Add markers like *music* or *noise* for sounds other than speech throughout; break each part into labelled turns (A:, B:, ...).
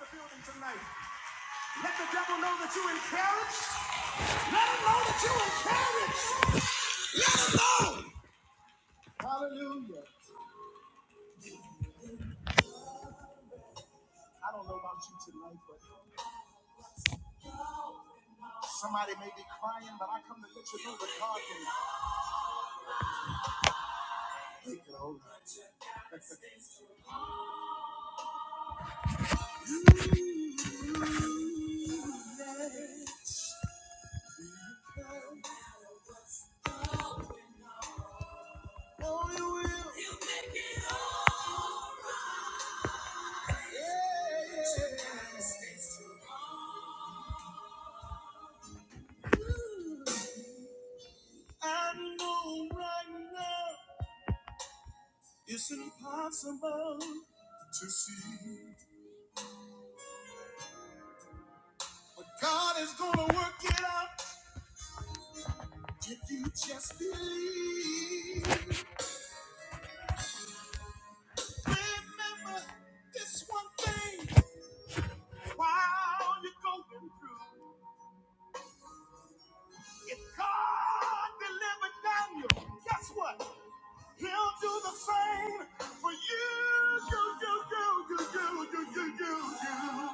A: the building tonight. Let the devil know that you encouraged. Encouraged. Oh! Hallelujah. I don't know about you tonight, but somebody may be crying, but I come to let you know that God can take it over. *laughs* oh, you will. Yeah. I know right now it's impossible to see. But God is gonna work it out if you just believe. Remember this one thing while you're going through. If God delivered Daniel, guess what? He'll do the same for you. You, you, you, you, you, you, you, you, you.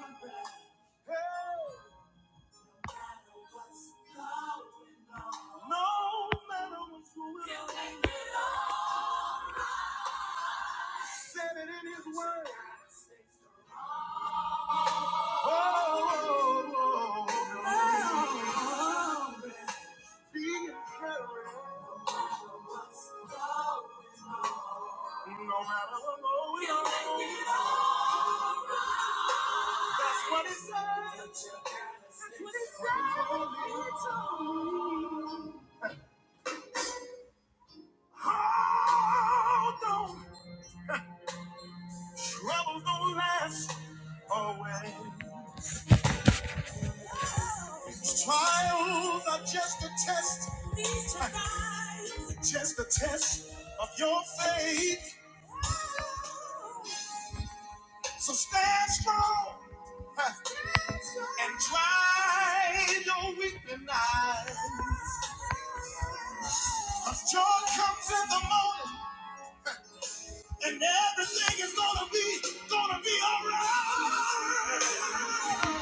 A: Hey, no matter what's going on, he said it in his word. Oh, oh, oh, oh. oh, Be encouraged. No matter what goes on. That's what it says. Oh, don't trouble don't last always. Trials are just a test, just a test of your faith. So stand strong huh, and try your weeping eyes. Cause joy comes in the morning, and everything is gonna be, gonna be alright.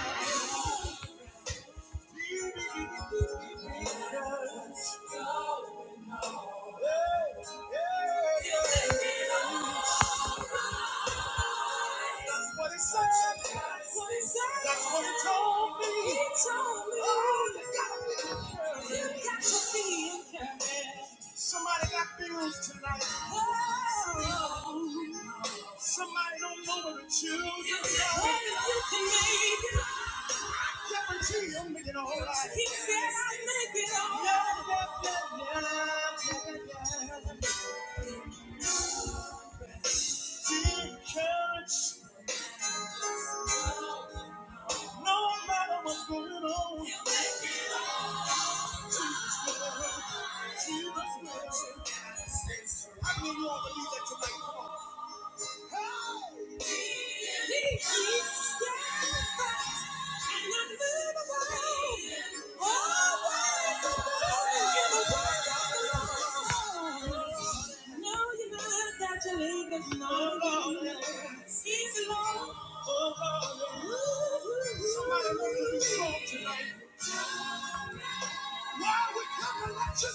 A: Oh, you gotta be encouraged. You Somebody got bills tonight. Oh. Somebody don't know what the children. You can make it. He said I'm making a whole lot. Yeah, yeah, yeah, yeah, yeah, yeah. church, no matter what's going on, Jesus will, Jesus will. I know you all believe that tonight. Come on. you, and let you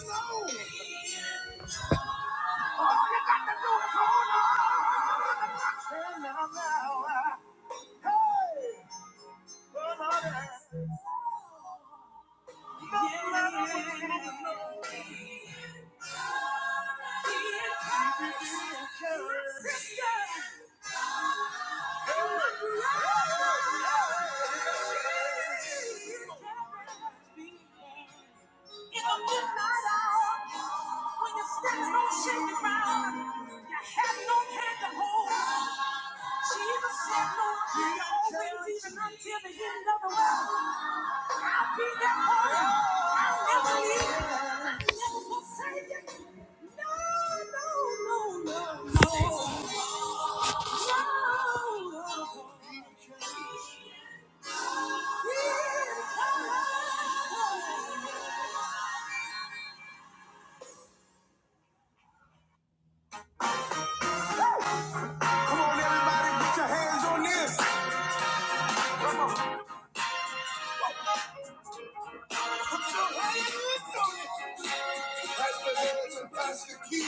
A: know? Turn around, come on. In the midnight hour, when you're standing on shaky ground, you have no hand to hold. Jesus said, "No, I'll be even until the end of the world." Come on, everybody, put your hands on this. Pastor Hands and Pastor Key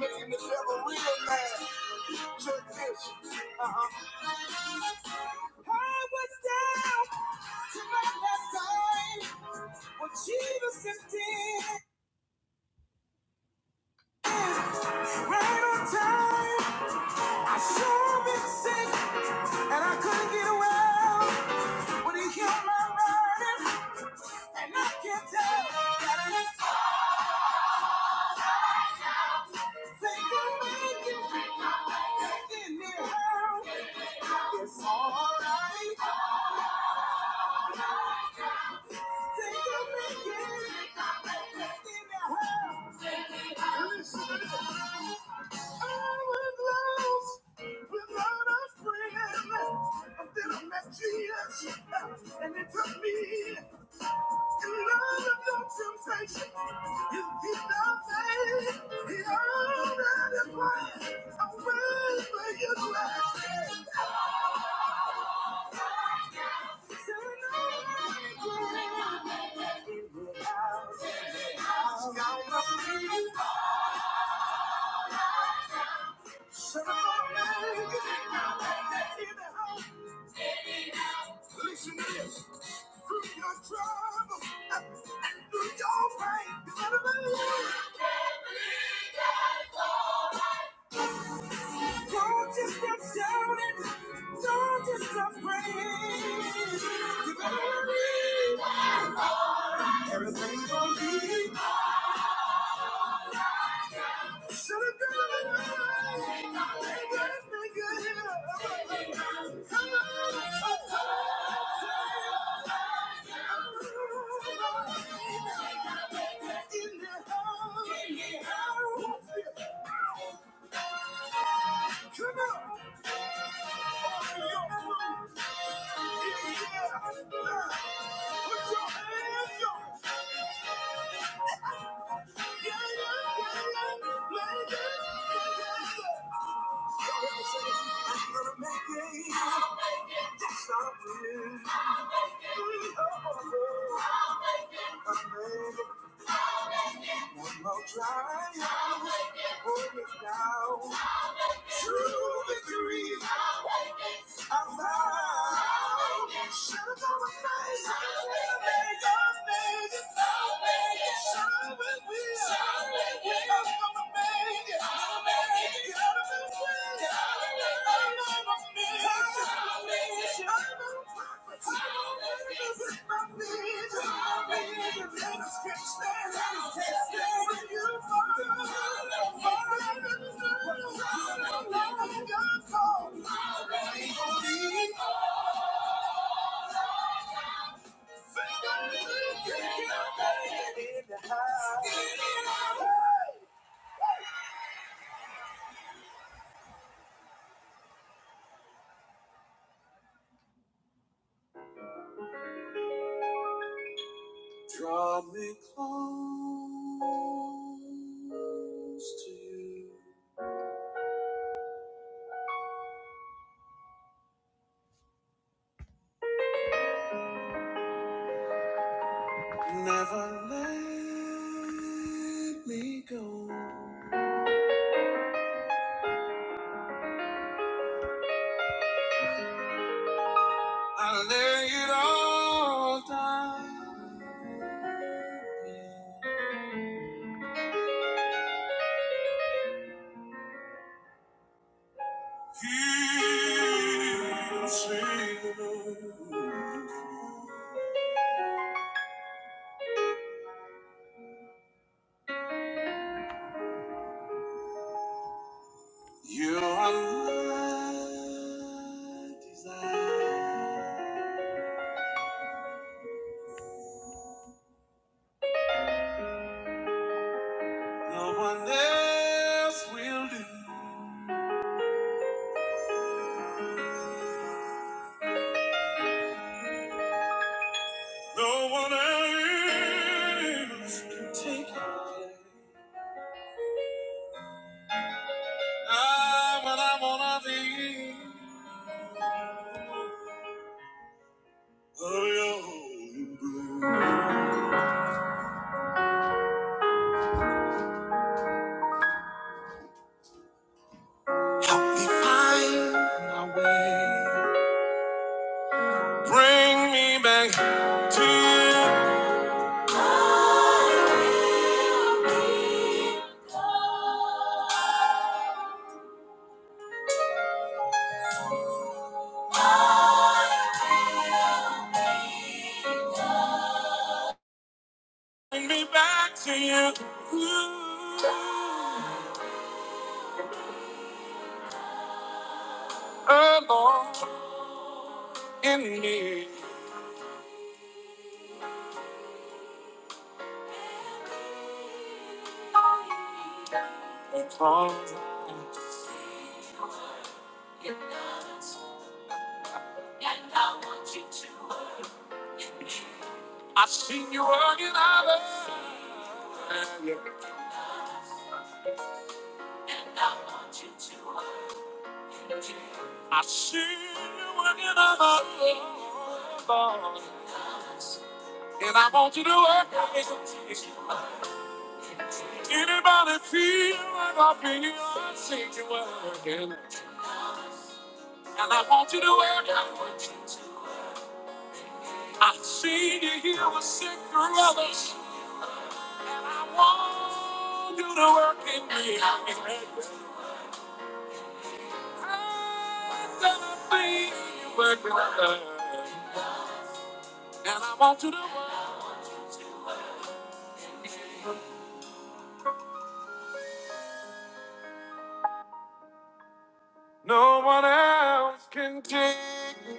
A: making the devil real mad. Check this. What Jesus did, right on time. I sure been sick. And I couldn't get around when he healed my burden. And I can't tell that I think I made it. In the hurt, it's alright. Without a friend, until I met Jesus. And it took me in love of your temptation. You keep the faith. He already planned a way for you to act. Listen to this. Through your trouble and through your pain, you better believe. Don't just stop shouting. Don't just stop praying. You better believe. Everything's gonna be. I'll try, I'll hold it down. True victory. I'm Draw me close to you. Never let me go. I lay it all down. Here, sing. You are my desire. No one else will do. No one else can take. I'm what I wanna be. Oh, you Bring me back. Bring me back to you. Oh, Lord, in me. Because I've seen you working others. I see you working on my bones. And I want you to work on me Anybody feel like I feel? I see you working. And I want you to work on my I see you here with sick brothers. And I want you to work in me. I see you working on me. And I want you to work. No one else can take me.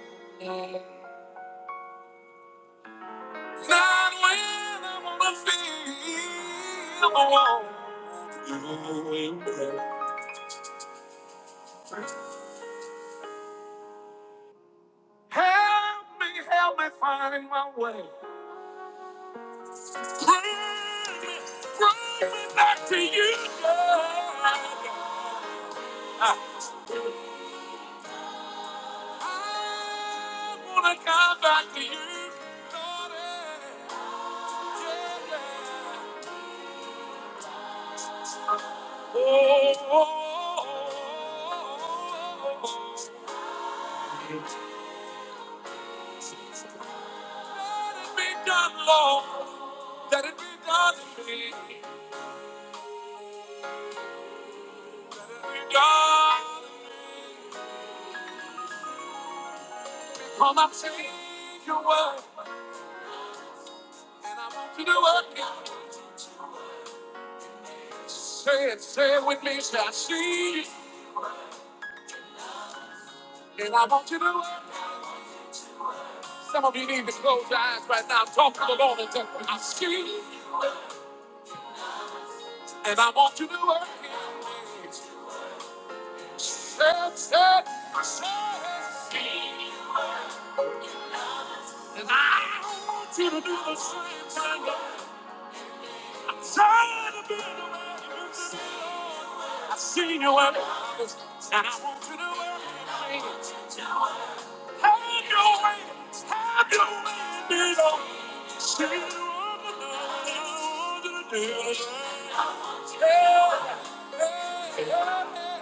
A: Not when I'm on the field. Help me, help me find my way. Bring me, bring me back to you. Lord. I I wanna come back to you. Lord. Yeah, yeah. Oh, oh, oh, oh, oh, oh. oh. Let it be done, Lord. Let it be done in me. Let it be done. in me. Come and take your word. And I want you to work it. Say it, say it with me. Say, I see you. And I want you to work it. Some of you need to close your eyes right now. Talk to the Lord and say, I see you. And I want you to work it. Say it, say it, say it. And I want you to do the same thing. Lord. Tired of being away. I've seen you where it is, and I want you to know where it is. Have your way, have your way, Dido. See you on the road to the deal. Yeah, yeah, yeah.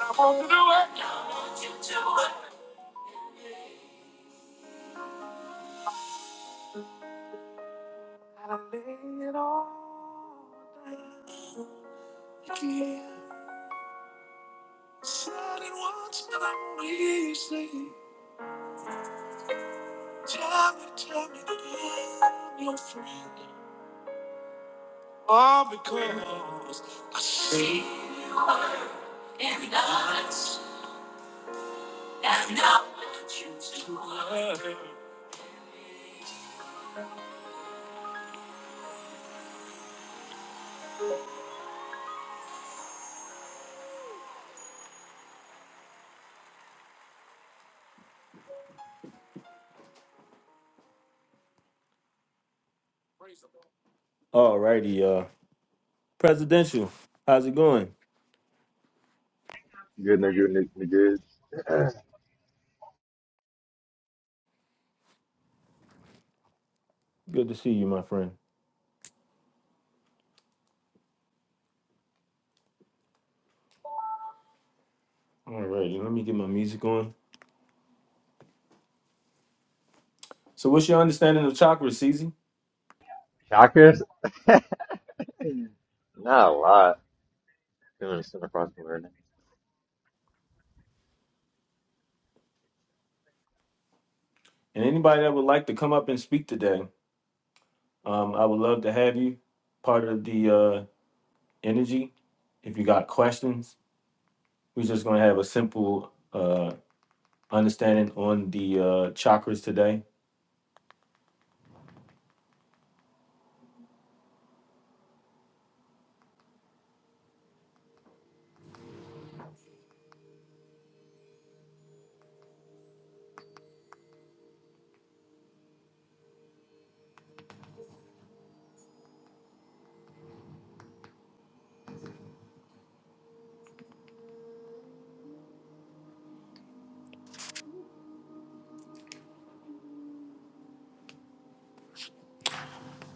A: I want you to know where I lay it all down. Give Said it once, but I'm easy. Tell me, tell me that I'm your friend. Because I see in us and not what you do. Praise the All uh, presidential. How's it going?
B: Good, no good, Nick, good. *clears throat*
A: Good to see you, my friend. Alrighty, let me get my music on. So, what's your understanding of chakras, Cece?
B: *laughs* Shockers? Not a lot. Feeling across the board.
A: And anybody that would like to come up and speak today, um, I would love to have you part of the uh energy. If you got questions, we're just gonna have a simple uh, understanding on the uh, chakras today.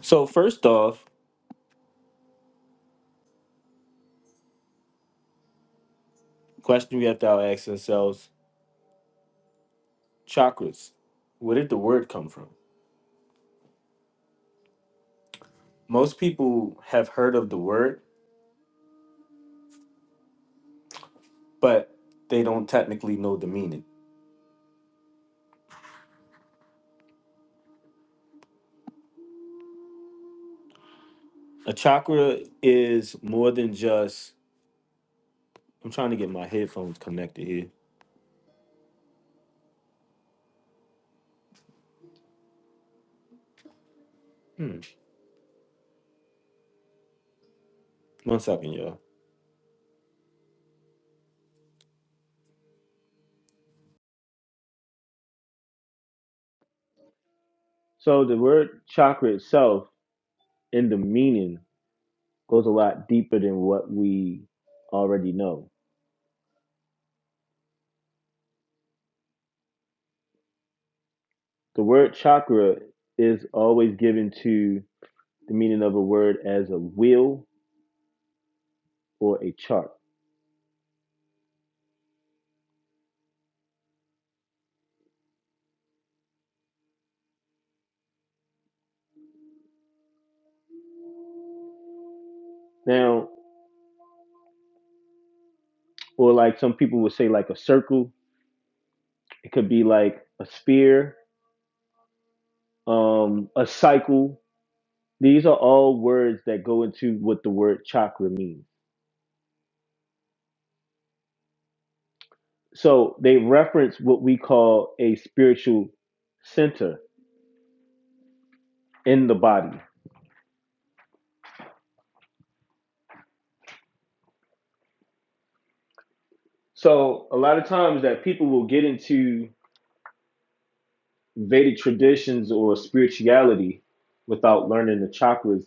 A: So first off, question we have to ask ourselves: chakras. Where did the word come from? Most people have heard of the word, but they don't technically know the meaning. A chakra is more than just. I'm trying to get my headphones connected here. Hmm. One second, y'all. So the word chakra itself, in the meaning. goes a lot deeper than what we already know. The word chakra is always given to the meaning of a word as a wheel or a chart. Now, or like some people would say, like a circle, it could be like a sphere, um, a cycle. These are all words that go into what the word chakra means. So they reference what we call a spiritual center in the body. So a lot of times that people will get into Vedic traditions or spirituality without learning the chakras.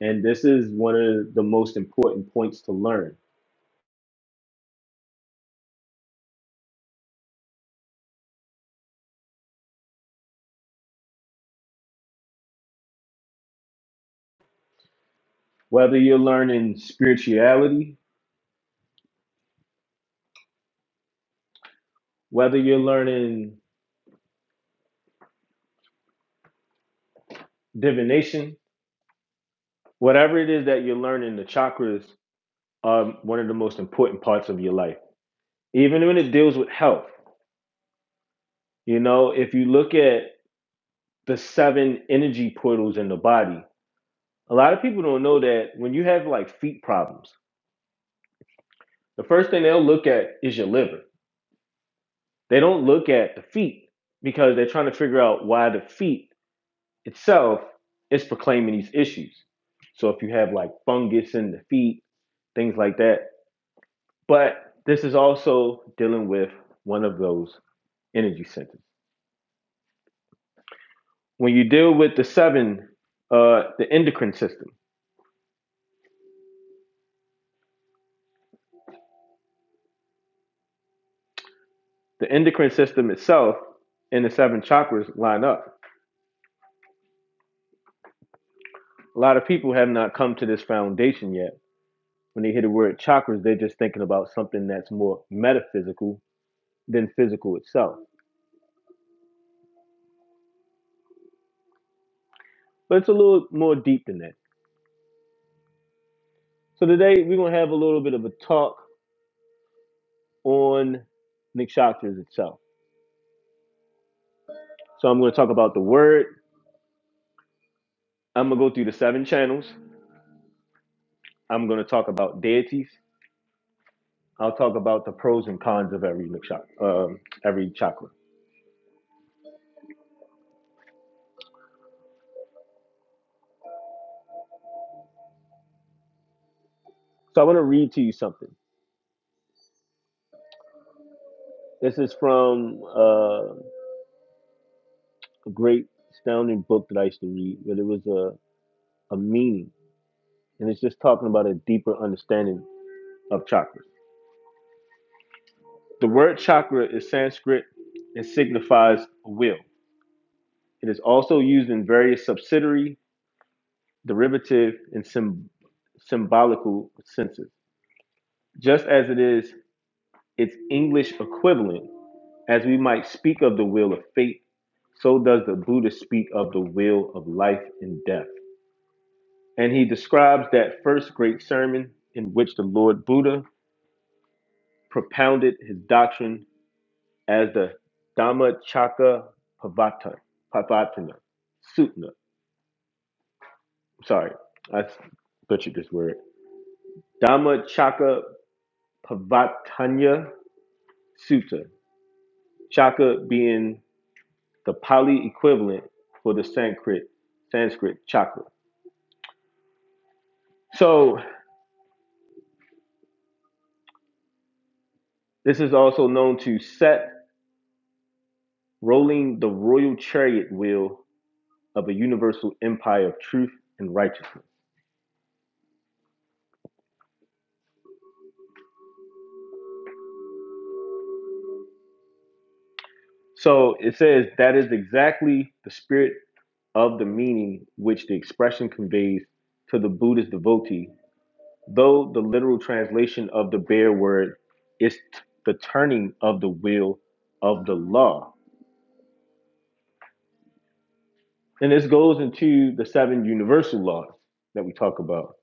A: And this is one of the most important points to learn. Whether you're learning spirituality, whether you're learning divination, whatever it is that you're learning, the chakras are one of the most important parts of your life. Even when it deals with health, you know, if you look at the seven energy portals in the body, a lot of people don't know that when you have like feet problems, the first thing they'll look at is your liver They don't look at the feet because they're trying to figure out why the feet itself is proclaiming these issues. So if you have like fungus in the feet, things like that. But this is also dealing with one of those energy centers. When you deal with the seven, uh, the endocrine system, the endocrine system itself and the seven chakras line up. A lot of people have not come to this foundation yet. When they hear the word chakras, they're just thinking about something that's more metaphysical than physical itself. But it's a little more deep than that. So today we're gonna have a little bit of a talk on Nikshatras itself. So I'm gonna talk about the word. I'm gonna go through the seven channels. I'm gonna talk about deities. I'll talk about the pros and cons of every Nikshatra, um, every chakra. So I want to read to you something. This is from uh, a great, astounding book that I used to read, but it was a, a meaning, and it's just talking about a deeper understanding of chakras. The word chakra is Sanskrit and signifies will. It is also used in various subsidiary, derivative, and sym- symbolical senses. Just as it is its English equivalent, as we might speak of the will of fate, so does the Buddha speak of the will of life and death. And he describes that first great sermon in which the Lord Buddha propounded his doctrine as the Dhammacakkappavattana Sutta Sorry, I butchered this word. Dhamma Chaka Sutta. Chaka being the Pali equivalent for the Sanskrit Sanskrit Chakra. So this is also known to set rolling the royal chariot wheel of a universal empire of truth and righteousness. So it says that is exactly the spirit of the meaning which the expression conveys to the Buddhist devotee Though the literal translation of the bare word is t- the turning of the wheel of the law. And this goes into the seven universal laws that we talk about.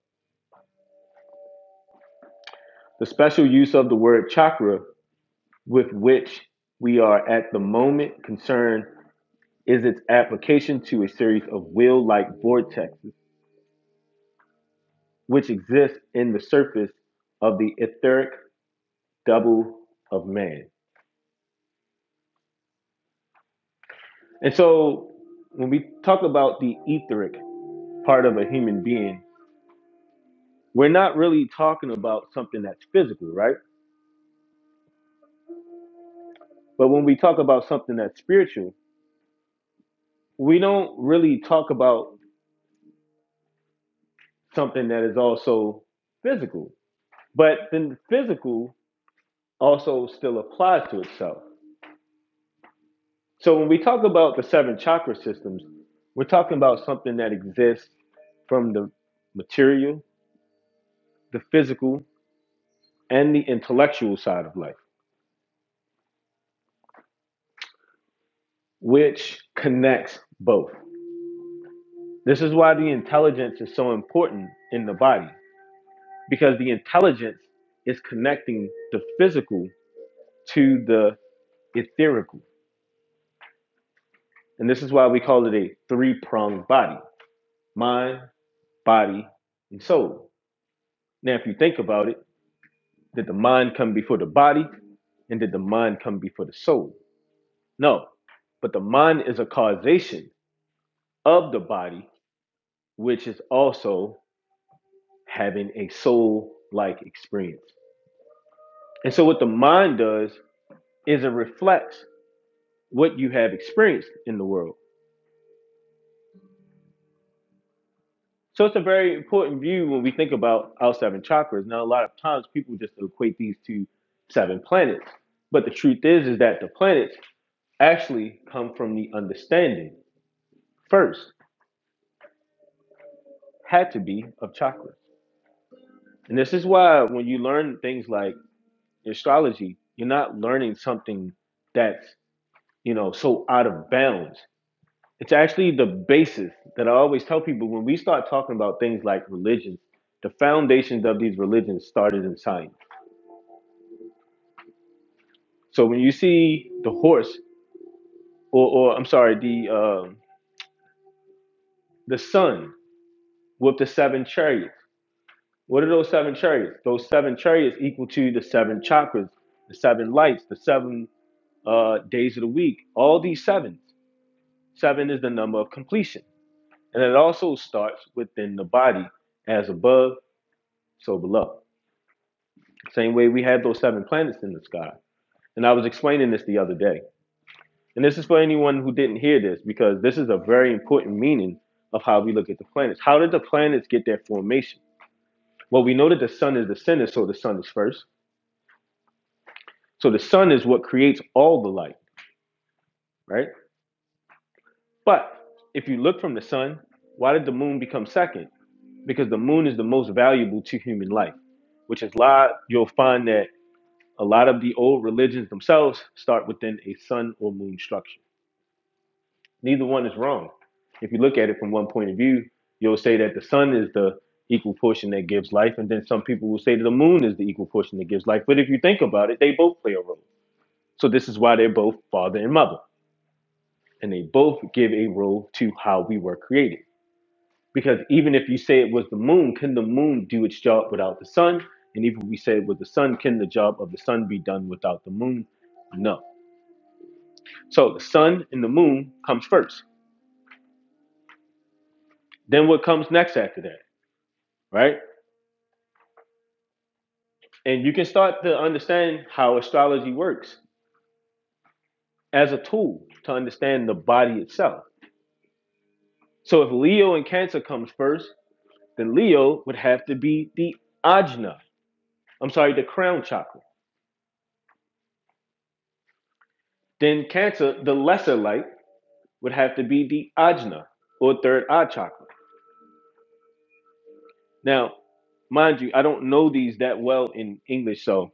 A: The special use of the word chakra with which we are at the moment concerned is its application to a series of wheel like vortexes which exist in the surface of the etheric double of man. And so when we talk about the etheric, part of a human being, we're not really talking about something that's physical, right? But when we talk about something that's spiritual, we don't really talk about something that is also physical. But then the physical also still applies to itself. So when we talk about the seven chakra systems, we're talking about something that exists from the material, the physical, and the intellectual side of life, which connects both. This is why the intelligence is so important in the body because the intelligence is connecting the physical to the etherical. And this is why we call it a three pronged body mind, body, and soul. Now, if you think about it, did the mind come before the body and did the mind come before the soul? No. But the mind is a causation of the body, which is also having a soul like experience. And so, what the mind does is it reflects what you have experienced in the world. So it's a very important view when we think about our seven chakras. Now, a lot of times people just equate these to seven planets, but the truth is, is that the planets actually come from the understanding first, had to be of chakras. And this is why when you learn things like astrology, you're not learning something that's you know so out of bounds. It's actually the basis that I always tell people when we start talking about things like religion, the foundations of these religions started in science. So when you see the horse, or, or I'm sorry, the um the sun with the seven chariots, what are those seven chariots? Those seven chariots equal to the seven chakras, the seven lights, the seven uh, days of the week. All these sevens. Seven is the number of completion, and it also starts within the body, as above, so below. Same way we have those seven planets in the sky. And I was explaining this the other day. And this is for anyone who didn't hear this because this is a very important meaning of how we look at the planets. How did the planets get their formation? Well, we know that the sun is the center, so the sun is first. So the sun is what creates all the light, right? But if you look from the sun, why did the moon become second? Because the moon is the most valuable to human life, which is why you'll find that a lot of the old religions themselves start within a sun or moon structure. Neither one is wrong. If you look at it from one point of view, you'll say that the sun is the equal portion that gives life, and then some people will say that the moon is the equal portion that gives life. But if you think about it, they both play a role. So this is why they're both father and mother, and they both give a role to how we were created. Because even if you say it was the moon, can the moon do its job without the sun? And even if we say it was the sun, can the job of the sun be done without the moon? No. So the sun and the moon comes first. Then what comes next after that, right? And you can start to understand how astrology works as a tool to understand the body itself. So if Leo and Cancer comes first, then Leo would have to be the ajna. I'm sorry, the crown chakra. Then Cancer, the lesser light, would have to be the ajna or third eye chakra. Now, mind you, I don't know these that well in English, so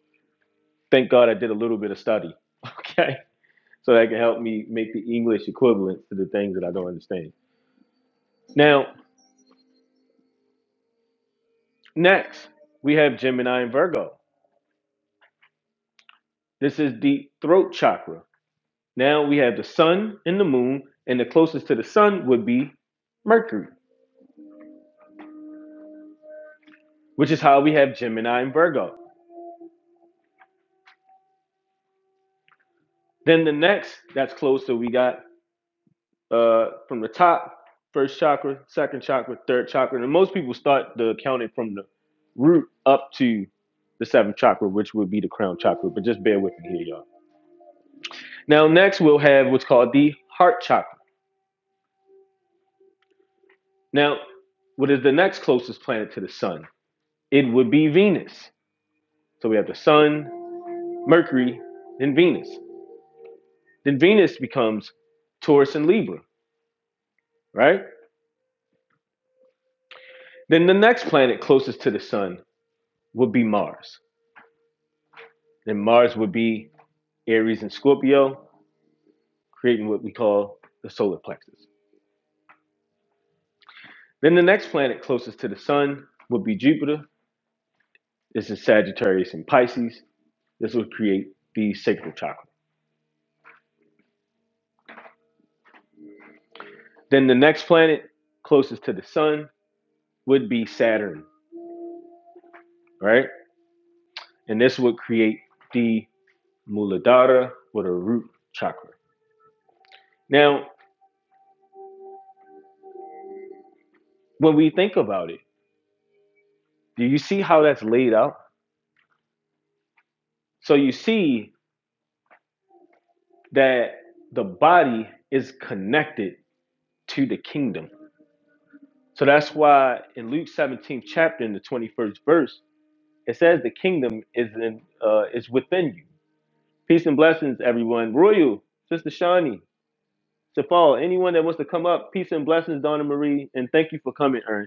A: thank God I did a little bit of study. *laughs* Okay. So that can help me make the English equivalent to the things that I don't understand. Now, Next, we have Gemini and Virgo. This is the throat chakra. Now we have the sun and the moon, and the closest to the sun would be Mercury, which is how we have Gemini and Virgo. Then the next that's closer, we got uh, from the top, first chakra, second chakra, third chakra. And most people start the counting from the root up to the seventh chakra, which would be the crown chakra. But just bear with me here, y'all. Now, next we'll have what's called the heart chakra. Now, what is the next closest planet to the sun? It would be Venus. So we have the sun, Mercury, then Venus. Then Venus becomes Taurus and Libra, right? Then the next planet closest to the sun would be Mars. Then Mars would be Aries and Scorpio, creating what we call the solar plexus. Then the next planet closest to the sun would be Jupiter. This is Sagittarius and Pisces. This would create the sacral chakra. Then the next planet closest to the sun would be Saturn, right? And this would create the Muladhara or the root chakra. Now, when we think about it, do you see how that's laid out? So you see that the body is connected to the kingdom. So that's why in Luke 17th chapter in the 21st verse, it says the kingdom is in uh, is within you. Peace and blessings, everyone. Royal, Sister Shawnee, Safal, anyone that wants to come up, peace and blessings, Donna Marie, and thank you for coming, Ern.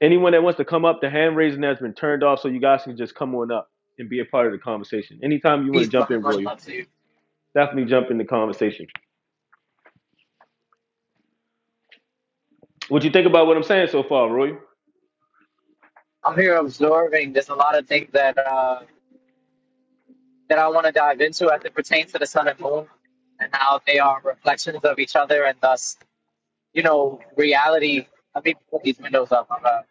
A: Anyone that wants to come up, the hand raising has been turned off, so you guys can just come on up and be a part of the conversation. Anytime you want
C: Peace,
A: to jump
C: brother.
A: in,
C: Much
A: Roy,
C: love to you.
A: definitely jump in the conversation. What you think about what I'm saying so far, Roy?
C: I'm here observing. There's a lot of things that uh, that I want to dive into as it pertains to the sun and moon and how they are reflections of each other and thus, you know, reality. Let me put these windows up. Uh,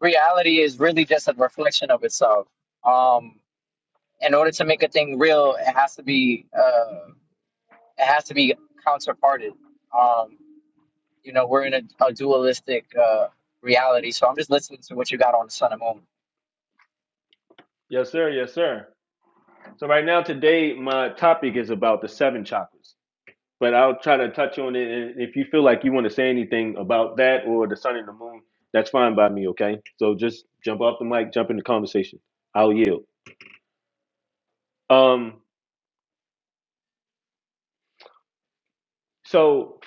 C: reality is really just a reflection of itself. Um, in order to make a thing real, it has to be uh, it has to be counterparted. Um, you know, we're in a, a dualistic uh, reality. So I'm just listening to what you got on the sun and moon.
A: Yes, sir. Yes, sir. So right now, today, my topic is about the seven chakras, but I'll try to touch on it. And if you feel like you want to say anything about that or the sun and the moon, that's fine by me. Okay. So just jump off the mic, jump in the conversation. I'll yield. Um. So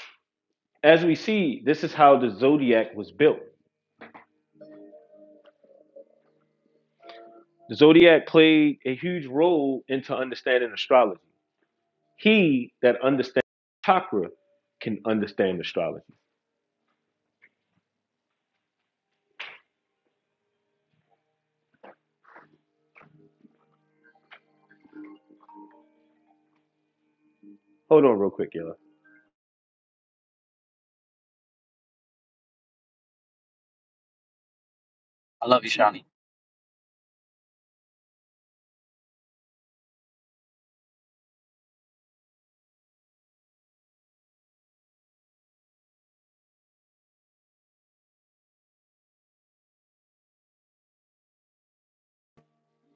A: as we see, this is how the zodiac was built. The zodiac played a huge role into understanding astrology. He that understands chakra can understand astrology. Hold on real quick, y'all.
C: I love you, Shani.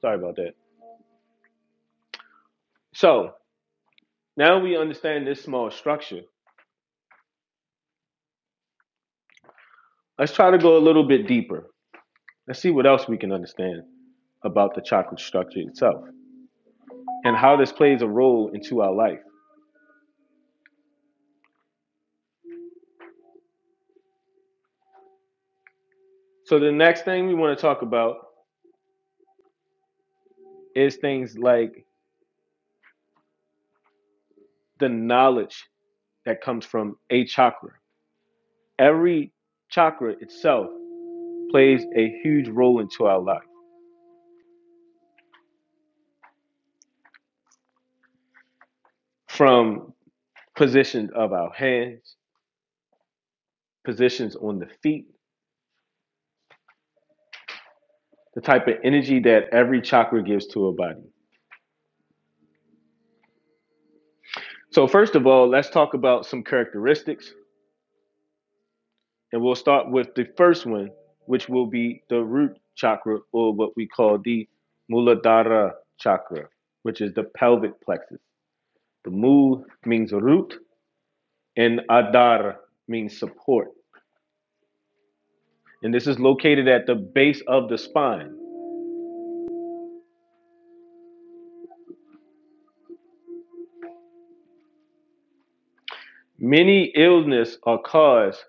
A: Sorry about that. So now we understand this small structure. Let's try to go a little bit deeper. Let's see what else we can understand about the chakra structure itself and how this plays a role into our life. So the next thing we want to talk about is things like the knowledge that comes from a chakra. Every chakra itself plays a huge role into our life from positions of our hands, positions on the feet, the type of energy that every chakra gives to a body. So, first of all, let's talk about some characteristics, and we'll start with the first one, which will be the root chakra, or what we call the Muladhara chakra, which is the pelvic plexus. The Mul means root, and Adhara means support. And this is located at the base of the spine. Many illnesses are caused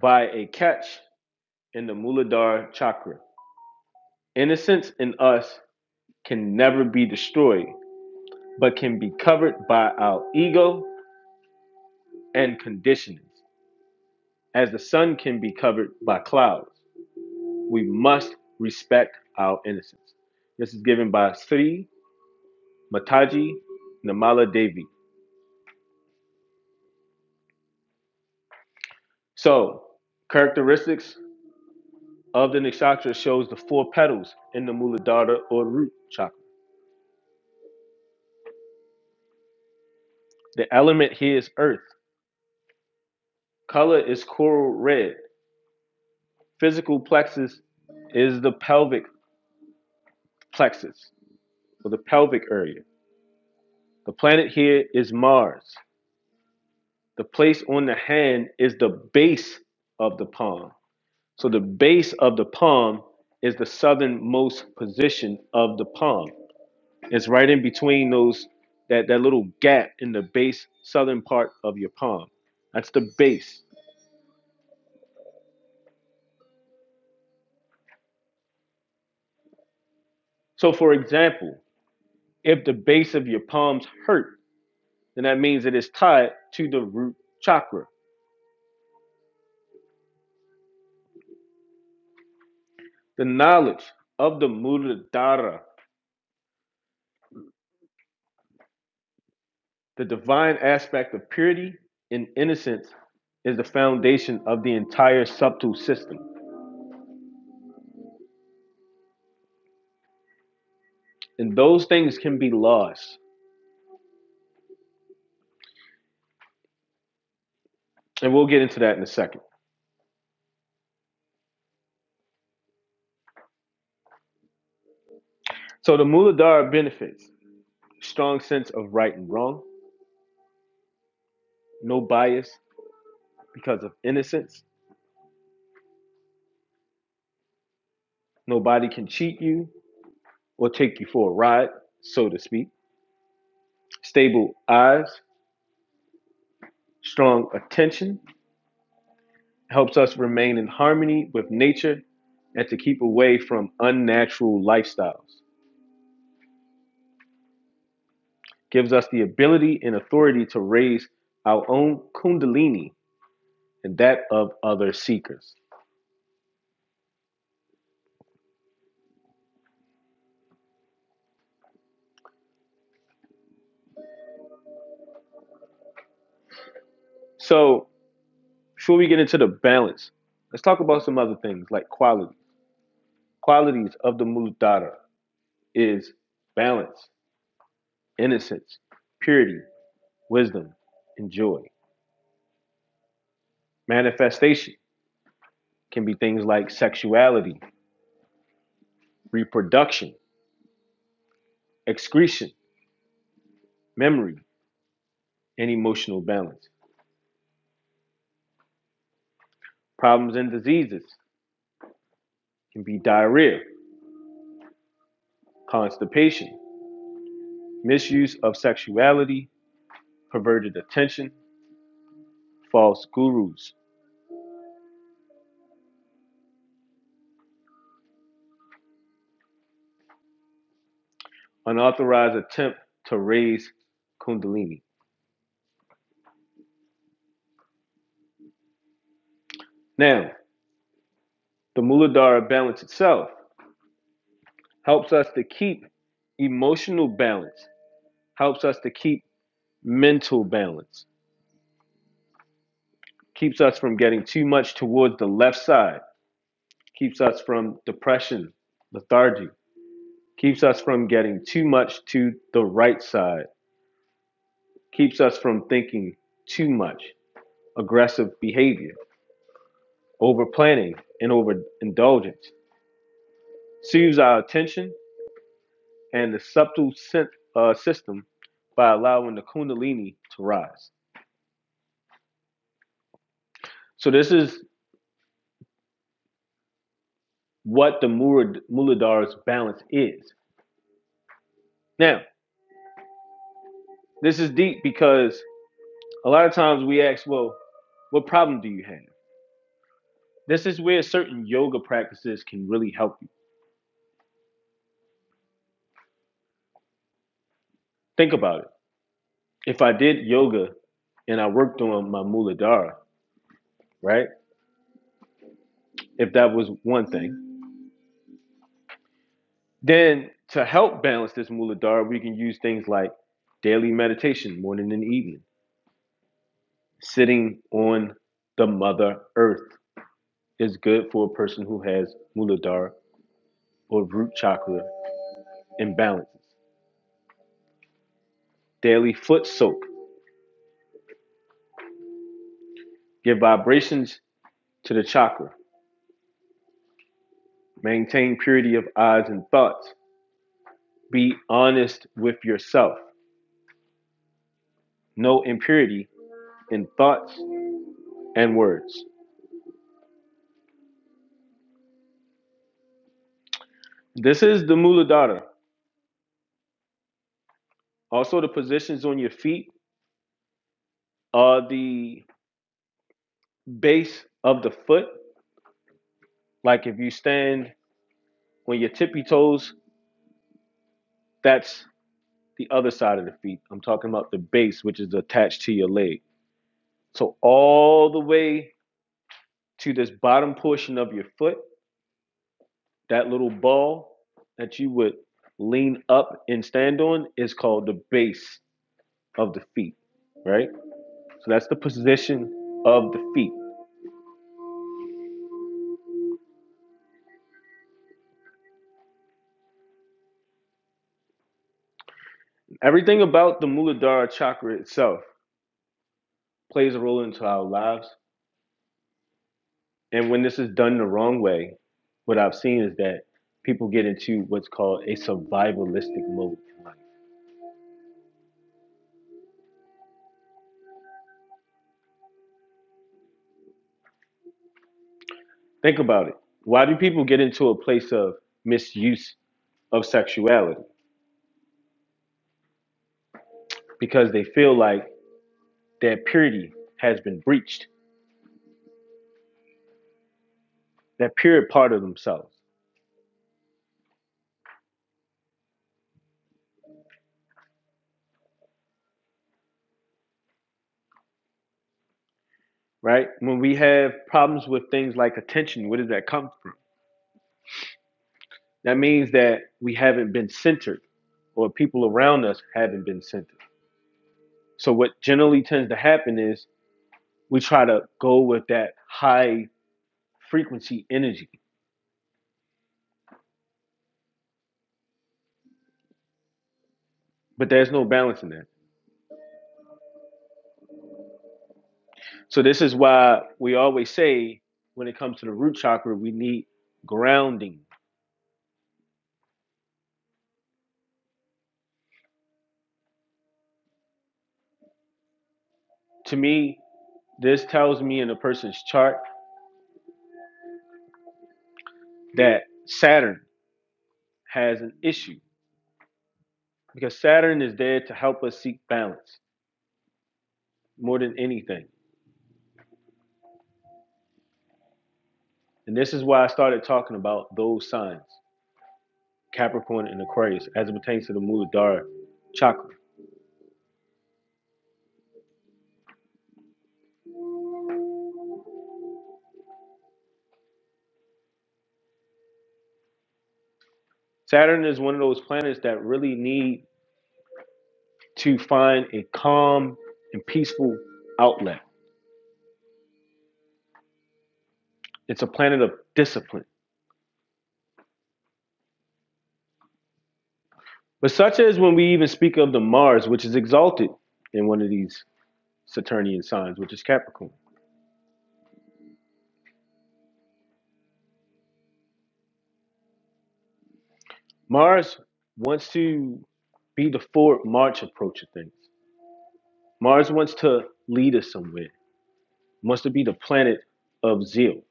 A: by a catch in the Muladhara chakra. Innocence in us can never be destroyed, but can be covered by our ego and conditionings, as the sun can be covered by clouds. We must respect our innocence. This is given by Sri Mataji Namala Devi. So, characteristics of the nakshatra shows the four petals in the Muladhara or root chakra. The element here is earth Color is coral red. Physical plexus is the pelvic plexus or the pelvic area. The planet here is Mars. The place on the hand is the base of the palm. So the base of the palm is the southernmost position of the palm. It's right in between those that, that little gap in the base southern part of your palm. That's the base. So for example, if the base of your palms hurt, then that means it is tied to the root chakra. The knowledge of the muladhara, the divine aspect of purity and innocence, is the foundation of the entire subtle system. And those things can be lost. And we'll get into that in a second. So the muladhara benefits strong sense of right and wrong, no bias because of innocence. Nobody can cheat you or take you for a ride, so to speak. Stable eyes, strong attention, helps us remain in harmony with nature and to keep away from unnatural lifestyles. Gives us the ability and authority to raise our own kundalini and that of other seekers. So, before we get into the balance, let's talk about some other things like quality. Qualities of the Muladhara is balance, innocence, purity, wisdom, and joy. Manifestation can be things like sexuality, reproduction, excretion, memory, and emotional balance. Problems and diseases can be diarrhea, constipation, misuse of sexuality, perverted attention, false gurus, unauthorized attempt to raise kundalini. Now, the Muladhara balance itself helps us to keep emotional balance, helps us to keep mental balance, keeps us from getting too much towards the left side, keeps us from depression, lethargy, keeps us from getting too much to the right side, keeps us from thinking too much, aggressive behavior, over planning, and over indulgence, soothes our attention and the subtle uh, system by allowing the Kundalini to rise. So, this is what the Murad- balance is. Now, this is deep because a lot of times we ask, well, what problem do you have? This is where certain yoga practices can really help you. Think about it If I did yoga and I worked on my Muladhara, right? If that was one thing, then to help balance this Muladhara, we can use things like daily meditation, morning and evening. Sitting on the Mother Earth is good for a person who has Muladhara or root chakra imbalances. Daily foot soak, give vibrations to the chakra. Maintain purity of eyes and thoughts. Be honest with yourself. No impurity in thoughts and words. This is the muladhara. Also, the positions on your feet are the base of the foot. Like if you stand on your tippy toes, that's the other side of the feet. I'm talking about the base, which is attached to your leg. So, all the way to this bottom portion of your foot, that little ball that you would lean up and stand on is called the base of the feet, right? So, that's the position of the feet. Everything about the Muladhara chakra itself plays a role into our lives. And when this is done the wrong way, what I've seen is that people get into what's called a survivalistic mode in life. Think about it. Why do people get into a place of misuse of sexuality? Because they feel like their purity has been breached, that pure part of themselves, right? When we have problems with things like attention, where does that come from? That means that we haven't been centered or people around us haven't been centered. So, what generally tends to happen is we try to go with that high frequency energy, but there's no balance in that. So, this is why we always say when it comes to the root chakra, we need grounding. To me, this tells me in a person's chart that Saturn has an issue because Saturn is there to help us seek balance more than anything. And this is why I started talking about those signs, Capricorn and Aquarius, as it pertains to the Muladhara chakra. Saturn is one of those planets that really need to find a calm and peaceful outlet. It's a planet of discipline. But such as when we even speak of the Mars, which is exalted in one of these Saturnian signs, which is Capricorn. Mars wants to be the forward march approach of things. Mars wants to lead us somewhere, wants to be the planet of zeal.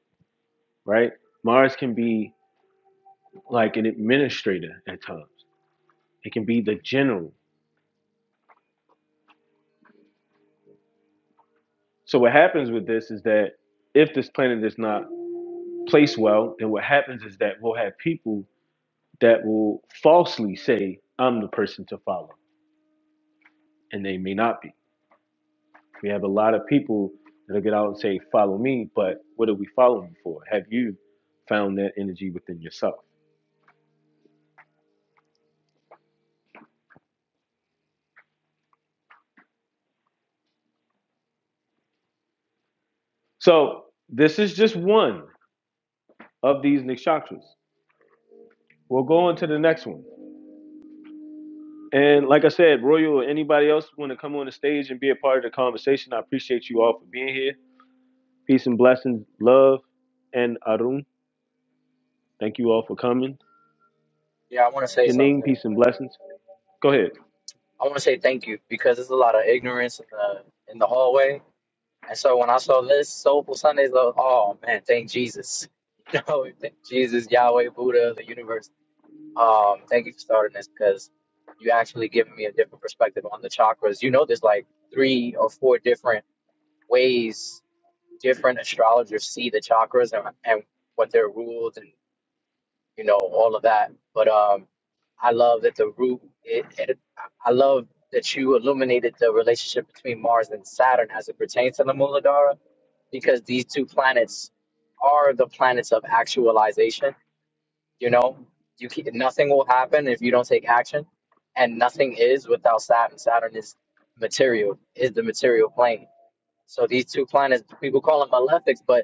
A: right? Mars can be like an administrator at times. It can be the general. So what happens with this is that if this planet is not placed well, then what happens is that we'll have people that will falsely say, I'm the person to follow. And they may not be. We have a lot of people that'll get out and say, Follow me, but what are we following for? Have you found that energy within yourself? So this is just one of these nakshatras. We'll go on to the next one. And like I said, Royal, or anybody else want to come on the stage and be a part of the conversation, I appreciate you all for being here. Peace and blessings, love, and Arun, thank you all for coming.
C: Yeah, I want to say
A: Janine,
C: something.
A: peace and blessings. Go ahead.
C: I want to say thank you because there's a lot of ignorance in the in the hallway. And so when I saw this Soulful Sundays, I was, oh man, thank Jesus. *laughs* You know, thank Jesus, Yahweh, Buddha, the universe. Um, thank you for starting this because you actually giving me a different perspective on the chakras. You know, there's like three or four different ways different astrologers see the chakras and, and what they're ruled and. you know, all of that. But um, I love that the root. It, it, I love that you illuminated the relationship between Mars and Saturn as it pertains to the Muladhara, because these two planets are the planets of actualization. You know, you can, nothing will happen if you don't take action, and nothing is without Saturn. Saturn is material, is the material plane. So these two planets, people call them malefics, but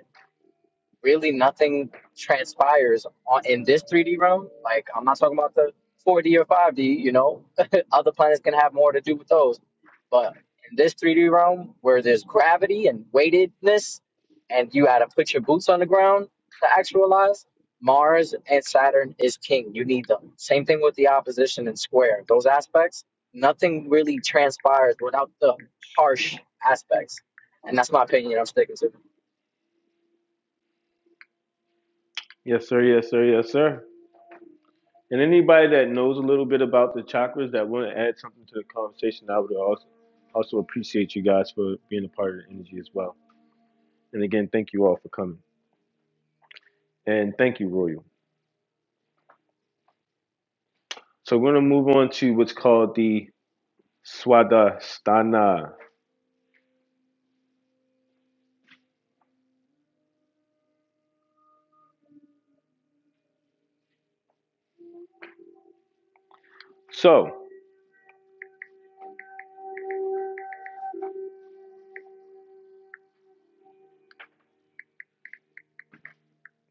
C: really nothing transpires on, in this 3D realm. Like I'm not talking about the 4D or 5D. You know, *laughs* other planets can have more to do with those, but in this 3D realm where there's gravity and weightedness, and you got to put your boots on the ground to actualize. Mars and Saturn is king. You need them. Same thing with the opposition and square. Those aspects, nothing really transpires without the harsh aspects. And that's my opinion. I'm sticking to.
A: Yes, sir. Yes, sir. Yes, sir. And anybody that knows a little bit about the chakras that want to add something to the conversation, I would also also appreciate you guys for being a part of the energy as well. And again, thank you all for coming. And thank you, Royal. So we're gonna move on to what's called the Swadhisthana. So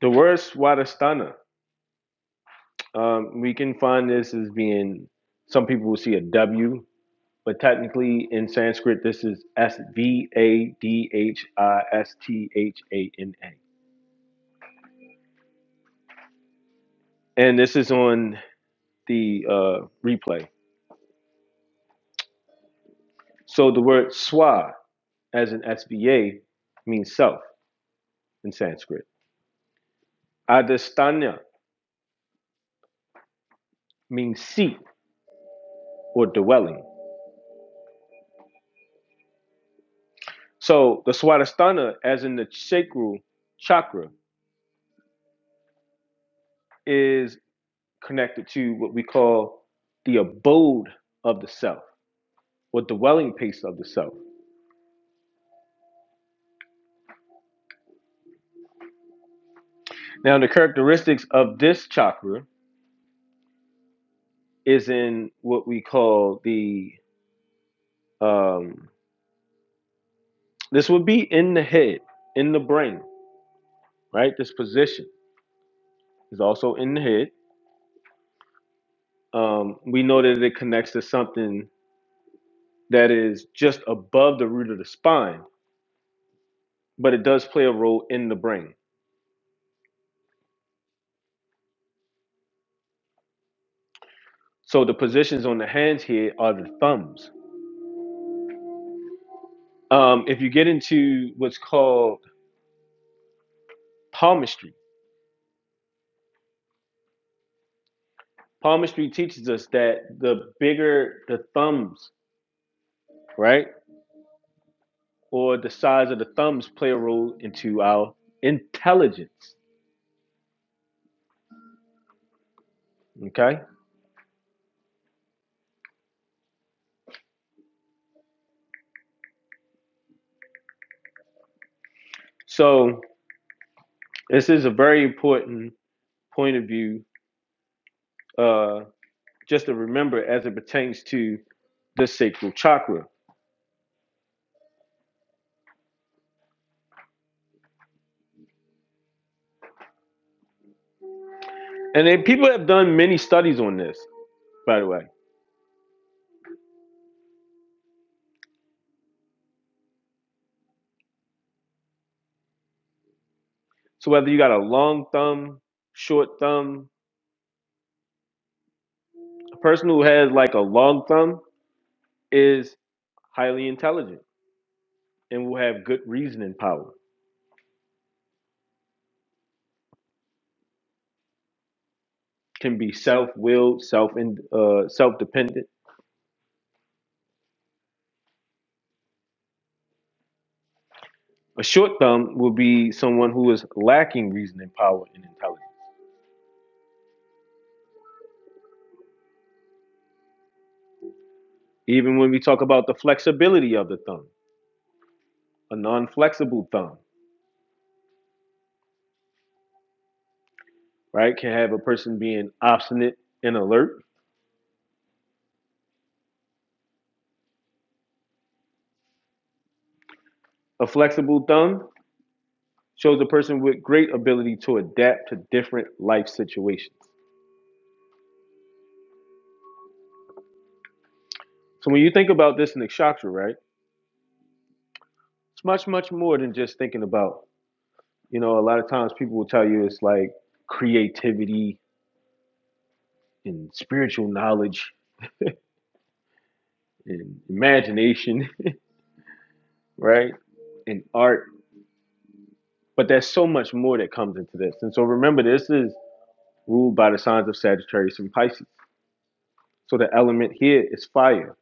A: the word Swadhisthana, um, we can find this as being some people will see a W, but technically in Sanskrit this is S V A D H I S T H A N A, and this is on the uh, replay. So the word Swa as in SVA means self in Sanskrit. Adhisthana means seat or dwelling. So the Swadhisthana, as in the sacral chakra, is connected to what we call the abode of the self or dwelling place of the self. Now, the characteristics of this chakra is in what we call the, um, this would be in the head, in the brain, right? This position is also in the head. Um, we know that it connects to something that is just above the root of the spine, but it does play a role in the brain. So the positions on the hands here are the thumbs um, if you get into what's called palmistry, palmistry teaches us that the bigger the thumbs, right, or the size of the thumbs play a role into our intelligence. Okay, so this is a very important point of view, uh, just to remember as it pertains to the sacral chakra. And then people have done many studies on this, by the way. So whether you got a long thumb, short thumb, a person who has like a long thumb is highly intelligent and will have good reasoning power, can be self-willed, self in, uh, self-dependent. A short thumb will be someone who is lacking reasoning power and intelligence. Even when we talk about the flexibility of the thumb, a non-flexible thumb, right, can have a person being obstinate and alert. A flexible thumb shows a person with great ability to adapt to different life situations. So when you think about this in the nakshatra, right, it's much, much more than just thinking about You know, a lot of times people will tell you it's like creativity and spiritual knowledge and imagination, *laughs* right? And art. But there's so much more that comes into this. And so remember, this is ruled by the signs of Sagittarius and Pisces. So the element here is fire.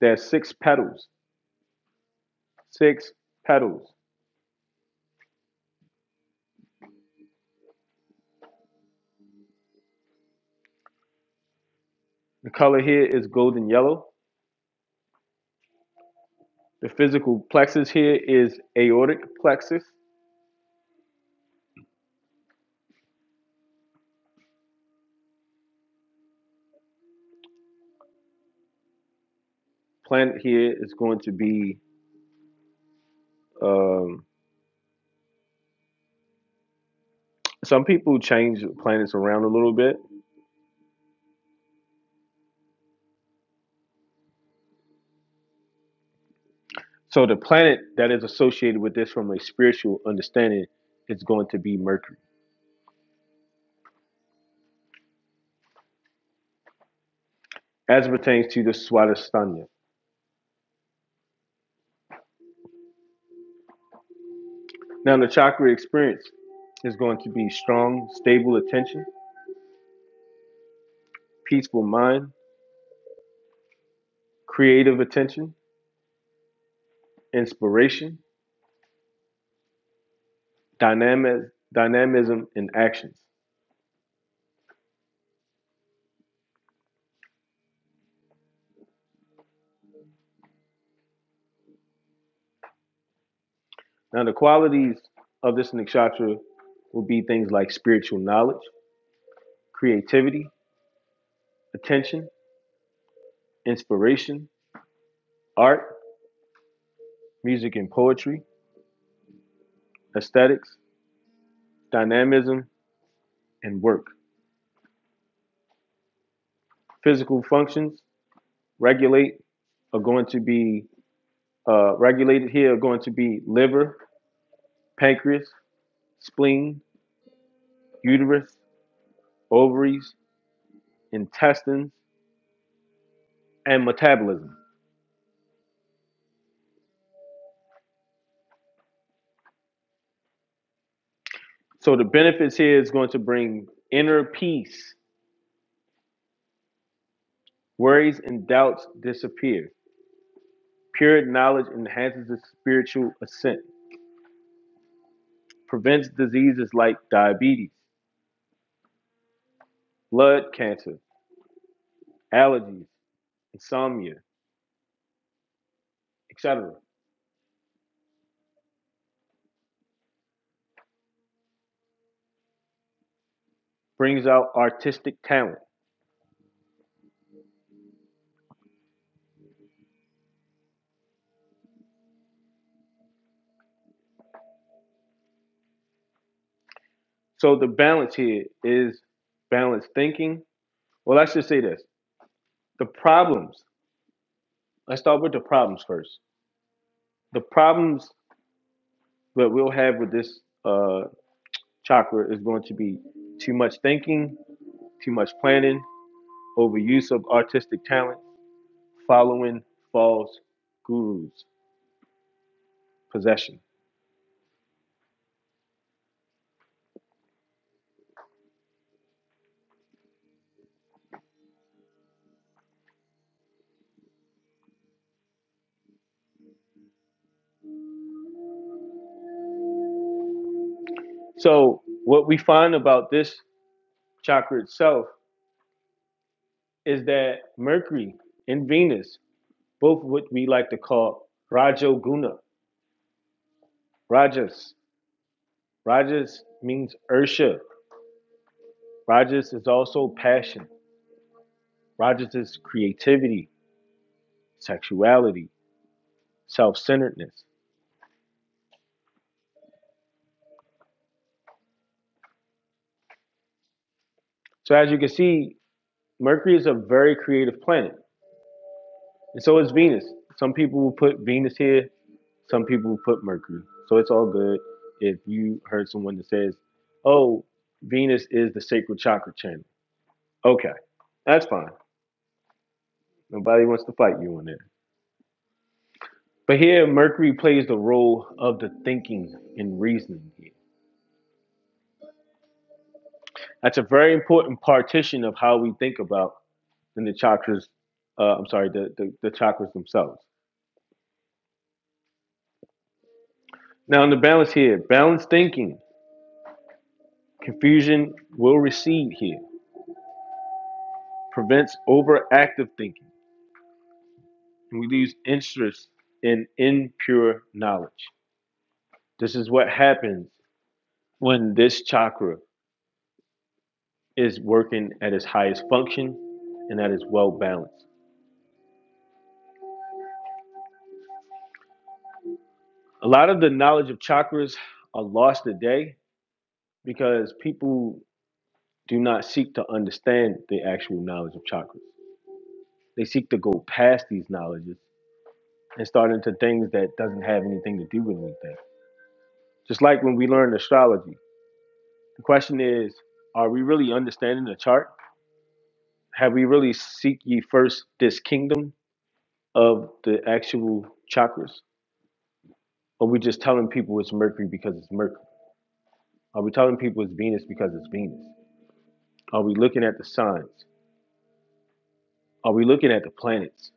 A: There's six petals, six petals. The color here is golden yellow. The physical plexus here is aortic plexus. Planet here is going to be um, Some people change planets around a little bit. So the planet that is associated with this from a spiritual understanding is going to be Mercury, as it pertains to the Swadhisthana. Now the chakra experience is going to be strong, stable attention, peaceful mind, creative attention, inspiration, dynamic, dynamism, and actions. Now the qualities of this nakshatra will be things like spiritual knowledge, creativity, attention, inspiration, art, music and poetry, aesthetics, dynamism, and work. Physical functions regulate are going to be uh, regulated here are going to be liver, pancreas, spleen, uterus, ovaries, intestines, and metabolism. So the benefits here is going to bring inner peace, worries and doubts disappear. Pure knowledge enhances the spiritual ascent, prevents diseases like diabetes, blood cancer, allergies, insomnia, etc., brings out artistic talent. So the balance here is balanced thinking. Well, let's just say this. The problems, let's start with the problems first. The problems that we'll have with this uh, chakra is going to be too much thinking, too much planning, overuse of artistic talent, following false gurus, possession. So, what we find about this chakra itself is that Mercury and Venus both what we like to call Rajoguna, Rajas. Rajas means Ursha. Rajas is also passion. Rajas is creativity, sexuality, self centeredness. So, as you can see, Mercury is a very creative planet. And so is Venus. Some people will put Venus here, some people will put Mercury. So, it's all good if you heard someone that says, oh, Venus is the sacral chakra channel. Okay, that's fine. Nobody wants to fight you on that. But here, Mercury plays the role of the thinking and reasoning. That's a very important partition of how we think about in the chakras. Uh, I'm sorry, the, the, the chakras themselves. Now, in the balance here, balanced thinking, confusion will recede here, prevents overactive thinking, and we lose interest in impure knowledge. This is what happens when this chakra is working at its highest function and that is well balanced. A lot of the knowledge of chakras are lost today because people do not seek to understand the actual knowledge of chakras. They seek to go past these knowledges and start into things that doesn't have anything to do with anything. Just like when we learn astrology, the question is, are we really understanding the chart? Have we really seek ye first this kingdom of the actual chakras? Or are we just telling people it's Mercury because it's Mercury? Are we telling people it's Venus because it's Venus? Are we looking at the signs? Are we looking at the planets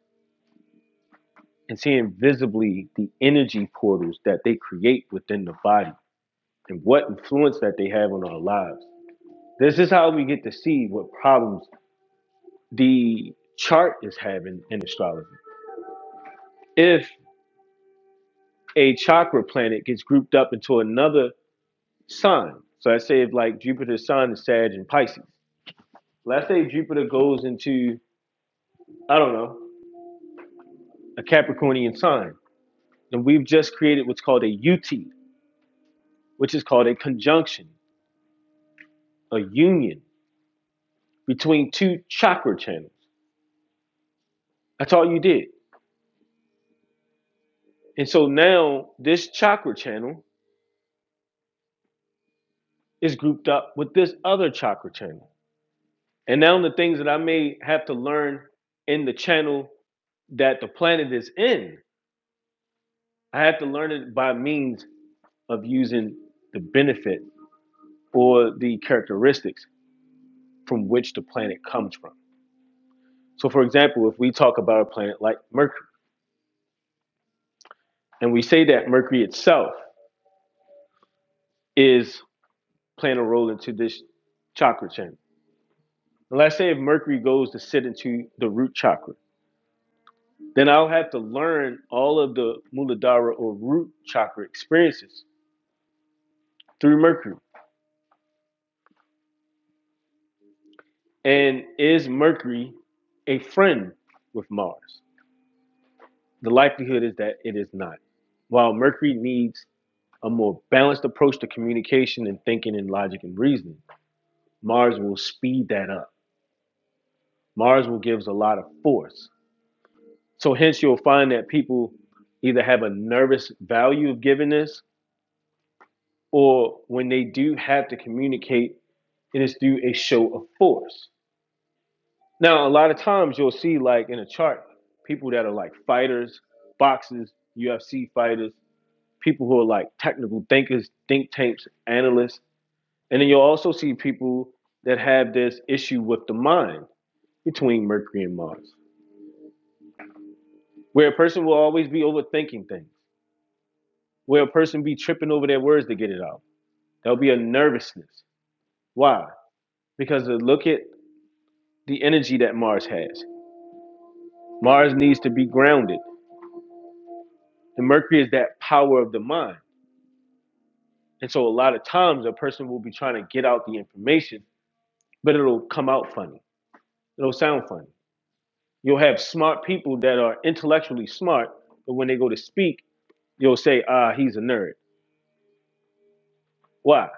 A: and seeing visibly the energy portals that they create within the body and what influence that they have on our lives? This is how we get to see what problems the chart is having in astrology. If a chakra planet gets grouped up into another sign, so let's say if like Jupiter's sign is Sag and Pisces, let's say Jupiter goes into, I don't know, a Capricornian sign, and we've just created what's called a UT, which is called a conjunction. a union between two chakra channels. That's all you did. And so now this chakra channel is grouped up with this other chakra channel. And now the things that I may have to learn in the channel that the planet is in, I have to learn it by means of using the benefit or the characteristics from which the planet comes from. So, for example, if we talk about a planet like Mercury, and we say that Mercury itself is playing a role into this chakra channel And let's say if Mercury goes to sit into the root chakra, then I'll have to learn all of the Muladhara or root chakra experiences through Mercury. And is Mercury a friend with Mars? The likelihood is that it is not. While Mercury needs a more balanced approach to communication and thinking and logic and reasoning, Mars will speed that up. Mars will give us a lot of force. So, hence, you'll find that people either have a nervous value of giving this or when they do have to communicate, it is through a show of force. Now, a lot of times you'll see, like in a chart, people that are like fighters, boxers, UFC fighters, people who are like technical thinkers, think tanks, analysts. And then you'll also see people that have this issue with the mind between Mercury and Mars, where a person will always be overthinking things, where a person be tripping over their words to get it out. There'll be a nervousness. Why? Because they look at the energy that Mars has. Mars needs to be grounded, and Mercury is that power of the mind. And so, a lot of times, a person will be trying to get out the information, but it'll come out funny. It'll sound funny. You'll have smart people that are intellectually smart, but when they go to speak, you'll say, ah, he's a nerd. Why?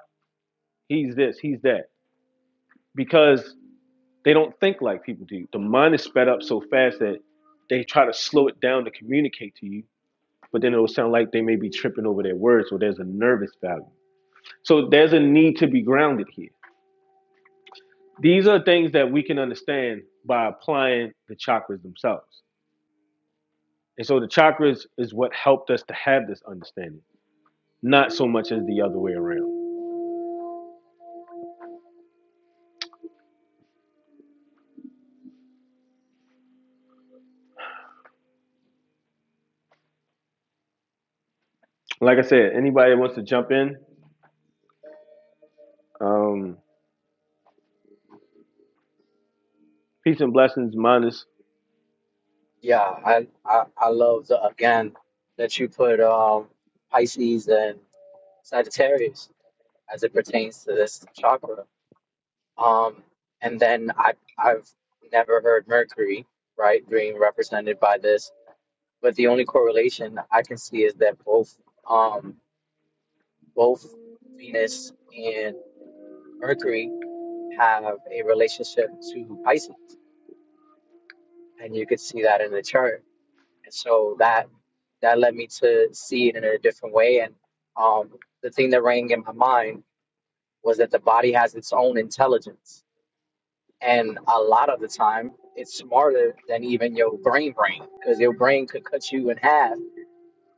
A: He's this, he's that. Because they don't think like people do. The mind is sped up so fast that they try to slow it down to communicate to you, but then it'll sound like they may be tripping over their words or there's a nervous value. So there's a need to be grounded here. These are things that we can understand by applying the chakras themselves. And so the chakras is what helped us to have this understanding, not so much as the other way around. Like I said, anybody that wants to jump in, um, peace and blessings, minus.
C: Yeah, I, I I love the again that you put um Pisces and Sagittarius as it pertains to this chakra. Um, and then I I've never heard Mercury right being represented by this, but the only correlation I can see is that both um both Venus and Mercury have a relationship to Pisces, and you could see that in the chart. And so that that led me to see it in a different way. And um, the thing that rang in my mind was that the body has its own intelligence, and a lot of the time, it's smarter than even your brain brain because your brain could cut you in half,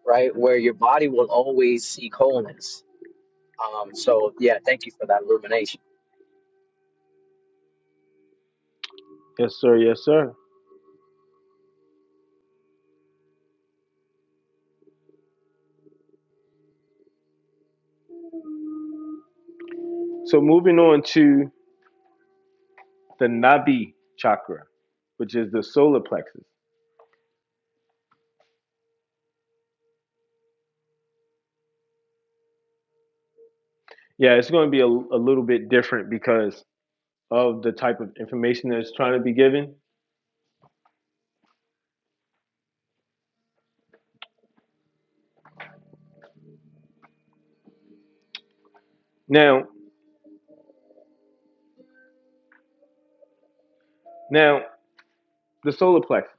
C: right? Where your body will always seek wholeness. Um, so yeah, thank you for that illumination.
A: Yes, sir. Yes, sir. So moving on to the Nabi chakra, which is the solar plexus. Yeah, it's going to be a, a little bit different because of the type of information that's trying to be given. Now, now the solar plexus.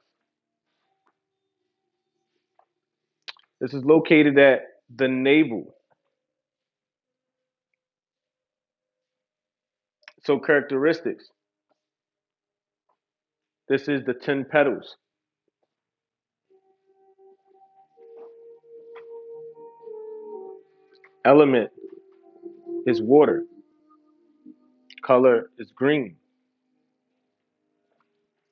A: This is located at the navel. So characteristics. This is the 10 petals. Element is water. Color is green.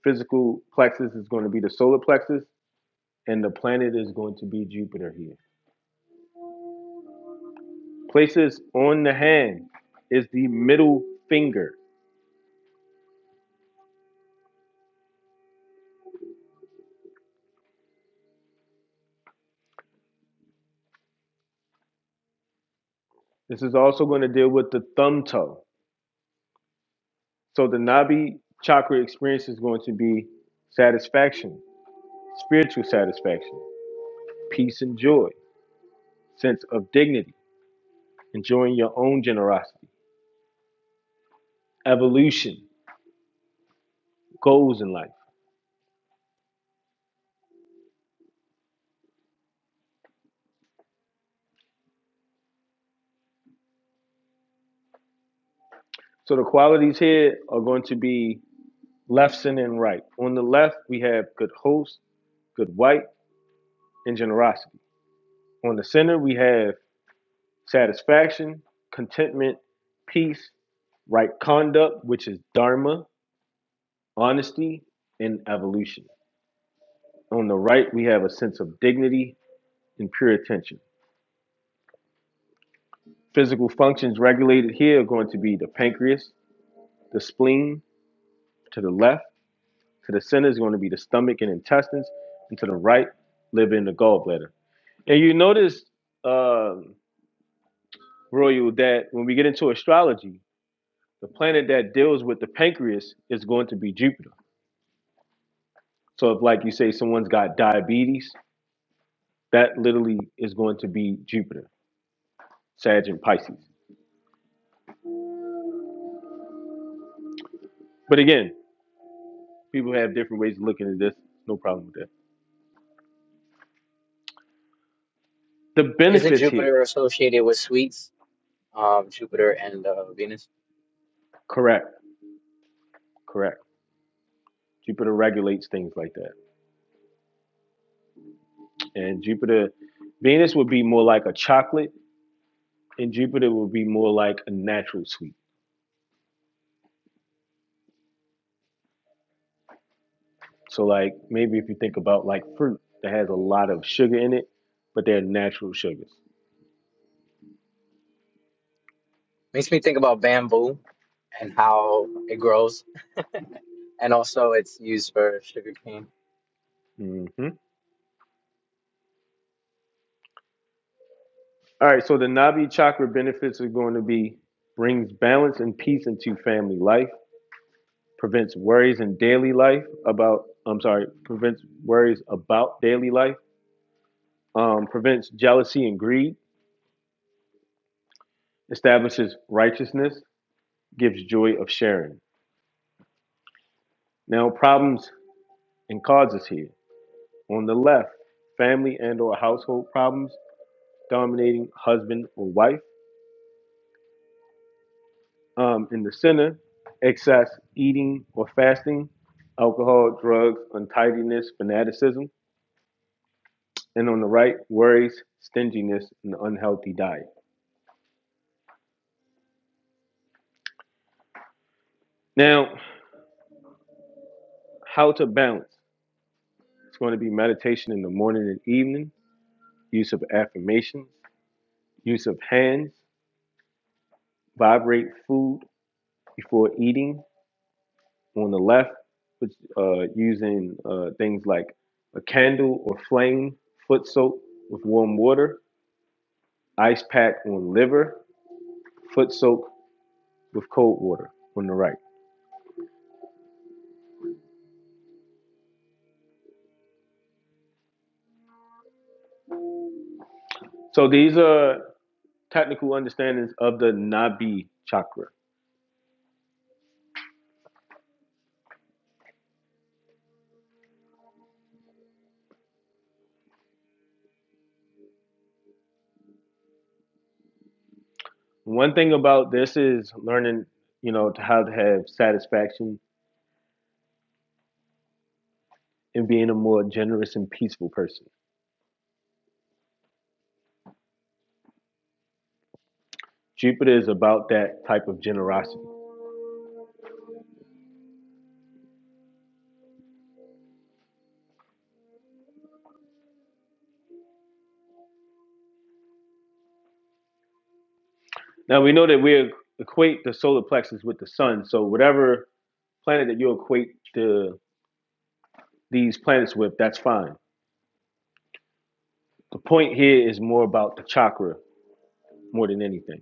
A: Physical plexus is going to be the solar plexus and the planet is going to be Jupiter here. Places on the hand is the middle finger. This is also going to deal with the thumb toe. So the Nabi chakra experience is going to be satisfaction, spiritual satisfaction, peace and joy, sense of dignity. enjoying your own generosity, evolution, goals in life. So the qualities here are going to be left and right. On the left, we have good host, good wife, and generosity. On the center, we have satisfaction, contentment, peace, right conduct, which is dharma, honesty, and evolution. On the right, we have a sense of dignity and pure attention. Physical functions regulated here are going to be the pancreas, the spleen to the left, To the center is going to be the stomach and intestines, and to the right, liver and the gallbladder. And you notice, uh, Royal, that when we get into astrology, the planet that deals with the pancreas is going to be Jupiter. So if, like you say, someone's got diabetes, that literally is going to be Jupiter, Sag and Pisces. But again, people have different ways of looking at this. No problem with that. The
C: Isn't
A: benefits here,
C: Jupiter associated with sweets? Um, Jupiter and uh, Venus
A: correct, correct. Jupiter regulates things like that, and Jupiter, Venus would be more like a chocolate in Jupiter would be more like a natural sweet. So like maybe if you think about like fruit that has a lot of sugar in it, but they're natural sugars.
C: makes me think about bamboo and how it grows And also, it's used for sugarcane. I
A: hmm All right, so the Nabi chakra benefits are going to be brings balance and peace into family life, prevents worries in daily life about I'm sorry, prevents worries about daily life, um, prevents jealousy and greed, establishes righteousness, gives joy of sharing. Now problems and causes here. On the left, family and or household problems dominating husband or wife. Um, in the center, excess eating or fasting, alcohol, drugs, untidiness, fanaticism. And on the right, worries, stinginess, and unhealthy diet. Now, how to balance. It's going to be meditation in the morning and evening, use of affirmations, use of hands, vibrate food before eating, on the left, which uh, using uh, things like a candle or flame, foot soak with warm water, ice pack on liver, foot soak with cold water on the right. So these are technical understandings of the Nabi chakra. One thing about this is learning, you know, to how to have satisfaction and being a more generous and peaceful person. Jupiter is about that type of generosity. Now we know that we equate the solar plexus with the sun. So whatever planet that you equate the these planets with, that's fine. The point here is more about the chakra more than anything.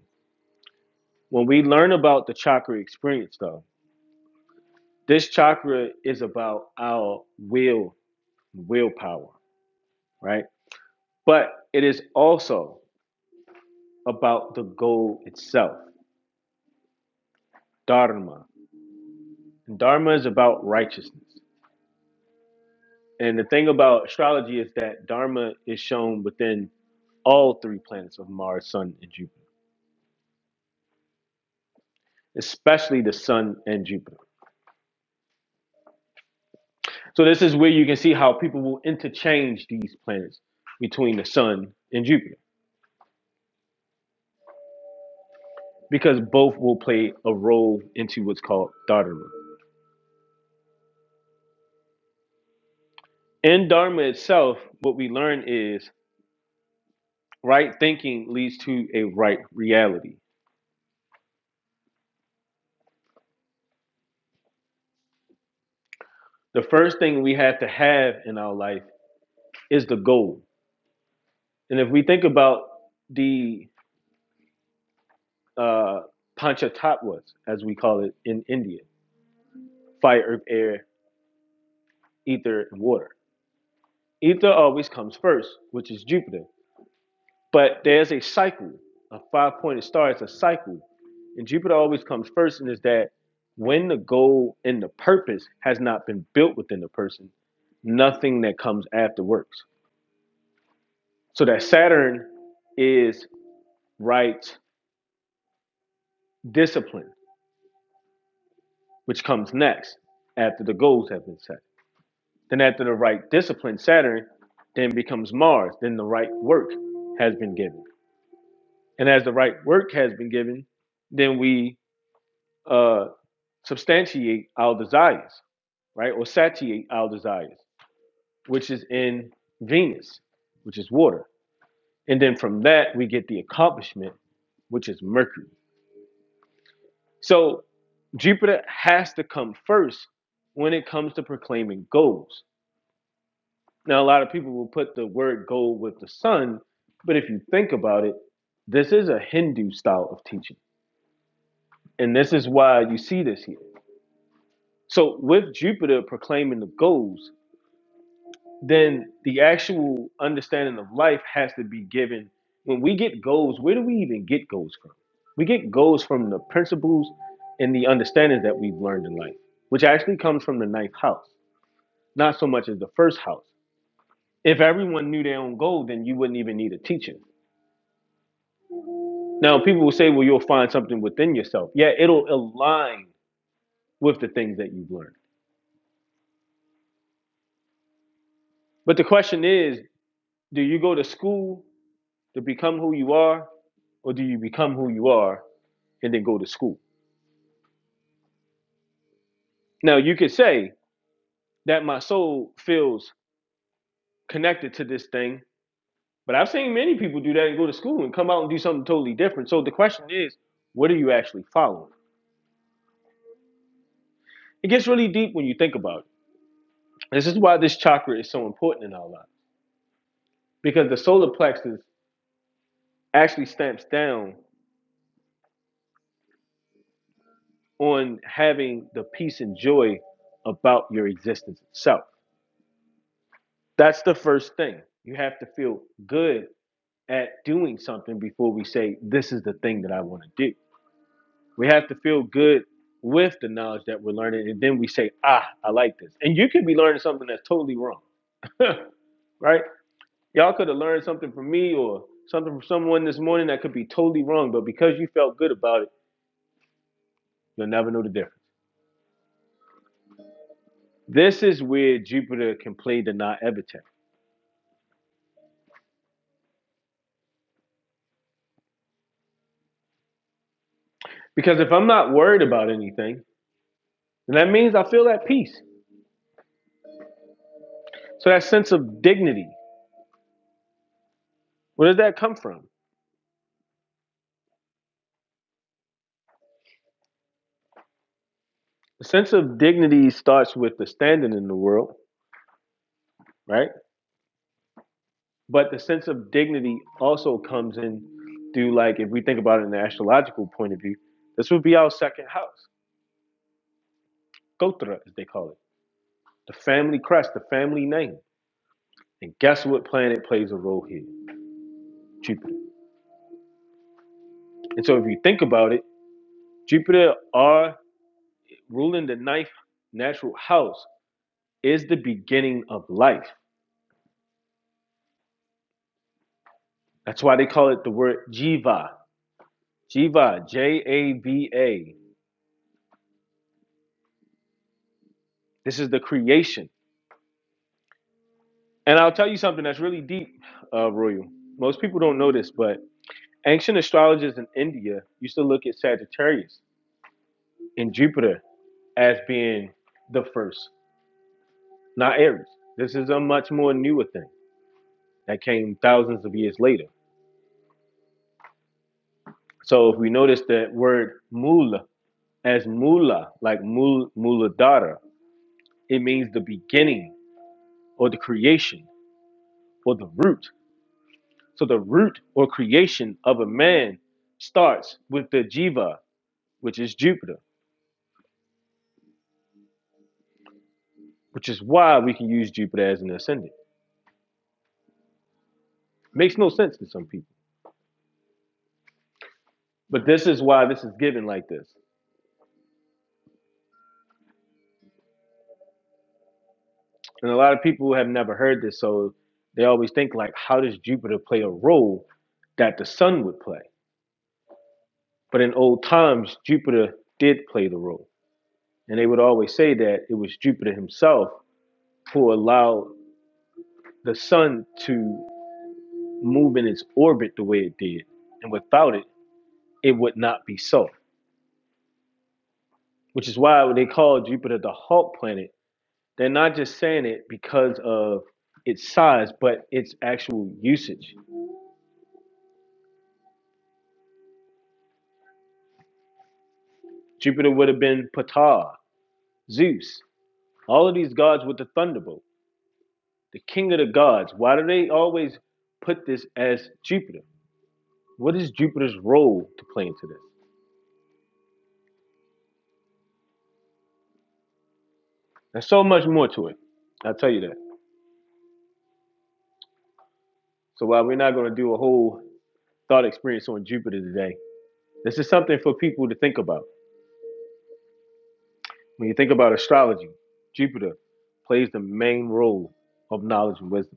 A: When we learn about the chakra experience, though, this chakra is about our will, willpower, right? But it is also about the goal itself, dharma. And dharma is about righteousness. And the thing about astrology is that dharma is shown within all three planets of Mars, Sun, and Jupiter, especially the Sun and Jupiter. So this is where you can see how people will interchange these planets between the Sun and Jupiter because both will play a role into what's called Dharma. In Dharma itself, what we learn is right thinking leads to a right reality. The first thing we have to have in our life is the goal. And if we think about the uh, Panchatattvas, as we call it in India, fire, earth, air, ether, and water. Ether always comes first, which is Jupiter But there's a cycle. A five pointed star is a cycle. And Jupiter always comes first, and is that when the goal and the purpose has not been built within the person, nothing that comes after works. So that Saturn is right discipline, which comes next after the goals have been set. Then, after the right discipline, Saturn then becomes Mars. Then the right work has been given. And as the right work has been given, then we uh, substantiate our desires, right? Or satiate our desires, which is in Venus, which is water. And then from that, we get the accomplishment, which is Mercury. So Jupiter has to come first when it comes to proclaiming goals. Now, a lot of people will put the word goal with the sun, but if you think about it, this is a Hindu style of teaching. And this is why you see this here. So, with Jupiter proclaiming the goals, then the actual understanding of life has to be given. When we get goals, where do we even get goals from? We get goals from the principles and the understandings that we've learned in life, which actually comes from the ninth house, not so much as the first house. If everyone knew their own goal, then you wouldn't even need a teacher. Now, people will say, well, you'll find something within yourself. Yeah, it'll align with the things that you've learned. But the question is do you go to school to become who you are, or do you become who you are and then go to school. Now you could say that my soul feels connected to this thing, but I've seen many people do that and go to school and come out and do something totally different. So the question is, what are you actually following? It gets really deep when you think about it. This is why this chakra is so important in our lives because the solar plexus actually stamps down on having the peace and joy about your existence itself. That's the first thing. You have to feel good at doing something before we say, this is the thing that I want to do We have to feel good with the knowledge that we're learning, and then we say, "Ah, I like this." And you could be learning something that's totally wrong, *laughs* right? Y'all could have learned something from me or something from someone this morning that could be totally wrong, but because you felt good about it, you'll never know the difference. This is where Jupiter can play the non-evident, because if I'm not worried about anything, then that means I feel at peace. So that sense of dignity, where does that come from? The sense of dignity starts with the standing in the world, right? But the sense of dignity also comes in through, like, if we think about it in the astrological point of view, this would be our second house, Gotra, as they call it, the family crest, the family name. And guess what planet plays a role here? Jupiter. And so if you think about it, Jupiter, our ruling the ninth natural house, is the beginning of life. That's why they call it the word Jiva. Jiva, J A V A. This is the creation And I'll tell you something that's really deep, uh, Royal. Most people don't know this, but ancient astrologers in India used to look at Sagittarius and Jupiter as being the first, not Aries. This is a much more newer thing that came thousands of years later. So if we notice that word mula as mula, like mul muladhara, it means the beginning or the creation or the root. So the root or creation of a man starts with the jiva, which is Jupiter. which is why we can use Jupiter as an ascendant. Makes no sense to some people, but this is why this is given like this. And a lot of people have never heard this, so they always think like, how does Jupiter play a role that the sun would play? But in old times, Jupiter did play the role, and they would always say that it was Jupiter himself who allowed the sun to move in its orbit the way it did, and without it, it would not be so. Which is why they call Jupiter the hawk planet They're not just saying it because of its size, but its actual usage. Jupiter would have been Ptah, Zeus, all of these gods with the thunderbolt, the king of the gods. Why do they always put this as Jupiter? What is Jupiter's role to play into this? There's so much more to it. I'll tell you that. So while we're not going to do a whole thought experience on Jupiter today, this is something for people to think about. When you think about astrology, Jupiter plays the main role of knowledge and wisdom.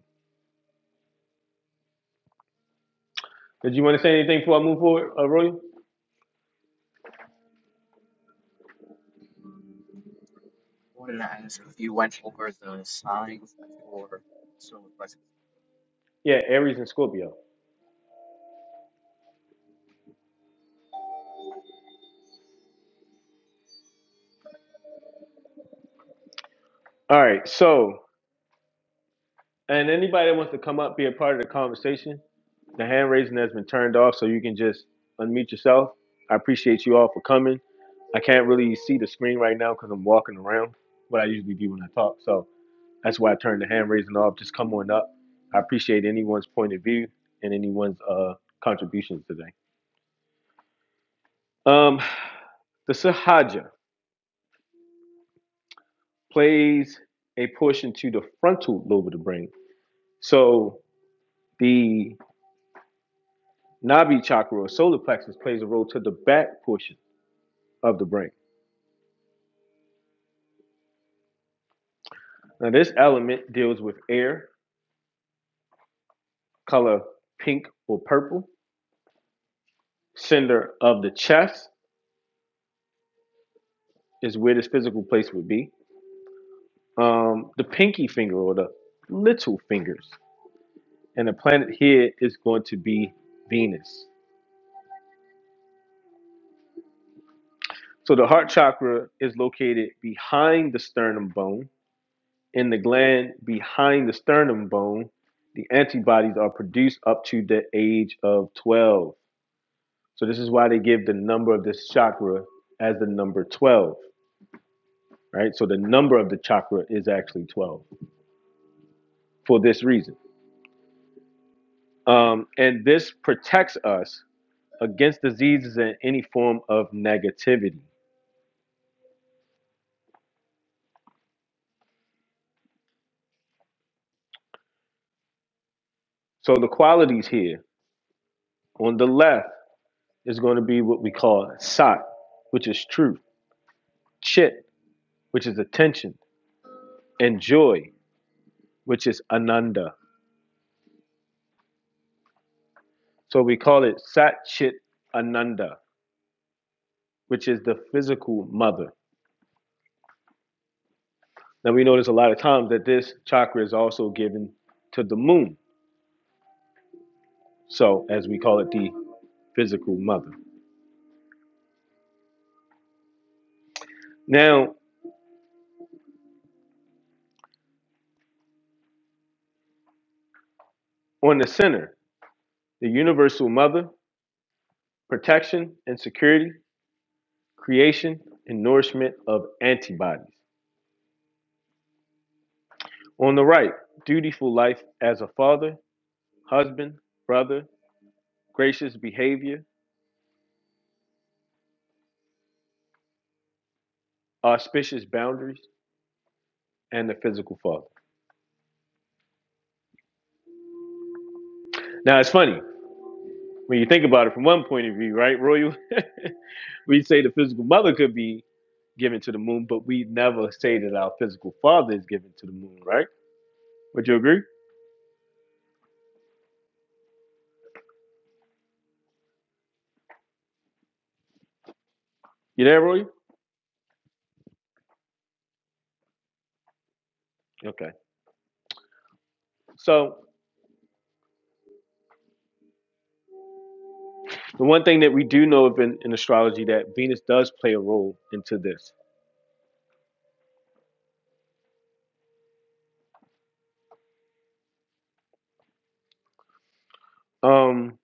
A: Did you want to say anything before I move forward, uh, Roy?
C: wanted to ask if you went over the signs for solar plexus.
A: Yeah, Aries and Scorpio. All right. So, and anybody that wants to come up, be a part of the conversation, the hand raising has been turned off, so you can just unmute yourself. I appreciate you all for coming. I can't really see the screen right now because I'm walking around, what I usually do when I talk. So that's why I turned the hand raising off. Just come on up. I appreciate anyone's point of view and anyone's uh, contributions today. Um, the Sahaja plays a portion to the frontal lobe of the brain So the Nabi chakra or solar plexus plays a role to the back portion of the brain. Now, this element deals with air, color pink or purple. Center of the chest is where this physical place would be. Um, the pinky finger or the little fingers. And the planet here is going to be Venus. So the heart chakra is located behind the sternum bone In the gland behind the sternum bone, the antibodies are produced up to the age of 12. So this is why they give the number of this chakra as the number 12, right? So the number of the chakra is actually 12 for this reason. Um, and this protects us against diseases and any form of negativity. So the qualities here on the left is going to be what we call sat, which is truth, chit, which is attention, and joy. which is Ananda. So we call it Sat Chit Ananda, which is the physical mother. Now we notice a lot of times that this chakra is also given to the moon. So as we call it the physical mother. Now on the center, the universal mother, protection and security, creation and nourishment of antibodies. On the right, dutiful life as a father, husband, brother, gracious behavior, auspicious boundaries, and the physical father. Now it's funny when you think about it from one point of view, right, Royal? *laughs* we say the physical mother could be given to the moon, but we never say that our physical father is given to the moon, right? Would you agree? You there, Roy? Okay. So the one thing that we do know of in, in astrology that Venus does play a role into this. Um,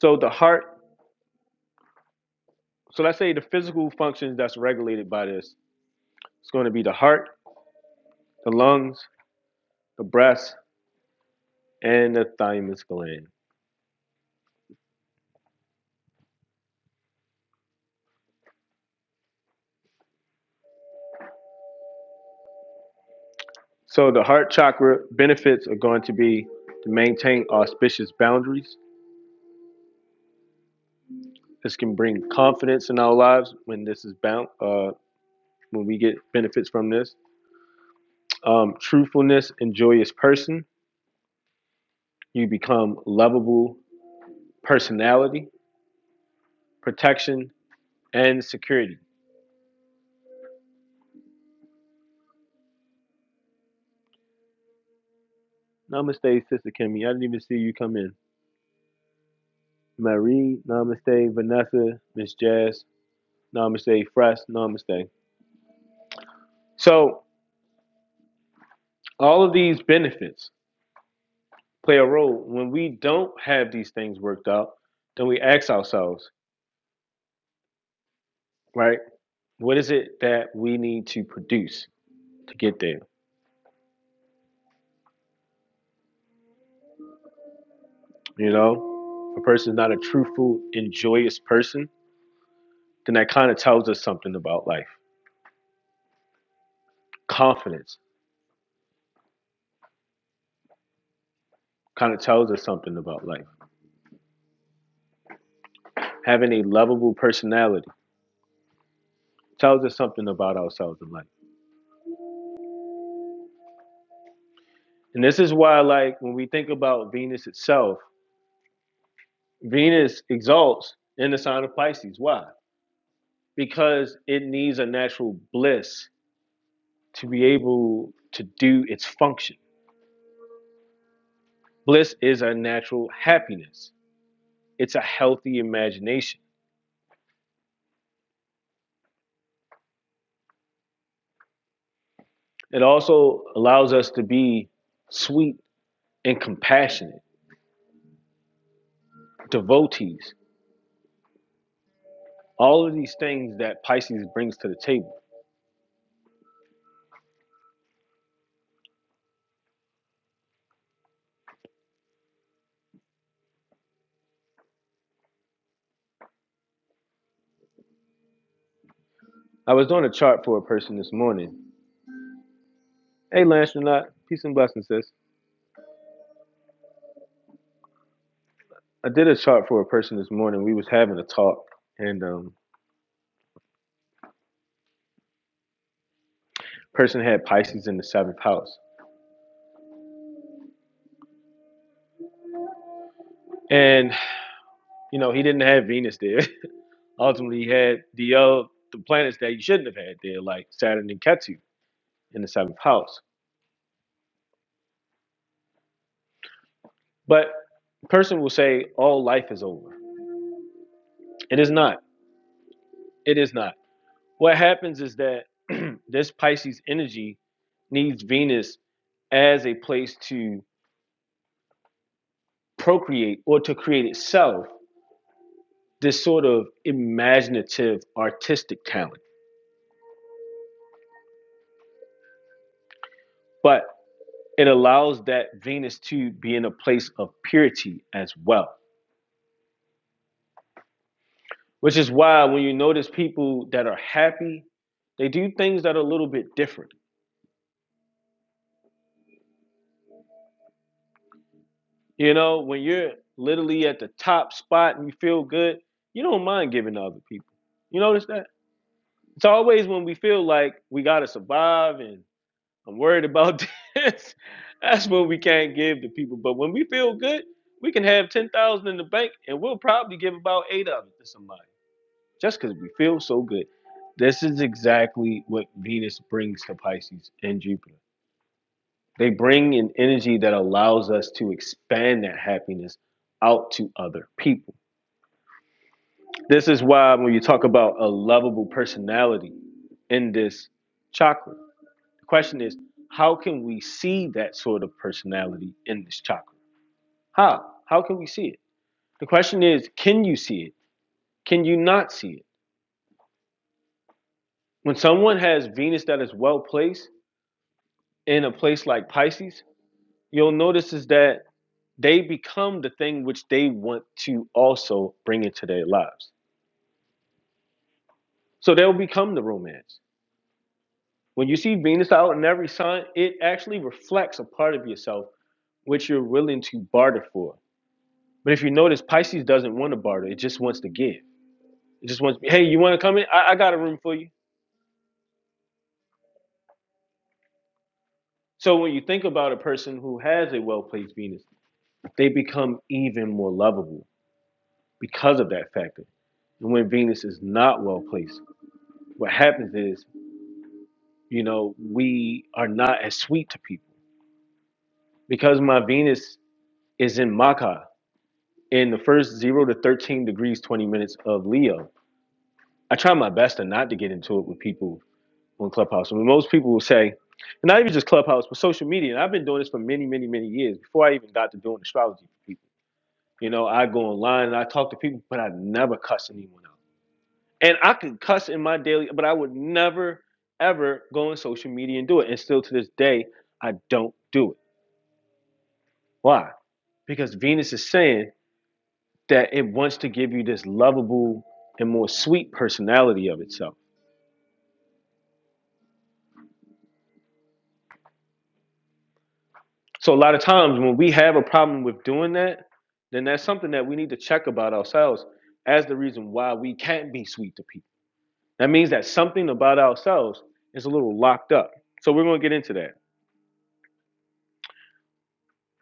A: so the heart, so let's say the physical functions that's regulated by this, it's going to be the heart, the lungs, the breast, and the thymus gland. So the heart chakra benefits are going to be to maintain auspicious boundaries. This can bring confidence in our lives when this is bound. Uh, when we get benefits from this, um, truthfulness and joyous person, you become lovable personality, protection and security. Namaste, Sister Kimmy. I didn't even see you come in. Marie, Namaste, Vanessa, Miss Jazz, Namaste, Fresh, Namaste. So all of these benefits play a role. When we don't have these things worked out, then we ask ourselves, right, what is it that we need to produce to get there? You know, if a person is not a truthful and joyous person, then that kind of tells us something about life. Confidence kind of tells us something about life. Having a lovable personality tells us something about ourselves in life. And this is why, like, when we think about Venus itself, Venus exalts in the sign of Pisces. Why? because it needs a natural bliss to be able to do its function. Bliss is a natural happiness, it's a healthy imagination. It also allows us to be sweet and compassionate, devotees, all of these things that Pisces brings to the table. I was doing a chart for a person this morning. Hey, Lancelot, peace and blessings, sis. I did a chart for a person this morning. We was having a talk, and um, person had Pisces in the seventh house, and You know, he didn't have Venus there. *laughs* Ultimately, he had the other the planets that he shouldn't have had there, like Saturn and Ketu in the seventh house. But a person will say all life is over. It is not. It is not. What happens is that *clears throat* this Pisces energy needs Venus as a place to procreate or to create itself this sort of imaginative artistic talent. But it allows that Venus to be in a place of purity as well. Which is why when you notice people that are happy, they do things that are a little bit different. You know, when you're literally at the top spot and you feel good, you don't mind giving to other people. You notice that? It's always when we feel like we gotta survive and I'm worried about this. *laughs* That's when we can't give to people. But when we feel good, we can have ten thousand in the bank and we'll probably give about eight of it to somebody. Just because we feel so good. This is exactly what Venus brings to Pisces and Jupiter. They bring an energy that allows us to expand that happiness out to other people. This is why when you talk about a lovable personality in this chakra, the question is how can we see that sort of personality in this chakra? How? How can we see it? The question is can you see it? Can you not see it? When someone has Venus that is well placed in a place like Pisces, you'll notice is that they become the thing which they want to also bring into their lives. So they'll become the romance. When you see Venus out in every sign, it actually reflects a part of yourself which you're willing to barter for. But if you notice, Pisces doesn't want to barter, it just wants to give. It just wants, hey, you want to come in? I, I got a room for you. So when you think about a person who has a well placed Venus, they become even more lovable because of that factor. And when Venus is not well placed, what happens is you know, we are not as sweet to people because my Venus is in Maca in the first zero to 13 degrees, 20 minutes of Leo. I try my best to not to get into it with people on Clubhouse. I mean, most people will say, and not even just Clubhouse, but social media. And I've been doing this for many, many, many years before I even got to doing astrology for people. You know, I go online and I talk to people, but I never cuss anyone out. And I could cuss in my daily, but I would never, ever go on social media and do it. And still to this day, I don't do it Why? Because Venus is saying that it wants to give you this lovable and more sweet personality of itself. So a lot of times when we have a problem with doing that, then that's something that we need to check about ourselves as the reason why we can't be sweet to people. That means that something about ourselves is a little locked up. So we're going to get into that.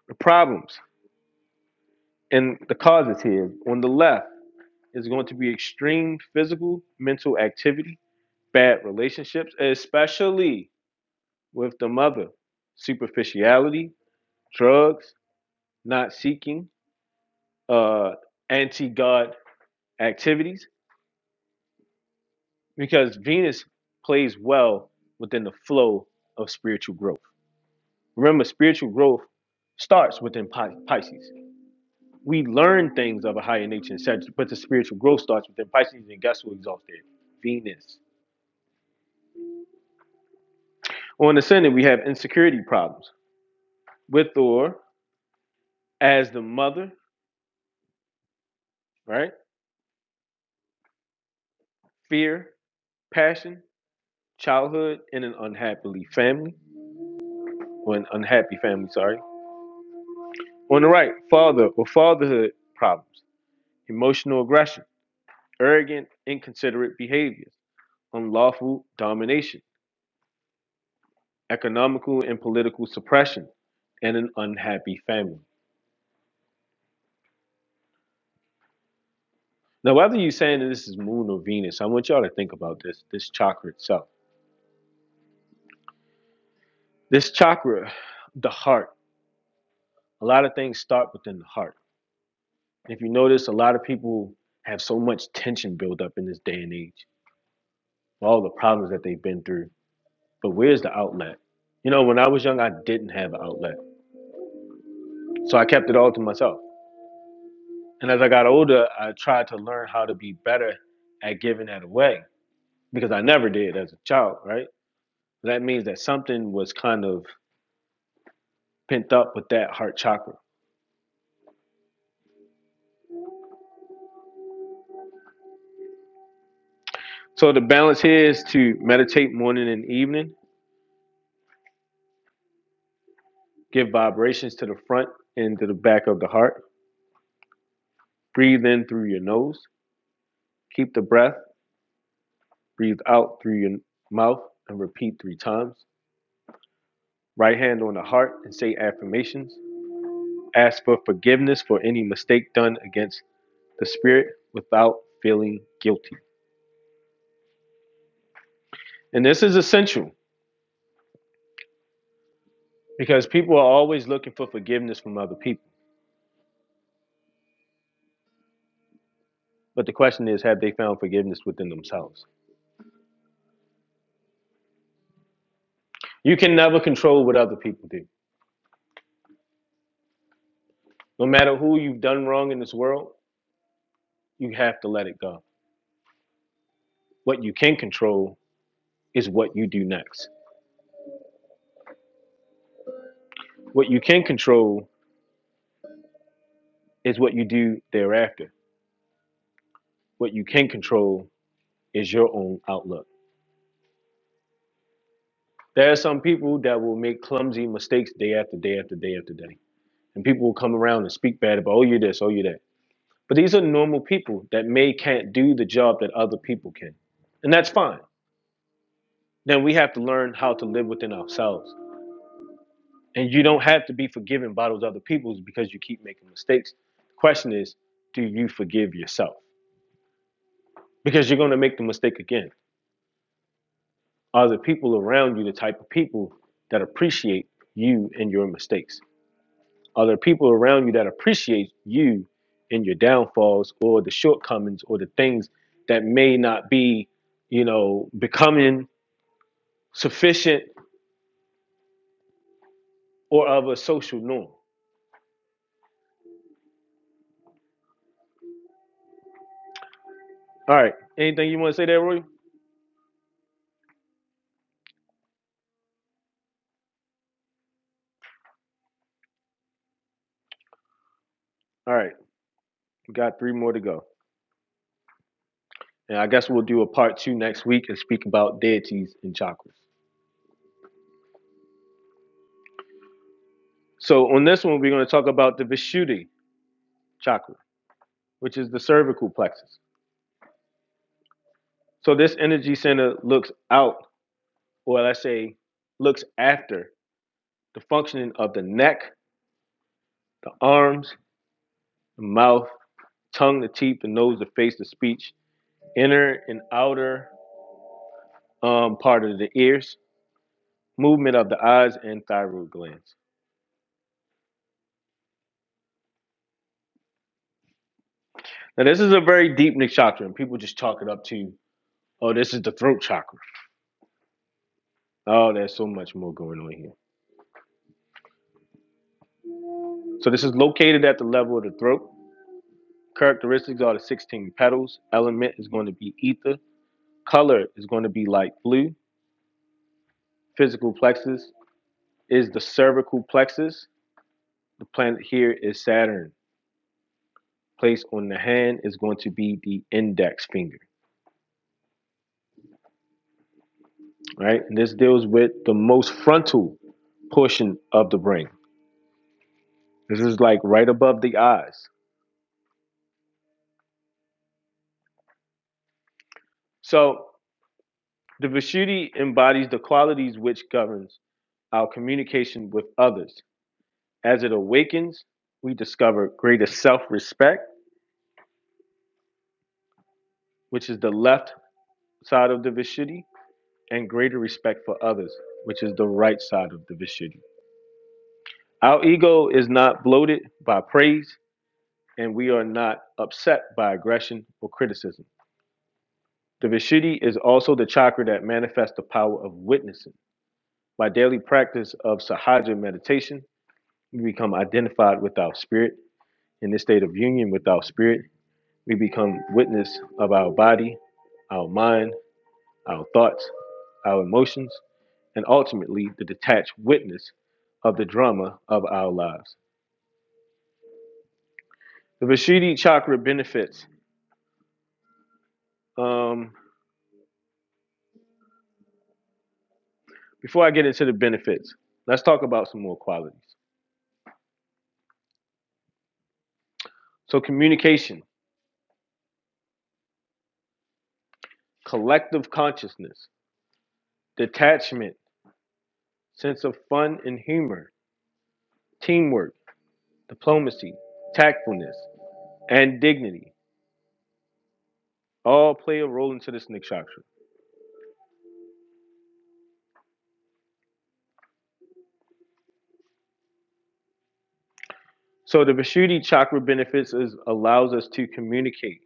A: The problems and the causes here on the left is going to be extreme physical, mental activity, bad relationships, especially with the mother superficiality, drugs, not seeking, uh, anti God activities, because Venus plays well within the flow of spiritual growth. Remember, spiritual growth starts within Pi- Pisces. We learn things of a higher nature in Sagittarius, but the spiritual growth starts within Pisces, and guess who exalts there? Venus. On the ascendant, we have insecurity problems with or as the mother, right? Fear, passion. childhood in an unhappily family or an unhappy family, sorry. On the right, father or fatherhood problems, emotional aggression, arrogant, inconsiderate behaviors, unlawful domination, economical and political suppression, and an unhappy family. Now, whether you're saying that this is moon or Venus, I want y'all to think about this, this chakra itself. This chakra, the heart, a lot of things start within the heart. If you notice, a lot of people have so much tension built up in this day and age all the problems that they've been through. But where's the outlet? You know, when I was young, I didn't have an outlet. So I kept it all to myself. And as I got older, I tried to learn how to be better at giving that away because I never did as a child, right? That means that something was kind of pent up with that heart chakra. So the balance here is to meditate morning and evening, give vibrations to the front and to the back of the heart, breathe in through your nose, keep the breath, breathe out through your mouth, and repeat three times. right hand on the heart and say affirmations. Ask for forgiveness for any mistake done against the spirit without feeling guilty. And this is essential because people are always looking for forgiveness from other people. But the question is, have they found forgiveness within themselves? You can never control what other people do. No matter who you've done wrong in this world, you have to let it go. What you can control is what you do next. What you can control is what you do thereafter. What you can control is your own outlook There are some people that will make clumsy mistakes day after day after day after day. And people will come around and speak bad about, oh, you this, oh, you that. But these are normal people that may can't do the job that other people can. And that's fine. Then we have to learn how to live within ourselves. And you don't have to be forgiven by those other people because you keep making mistakes. The question is, do you forgive yourself? Because you're going to make the mistake again. Are the people around you the type of people that appreciate you and your mistakes? Are there people around you that appreciate you and your downfalls or the shortcomings or the things that may not be, you know, becoming sufficient or of a social norm? All right. Anything you want to say there, Roy? All right. We got three more to go. And I guess we'll do a part two next week and speak about deities and chakras. So on this one, we're going to talk about the Vishuddhi chakra, which is the cervical plexus. So this energy center looks out, or let's say, looks after the functioning of the neck, the arms, the mouth, tongue, the teeth, the nose, the face, the speech, inner and outer um, part of the ears, movement of the eyes, and thyroid glands. Now, this is a very deep nakshatra, and people just chalk it up to, oh, this is the throat chakra. Oh, there's so much more going on here. So, this is located at the level of the throat. Characteristics are the 16 petals. Element is going to be ether. Color is going to be light blue. Physical plexus is the cervical plexus. The planet here is Saturn. Placed on the hand is going to be the index finger, right? And this deals with the most frontal portion of the brain. This is like right above the eyes. So the Vishuddhi embodies the qualities which governs our communication with others. As it awakens, we discover greater self respect, which is the left side of the Vishuddhi, and greater respect for others, which is the right side of the Vishuddhi. Our ego is not bloated by praise, and we are not upset by aggression or criticism. The Vishuddhi is also the chakra that manifests the power of witnessing. By daily practice of Sahaja meditation, we become identified with our spirit. In this state of union with our spirit, we become witness of our body, our mind, our thoughts, our emotions, and ultimately the detached witness of the drama of our lives. The Vishuddhi chakra benefits. Um, Before I get into the benefits, let's talk about some more qualities. So, communication, collective consciousness, detachment, sense of fun and humor, teamwork, diplomacy, tactfulness, and dignity all play a role into this nakshatra. So, the Vishuddhi chakra benefits is allows us to communicate,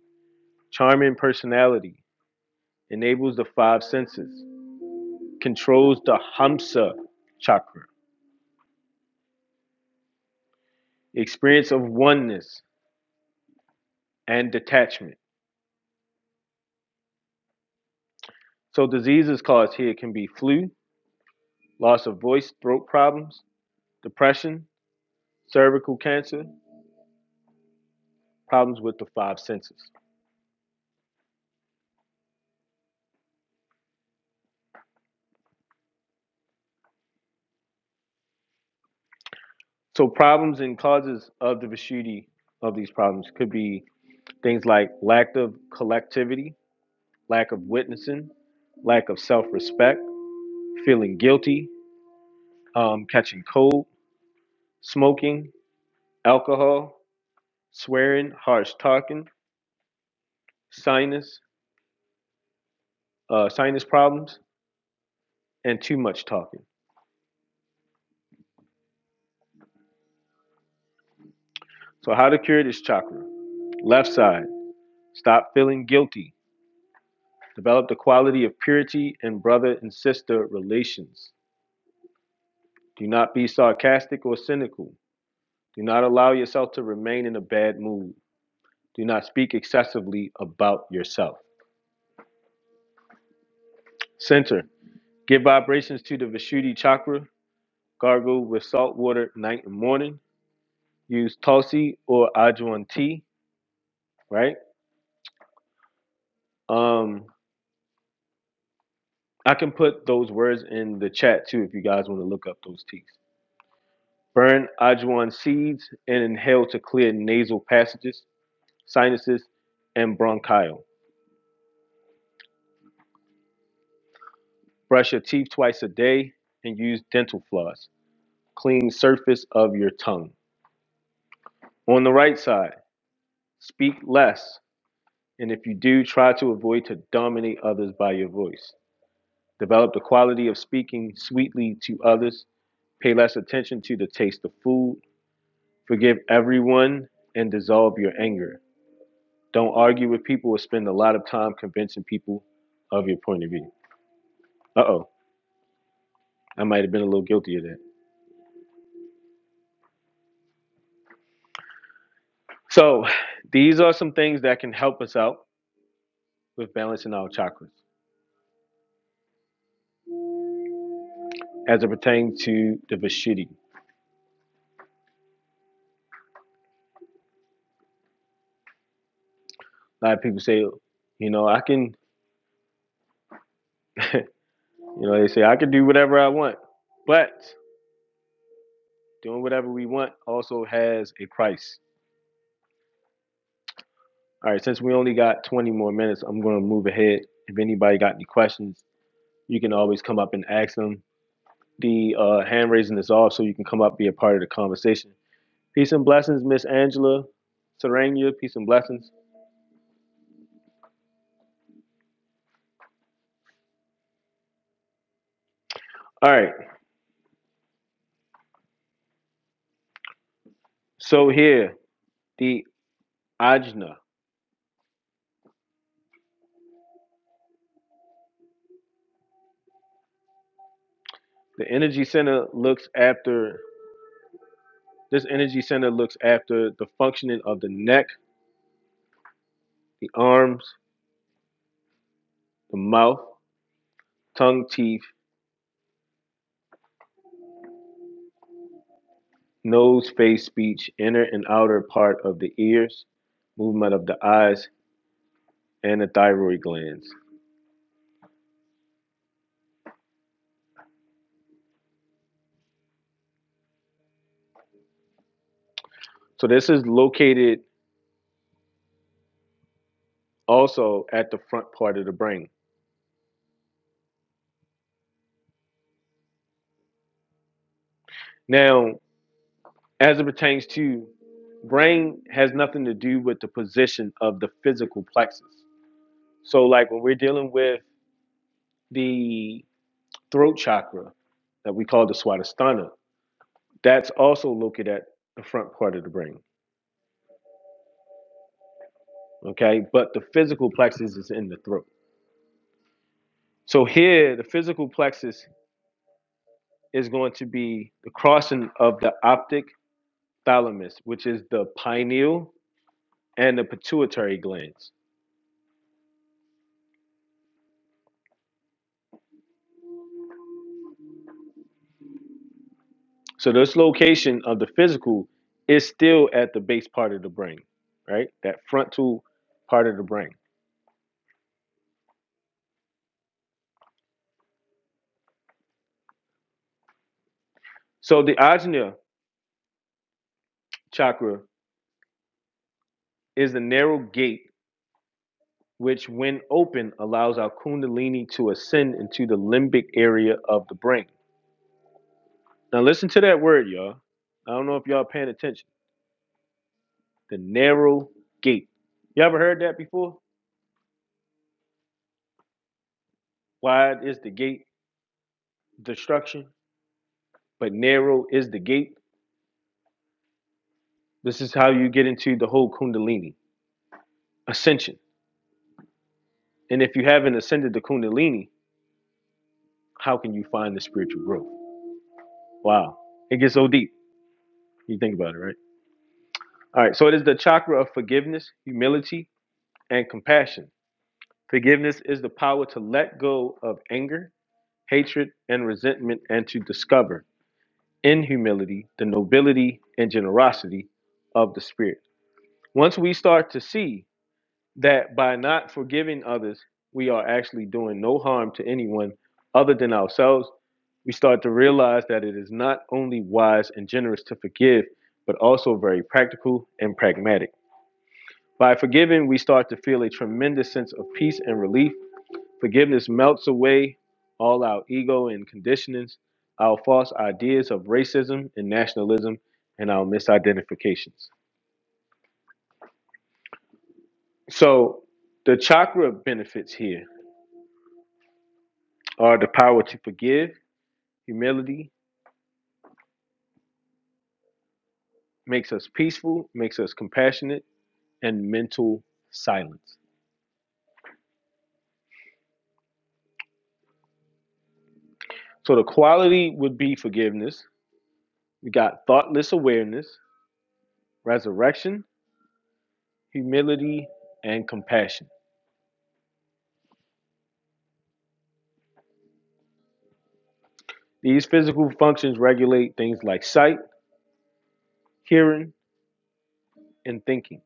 A: charming personality, enables the five senses, controls the Hamsa chakra, experience of oneness and detachment So diseases caused here can be flu, loss of voice, throat problems, depression, cervical cancer, problems with the five senses. So problems and causes of the Vishuddhi of these problems could be things like lack of collectivity, lack of witnessing, lack of self-respect, feeling guilty, um, catching cold, smoking, alcohol, swearing, harsh talking, sinus, uh, sinus problems, and too much talking. So how to cure this chakra? Left side, stop feeling guilty. Develop the quality of purity in brother and sister relations. Do not be sarcastic or cynical. Do not allow yourself to remain in a bad mood. Do not speak excessively about yourself. Center, give vibrations to the Vishuddhi chakra. Gargle with salt water night and morning. Use Tulsi or ajwan tea, right? Um, I can put those words in the chat too if you guys want to look up those teas. Burn Ajuan seeds and inhale to clear nasal passages, sinuses, and bronchial. Brush your teeth twice a day and use dental floss. Clean surface of your tongue. On the right side, speak less, and if you do, try to avoid to dominate others by your voice. Develop the quality of speaking sweetly to others. Pay less attention to the taste of food. Forgive everyone and dissolve your anger. Don't argue with people or spend a lot of time convincing people of your point of view. Uh oh, I might have been a little guilty of that. So, these are some things that can help us out with balancing our chakras as it pertains to the Vishuddhi. A lot of people say, you know, I can, you know, they say, I can do whatever I want, but doing whatever we want also has a price. All right, since we only got 20 more minutes, I'm going to move ahead. If anybody got any questions, you can always come up and ask them The uh, hand raising is off, so you can come up be a part of the conversation. Peace and blessings, Miss Angela Serenia. Peace and blessings. All right. So here, the ajna, the energy center looks after this energy center looks after the functioning of the neck, the arms, the mouth, tongue, teeth, nose, face, speech, inner and outer part of the ears, movement of the eyes, and the thyroid glands. So this is located also at the front part of the brain. Now, as it pertains to brain has nothing to do with the position of the physical plexus. So like when we're dealing with the throat chakra that we call the swadhisthana, that's also located at the front part of the brain. Okay. But the physical plexus is in the throat. So here the physical plexus is going to be the crossing of the optic thalamus, which is the pineal and the pituitary glands. So this location of the physical is still at the base part of the brain, right? That frontal part of the brain. So the ajna chakra is the narrow gate which, when open, allows our kundalini to ascend into the limbic area of the brain. Now listen to that word, y'all. I don't know if y'all paying attention. The narrow gate. You ever heard that before? Wide is the gate, destruction, but narrow is the gate. This is how you get into the whole kundalini ascension And if you haven't ascended to Kundalini, how can you find the spiritual growth? Wow. It gets so deep. You think about it, right? All right. So it is the chakra of forgiveness, humility, and compassion. Forgiveness is the power to let go of anger, hatred, and resentment and to discover in humility the nobility and generosity of the spirit. Once we start to see that by not forgiving others, we are actually doing no harm to anyone other than ourselves, we start to realize that it is not only wise and generous to forgive, but also very practical and pragmatic. By forgiving, we start to feel a tremendous sense of peace and relief. Forgiveness melts away all our ego and conditionings, our false ideas of racism and nationalism, and our misidentifications. So, the chakra benefits here Are the power to forgive, humility, makes us peaceful, makes us compassionate, and mental silence. So the quality would be forgiveness. We got thoughtless awareness, resurrection, humility, and compassion. These physical functions regulate things like sight, hearing, and thinking.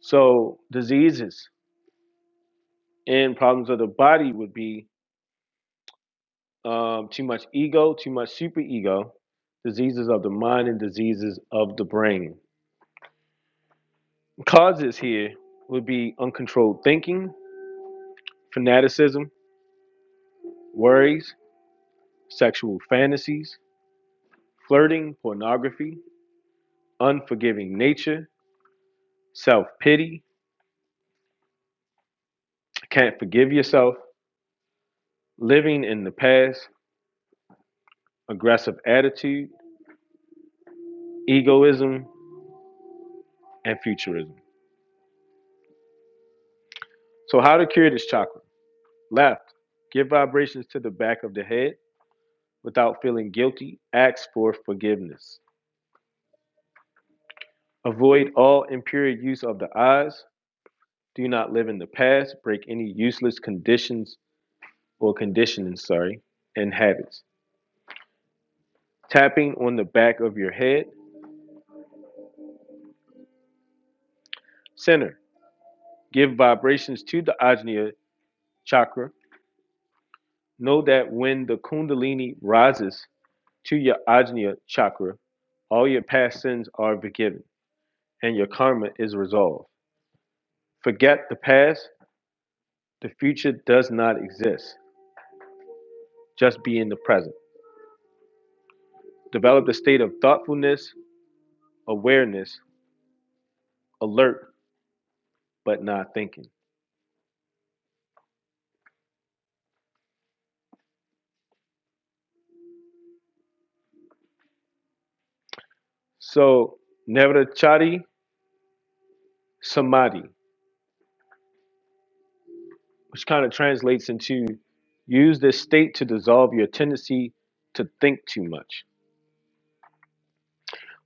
A: So diseases and problems of the body would be um, too much ego, too much superego, diseases of the mind, and diseases of the brain. Causes here would be uncontrolled thinking, fanaticism, worries, sexual fantasies, flirting, pornography, unforgiving nature, self pity, can't forgive yourself, living in the past, aggressive attitude, egoism, and futurism. So, how to cure this chakra? Left, give vibrations to the back of the head without feeling guilty, ask for forgiveness. Avoid all impure use of the eyes, Do not live in the past, break any useless conditions or conditioning, sorry, and habits. Tapping on the back of your head, center. Give vibrations to the Ajna chakra. Know that when the Kundalini rises to your Ajna chakra, all your past sins are forgiven and your karma is resolved. Forget the past, the future does not exist. Just be in the present. Develop a state of thoughtfulness, awareness, alert, but not thinking. So Navrachari Samadhi, which kind of translates into use this state to dissolve your tendency to think too much.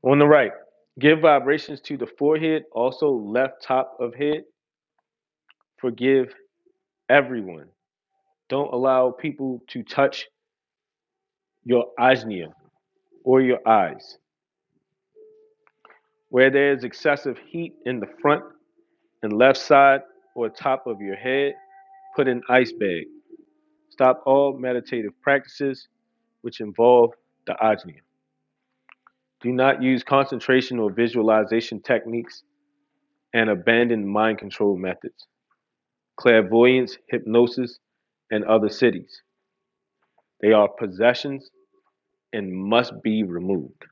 A: On the right, give vibrations to the forehead, also left top of head. Forgive everyone. Don't allow people to touch your ajna or your eyes. Where there is excessive heat in the front and left side or top of your head, put an ice bag. Stop all meditative practices which involve the ajna. Do not use concentration or visualization techniques and abandon mind control methods, clairvoyance, hypnosis, and other cities. They are possessions and must be removed.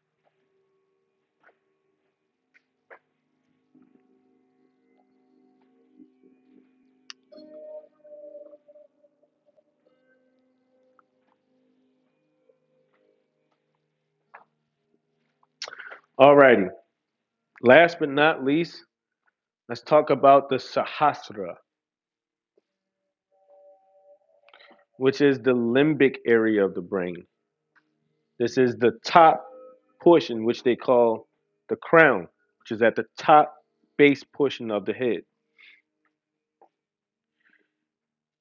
A: Alrighty. Last but not least, let's talk about the Sahasra, which is the limbic area of the brain. This is the top portion, which they call the crown, which is at the top base portion of the head.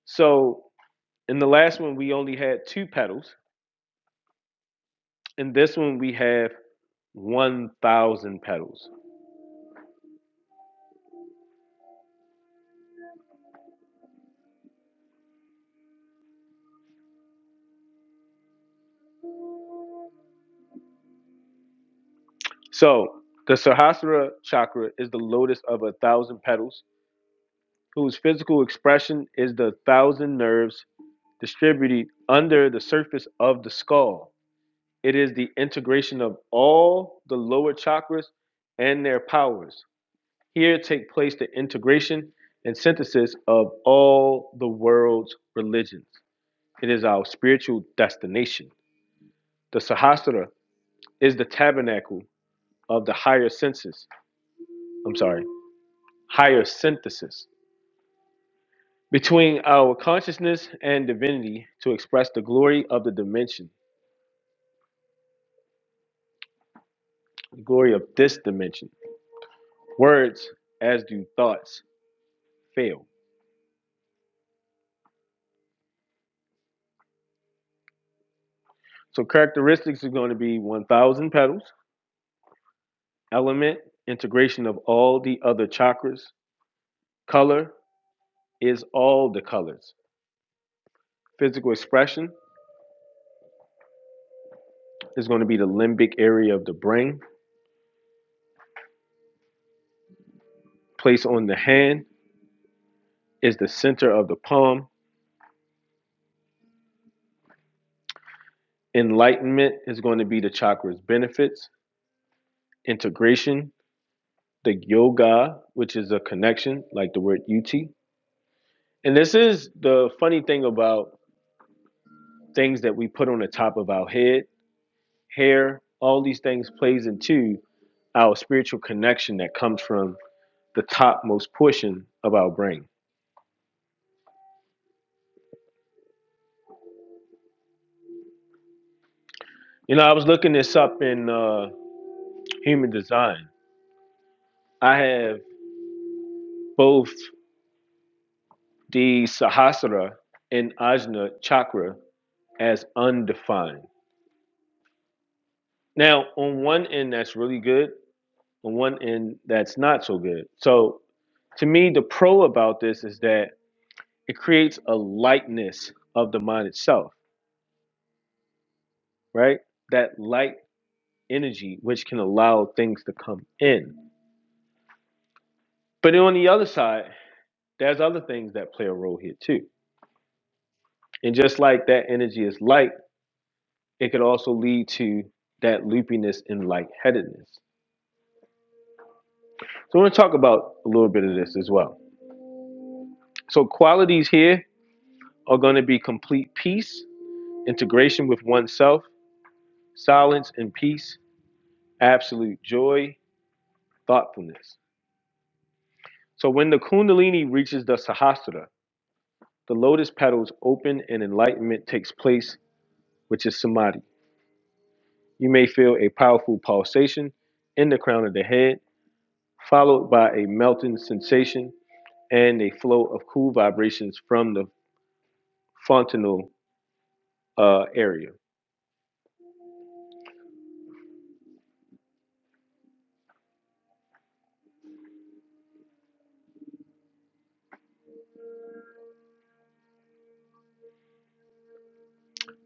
A: So In the last one, we only had two petals. In this one, we have 1,000 petals. So the Sahasrara chakra is the lotus of a thousand petals, whose physical expression is the thousand nerves distributed under the surface of the skull. It is the integration of all the lower chakras and their powers. Here take place the integration and synthesis of all the world's religions. It is our spiritual destination. The Sahasrara is the tabernacle of the higher senses. I'm sorry, higher synthesis between our consciousness and divinity to express the glory of the dimension, the glory of this dimension. Words, as do thoughts, fail. So characteristics are going to be 1,000 petals, element, integration of all the other chakras, color is all the colors. Physical expression is going to be the limbic area of the brain, place on the hand, is the center of the palm Enlightenment is going to be the chakra's benefits, integration, the yoga, which is a connection, like the word ut. And this is the funny thing about things that we put on the top of our head, hair, all these things plays into our spiritual connection that comes from the topmost portion of our brain. You know, I was looking this up in uh, human design. I have both the Sahasrara and Ajna chakra as undefined. Now, on one end, that's really good. On one end, that's not so good. So, to me, the pro about this is that it creates a lightness of the mind itself, right? That light energy, which can allow things to come in. But on the other side, there's other things that play a role here too. And just like that energy is light, it could also lead to that loopiness and lightheadedness. So, I want to talk about a little bit of this as well. So, qualities here are going to be complete peace, integration with oneself, silence and peace, absolute joy, thoughtfulness. So when the Kundalini reaches the Sahasrara, the lotus petals open and enlightenment takes place, which is samadhi. You may feel a powerful pulsation in the crown of the head, followed by a melting sensation and a flow of cool vibrations from the fontanel uh, area.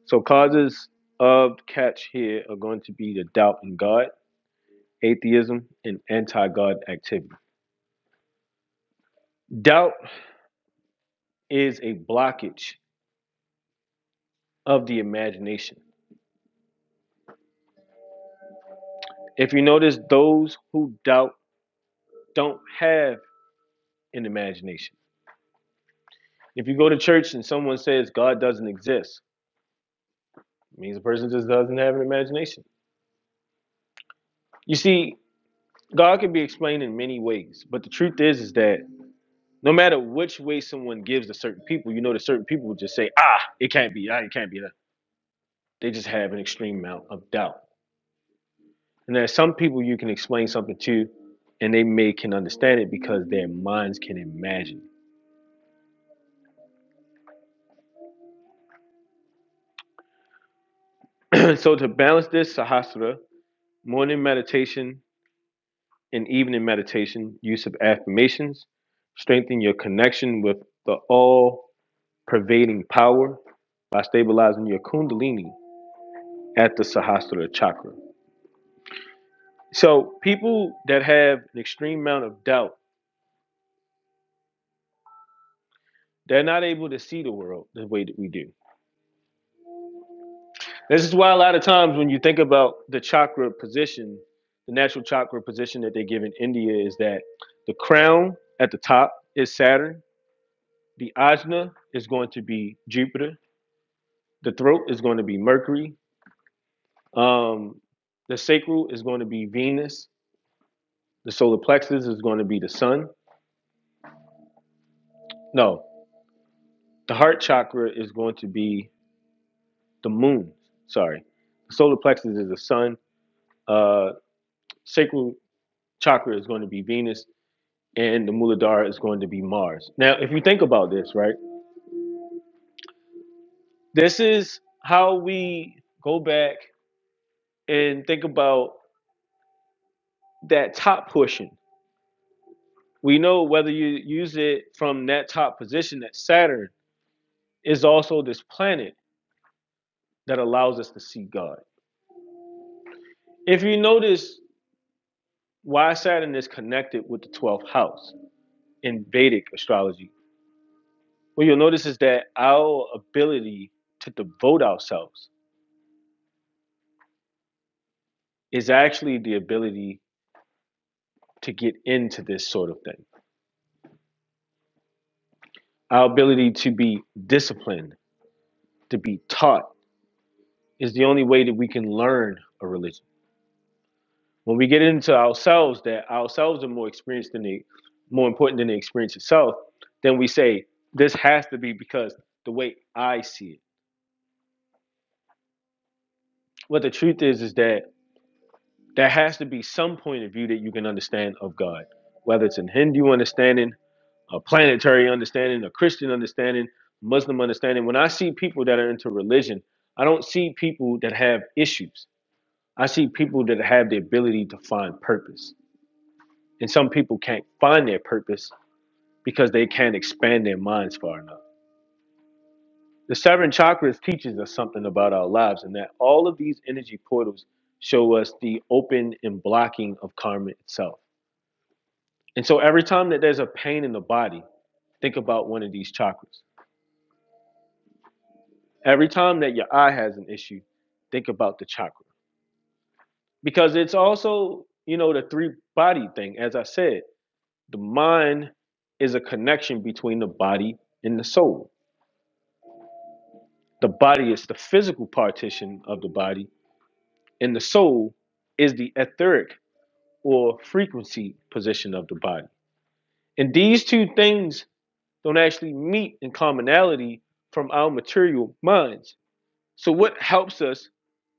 A: So causes of catch here are going to be the doubt in God atheism, and anti God activity. Doubt is a blockage of the imagination. If you notice, those who doubt don't have an imagination. If you go to church and someone says God doesn't exist, it means the person just doesn't have an imagination. You see, God can be explained in many ways, but the truth is, is that no matter which way someone gives to certain people, you know that certain people will just say, "Ah, it can't be. Ah, it can't be that." They just have an extreme amount of doubt. And there's some people you can explain something to, and they may can understand it because their minds can imagine. *clears throat* so to balance this Sahasrara morning meditation and evening meditation, use of affirmations, strengthen your connection with the all-pervading power by stabilizing your kundalini at the Sahasrara chakra. So people that have an extreme amount of doubt, they're not able to see the world the way that we do This is why a lot of times when you think about the chakra position, the natural chakra position that they give in India is that the crown at the top is Saturn, the ajna is going to be Jupiter, the throat is going to be Mercury, um, the sacral is going to be Venus, the solar plexus is going to be the sun. No, the heart chakra is going to be the moon. Sorry, the solar plexus is the sun. Uh, sacral chakra is going to be Venus and the Muladhara is going to be Mars. Now, if you think about this, right, this is how we go back and think about that top portion. We know whether you use it from that top position, that Saturn is also this planet that allows us to see God. If you notice why Saturn is connected with the 12th house in Vedic astrology, what you'll notice is that our ability to devote ourselves is actually the ability to get into this sort of thing. Our ability to be disciplined, to be taught, is the only way that we can learn a religion. When we get into ourselves, that ourselves are more experienced than the more important than the experience itself, then we say this has to be because the way I see it. What the truth is is that there has to be some point of view that you can understand of God, whether it's in Hindu understanding a planetary understanding, a Christian understanding, Muslim understanding. When I see people that are into religion, I don't see people that have issues. I see people that have the ability to find purpose. And some people can't find their purpose because they can't expand their minds far enough. The seven chakras teaches us something about our lives and that all of these energy portals show us the open and blocking of karma itself. And so every time that there's a pain in the body, think about one of these chakras. Every time that your eye has an issue, think about the chakra because it's also, you know, the three body thing. As I said, the mind is a connection between the body and the soul. The body is the physical partition of the body, and the soul is the etheric or frequency position of the body. And these two things don't actually meet in commonality from our material minds. So, what helps us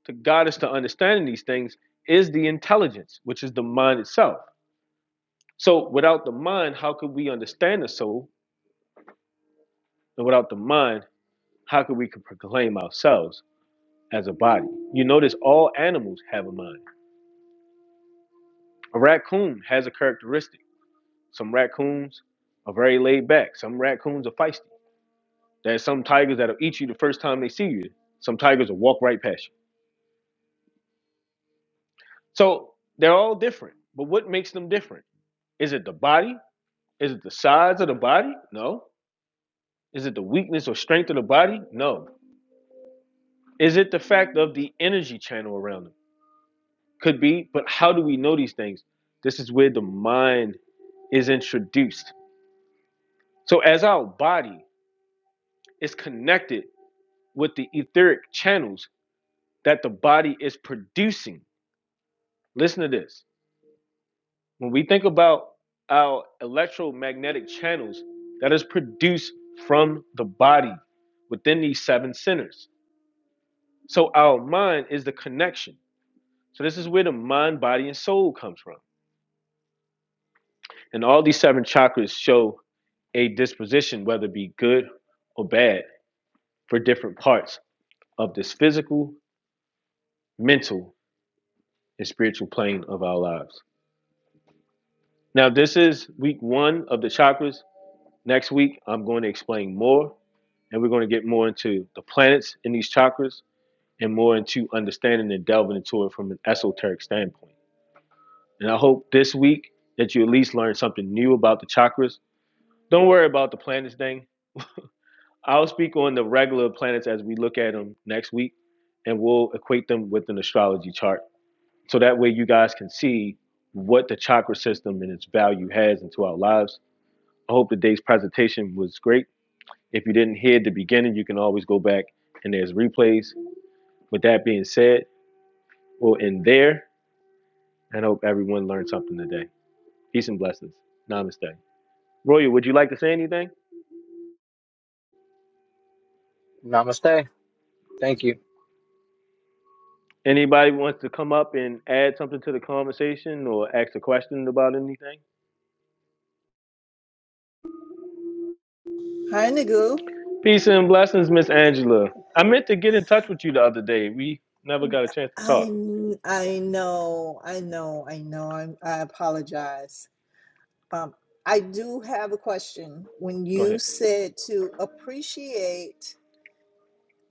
A: to God is to understanding these things is the intelligence, which is the mind itself. So without the mind, how could we understand the soul? And without the mind, how could we could proclaim ourselves as a body? You notice all animals have a mind. A raccoon has a characteristic. Some raccoons are very laid back. Some raccoons are feisty. There's some tigers that'll eat you the first time they see you. Some tigers will walk right past you. So they're all different. But what makes them different? Is it the body? Is it the size of the body? No. Is it the weakness or strength of the body? No. Is it the fact of the energy channel around them? Could be, but how do we know these things? This is where the mind is introduced. So, as our body is connected with the etheric channels that the body is producing, listen to this. When we think about our electromagnetic channels that is produced from the body within these seven centers, so our mind is the connection. So this is where the mind, body, and soul comes from. And all these seven chakras show a disposition, whether it be good or bad, for different parts of this physical, mental, and spiritual plane of our lives. Now, this is week one of the chakras. Next week, I'm going to explain more, and we're going to get more into the planets in these chakras and more into understanding and delving into it from an esoteric standpoint. And I hope this week that you at least learn something new about the chakras. Don't worry about the planets thing I'll speak on the regular planets as we look at them next week, and we'll equate them with an astrology chart. So that way you guys can see what the chakra system and its value has into our lives. I hope today's presentation was great. If you didn't hear the beginning, you can always go back and there's replays. With that being said, we'll end there and hope everyone learned something today. Peace and blessings. Namaste. Royal, would you like to say anything?
C: Namaste. Thank you.
A: Anybody wants to come up and add something to the conversation or ask a question about anything?
D: Hi, Nagu.
A: Peace and blessings, Miss Angela. I meant to get in touch with you the other day. We never got a chance to
D: I
A: talk.
D: kn- I know, I know, I know. I'm, I apologize. Um, I do have a question. When
A: Go
D: you
A: ahead.
D: said to appreciate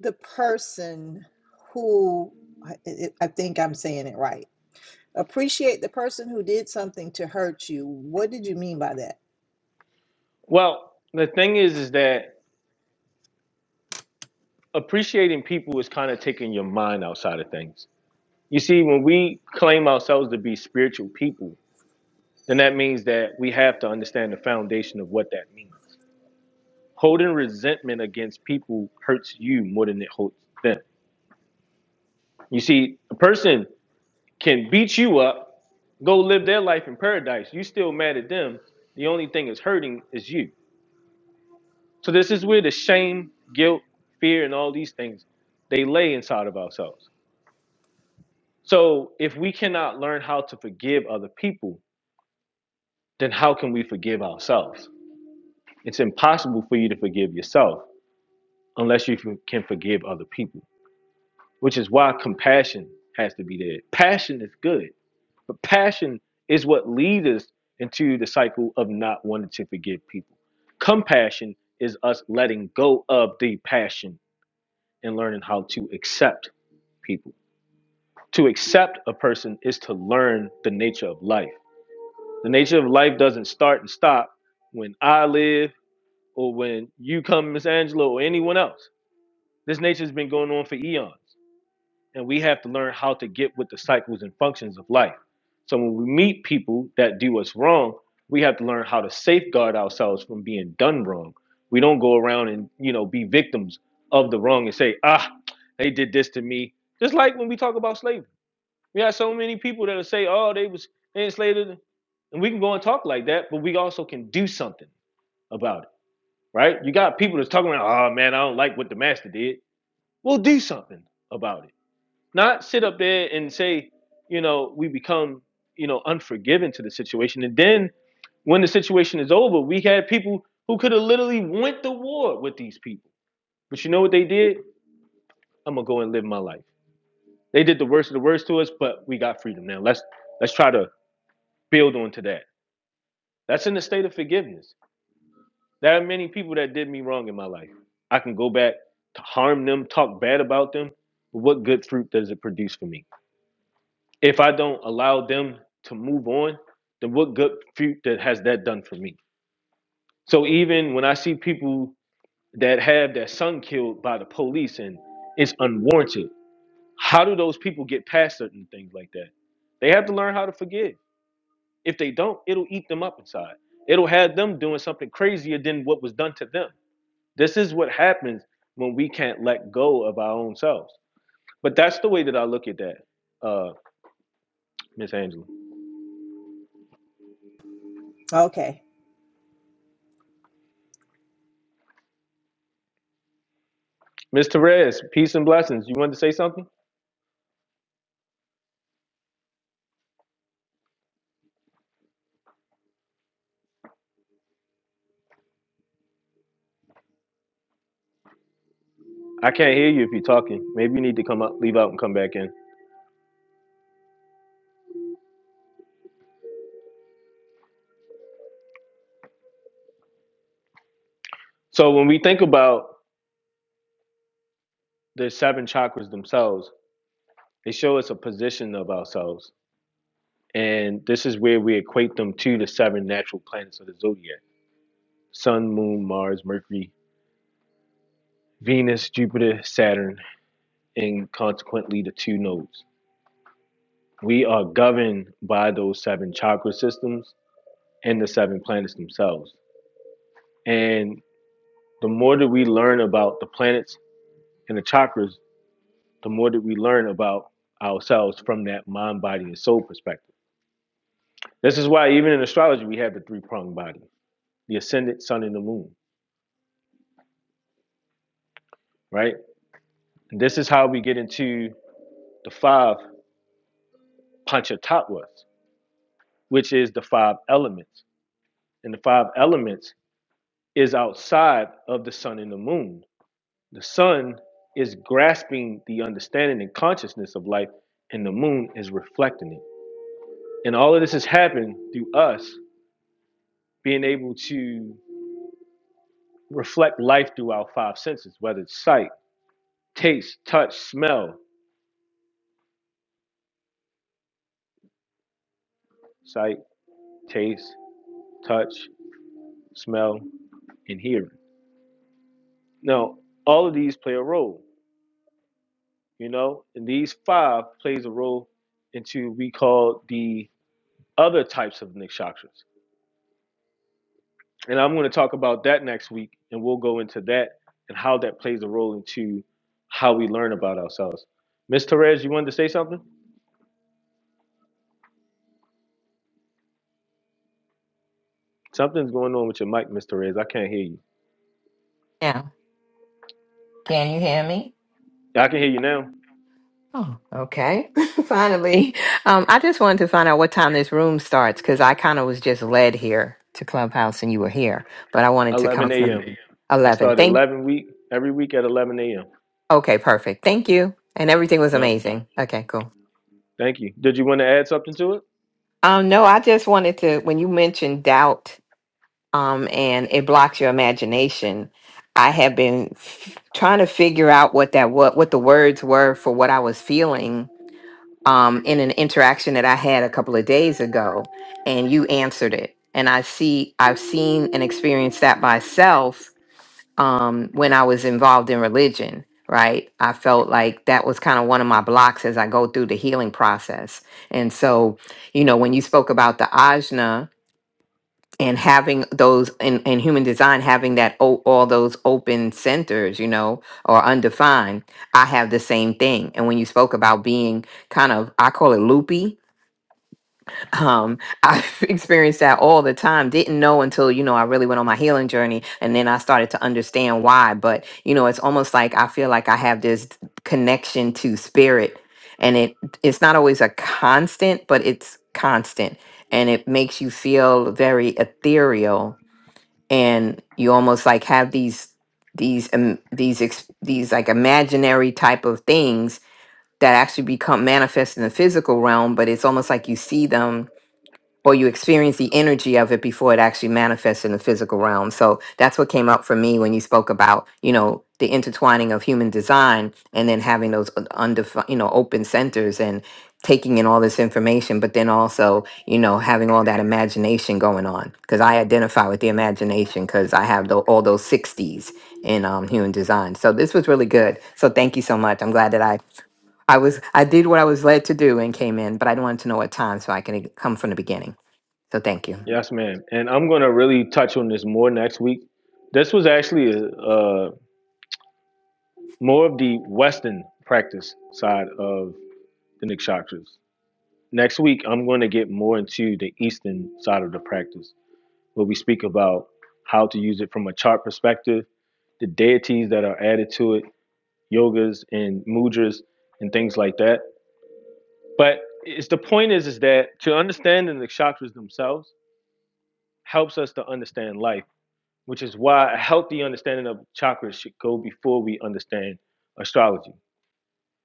D: the person who, I, it- I think I'm saying it right. Appreciate the person who did something to hurt you. What did you mean by that?
A: Well, the thing is, is that appreciating people is kind of taking your mind outside of things. You see, when we claim ourselves to be spiritual people, then that means that we have to understand the foundation of what that means. Holding resentment against people hurts you more than it hurts them. You see, a person can beat you up, go live their life in paradise. You still mad at them. The only thing that's hurting is you. So this is where the shame, guilt, fear, and all these things they lay inside of ourselves. So if we cannot learn how to forgive other people, then how can we forgive ourselves? It's impossible for you to forgive yourself unless you can forgive other people, which is why compassion has to be there. Passion is good. But passion is what leads us into the cycle of not wanting to forgive people. Compassion is us letting go of the passion and learning how to accept people. To accept a person is to learn the nature of life. The nature of life doesn't start and stop when I live or when you come, Miss Angela, or anyone else. This nature has been going on for eons. and we have to learn how to get with the cycles and functions of life. So when we meet people that do us wrong, we have to learn how to safeguard ourselves from being done wrong. We don't go around and you know be victims of the wrong and say, ah, they did this to me. Just like when we talk about slavery, we have so many people that'll say, oh, they was enslaved, and we can go and talk like that, but we also can do something about it, right? You got people that's talking about, oh man, I don't like what the master did. We'll do something about it not sit up there and say, you know, we become, you know, unforgiving to the situation. And then when the situation is over, we had people who could have literally went to war with these people. But you know what they did? I'm gonna go and live my life. They did the worst of the worst to us, but we got freedom now. Let's let's try to build onto that. That's in the state of forgiveness. There are many people that did me wrong in my life. I can go back to harm them, talk bad about them, but what good fruit does it produce for me? If I don't allow them to move on, then what good fruit that has that done for me? So even when I see people that have their son killed by the police and it's unwarranted, how do those people get past certain things like that? They have to learn how to forgive. If they don't, it'll eat them up inside. It'll have them doing something crazier than what was done to them. This is what happens when we can't let go of our own selves. But that's the way that I look at that, uh, Miss Angela.
D: Okay.
A: Miss Therese, peace and blessings. You wanted to say something? I can't hear you if you're talking. Maybe you need to come up, leave out, and come back in. So when we think about the seven chakras themselves, they show us a position of ourselves, and this is where we equate them to the seven natural planets of the zodiac: Sun, Moon, Mars, Mercury, Venus, Jupiter, Saturn, and consequently the two nodes. We are governed by those seven chakra systems and the seven planets themselves. And the more that we learn about the planets and the chakras, the more that we learn about ourselves from that mind, body, and soul perspective. This is why even in astrology we have the three pronged body, the ascendant, sun, and the moon, right? And this is how we get into the five panchatattvas, which is the five elements. And the five elements is outside of the sun and the moon. The sun is grasping the understanding and consciousness of life, and the moon is reflecting it. And all of this has happened through us being able to reflect life through our five senses, whether it's sight, taste, touch, smell, sight, taste, touch, smell, and hearing. Now, all of these play a role, you know, and these five plays a role into we call the other types of nikshakas. And I'm going to talk about that next week, and we'll go into that and how that plays a role into how we learn about ourselves. Miss Therese, you wanted to say something? Something's going on with your mic, Miss Therese. I can't hear you.
E: Now, can you hear me?
A: I can hear you now.
E: Oh, okay. *laughs* Finally, um, I just wanted to find out what time this room starts because I kind of was just led here to Clubhouse and you were here, but I wanted to
A: 11
E: come from
A: a.m.
E: 11.
A: I
E: eleven.
A: started
E: Thank.
A: 11 week every week at 11 a.m.
E: Okay, perfect. Thank you. And everything was
A: Yep.
E: amazing. Okay, cool.
A: Thank you. Did you want to add something to it?
E: Um, no, I just wanted to. When you mentioned doubt, um, and it blocks your imagination, I have been f- trying to figure out what that what what the words were for what I was feeling um, in an interaction that I had a couple of days ago, and you answered it. And I see, I've seen and experienced that myself um, when I was involved in religion. Right, I felt like that was kind of one of my blocks as I go through the healing process. And so, you know, when you spoke about the ajna and having those in, in human design, having that o- all those open centers, you know, or undefined, I have the same thing. And when you spoke about being kind of, I call it loopy, um i've *laughs* experienced that all the time didn't know until you know i really went on my healing journey and then i started to understand why but you know it's almost like i feel like i have this connection to spirit and it it's not always a constant but it's constant and it makes you feel very ethereal and you almost like have these these um, these ex- these like imaginary type of things that actually become manifest in the physical realm but it's almost like you see them or you experience the energy of it before it actually manifests in the physical realm. So that's what came up for me when you spoke about, you know, the intertwining of human design and then having those undefined, you know, open centers and taking in all this information, but then also, you know, having all that imagination going on. Because I identify with the imagination because I have tho- all those 60s in um, human design. So this was really good. So thank you so much. I'm glad that I. I was I did what I was led to do and came in, but I wanted to know what time so I can come from the beginning. So thank you.
A: Yes, ma'am. And I'm gonna really touch on this more next week. This was actually a, uh more of the Western practice side of the Nikshatras. Next week, I'm going to get more into the Eastern side of the practice, where we speak about how to use it from a chart perspective, the deities that are added to it, yogas and mudras and things like that. But it's the point is is that to understand the chakras themselves helps us to understand life, which is why a healthy understanding of chakras should go before we understand astrology.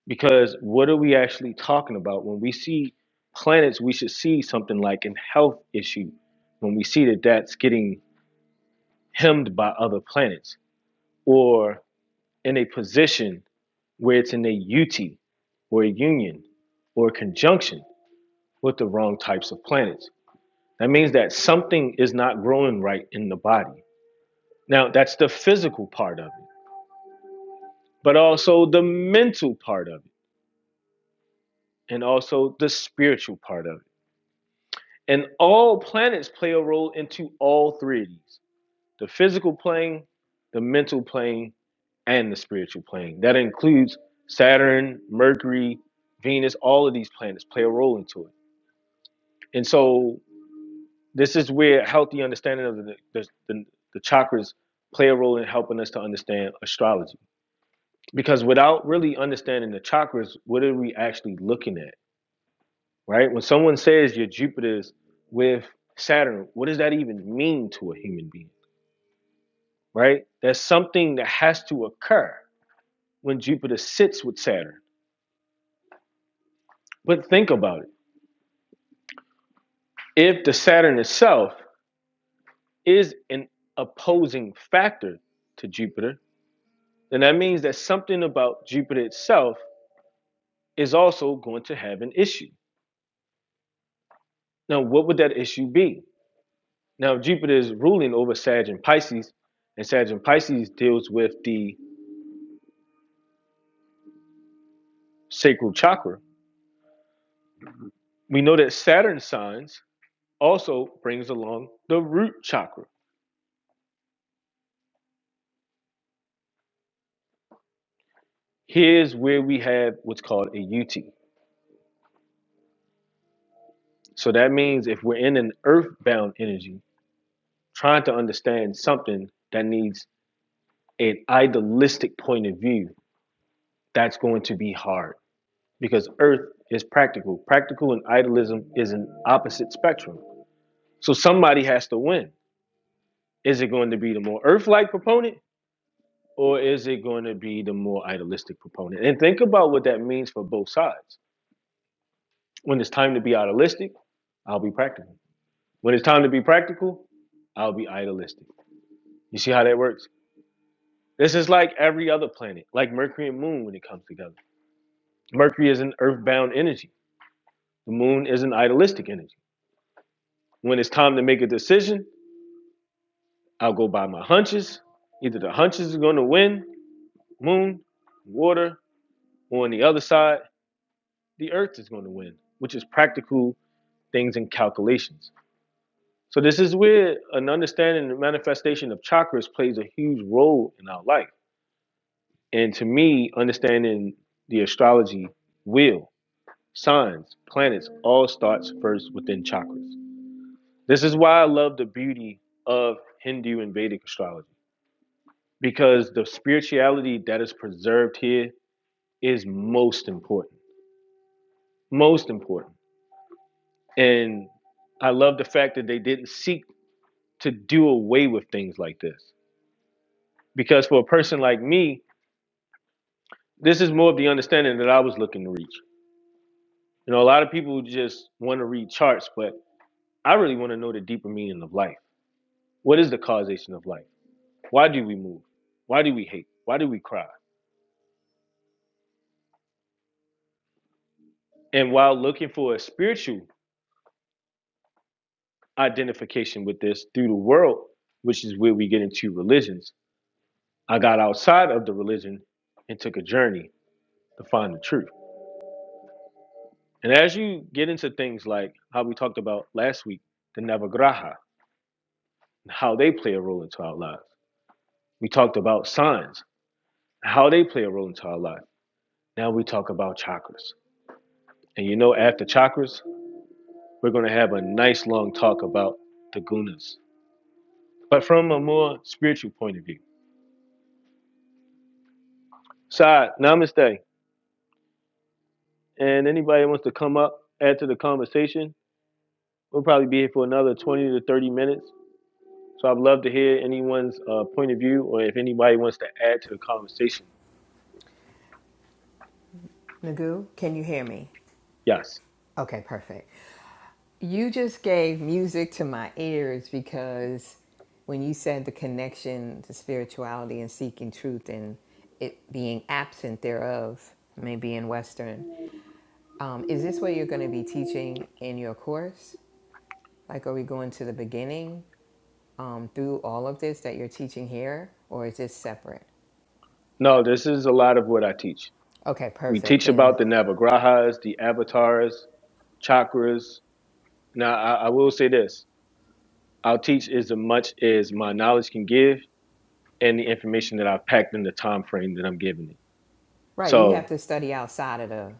A: Because what are we actually talking about? When we see planets, we should see something like a health issue. When we see that that's getting hemmed by other planets or in a position where it's in a UT or a union or a conjunction with the wrong types of planets That means that something is not growing right in the body. Now, that's the physical part of it, but also the mental part of it, and also the spiritual part of it. And all planets play a role into all three of these the physical plane, the mental plane, and the spiritual plane. That includes Saturn, Mercury, Venus, all of these planets play a role into it. And so This is where healthy understanding of the the, the, the chakras play a role in helping us to understand astrology. Because without really understanding the chakras, what are we actually looking at? Right? When someone says your Jupiter's with Saturn, what does that even mean to a human being? Right? There's something that has to occur when Jupiter sits with Saturn. But think about it. If the Saturn itself is an opposing factor to Jupiter, then that means that something about Jupiter itself is also going to have an issue. Now, what would that issue be? Now, Jupiter is ruling over Sag and Pisces, and Sag and Pisces deals with the sacral chakra. We know that Saturn signs also brings along the root chakra. Here's where we have what's called a UT. So that means if we're in an earthbound energy, trying to understand something that needs an idealistic point of view, that's going to be hard because earth is practical. Practical and idealism is an opposite spectrum. So somebody has to win. Is it going to be the more earth like proponent or is it going to be the more idealistic proponent? And think about what that means for both sides. When it's time to be idealistic, I'll be practical. When it's time to be practical, I'll be idealistic. You see how that works? This is like every other planet, like Mercury and Moon when it comes together. Mercury is an earthbound energy, the moon is an idealistic energy. When it's time to make a decision, I'll go by my hunches. Either the hunches are going to win, moon, water, or on the other side, the earth is going to win, which is practical things and calculations. So, this is where an understanding and manifestation of chakras plays a huge role in our life. And to me, understanding the astrology wheel, signs, planets, all starts first within chakras. This is why I love the beauty of Hindu and Vedic astrology because the spirituality that is preserved here is most important. Most important. And I love the fact that they didn't seek to do away with things like this. Because for a person like me, this is more of the understanding that I was looking to reach. You know, a lot of people just want to read charts, but I really want to know the deeper meaning of life. What is the causation of life? Why do we move? Why do we hate? Why do we cry? And while looking for a spiritual identification with this through the world, which is where we get into religions, I got outside of the religion and took a journey to find the truth. And as you get into things like how we talked about last week, the Navagraha, and how they play a role into our lives. We talked about signs, how they play a role into our life. Now we talk about chakras. And you know, after chakras, we're going to have a nice long talk about the gunas, but from a more spiritual point of view. Side, namaste. And anybody wants to come up, add to the conversation, we'll probably be here for another 20 to 30 minutes So I'd love to hear anyone's uh, point of view or if anybody wants to add to the conversation.
E: Nagu, can you hear me?
A: Yes.
E: Okay, perfect. You just gave music to my ears because when you said the connection to spirituality and seeking truth and it being absent thereof, maybe in Western, um, is this what you're going to be teaching in your course? Like, are we going to the beginning um, through all of this that you're teaching here, or is this separate?
A: No, this is a lot of what I teach.
E: Okay,
A: We
E: perfect
A: teach
E: then.
A: about the Navagrahas, the avatars, chakras. Now, I, I will say this I'll teach as much as my knowledge can give and the information that I've packed in the time frame that I'm giving it.
E: Right, you have
A: So,
E: to study outside of the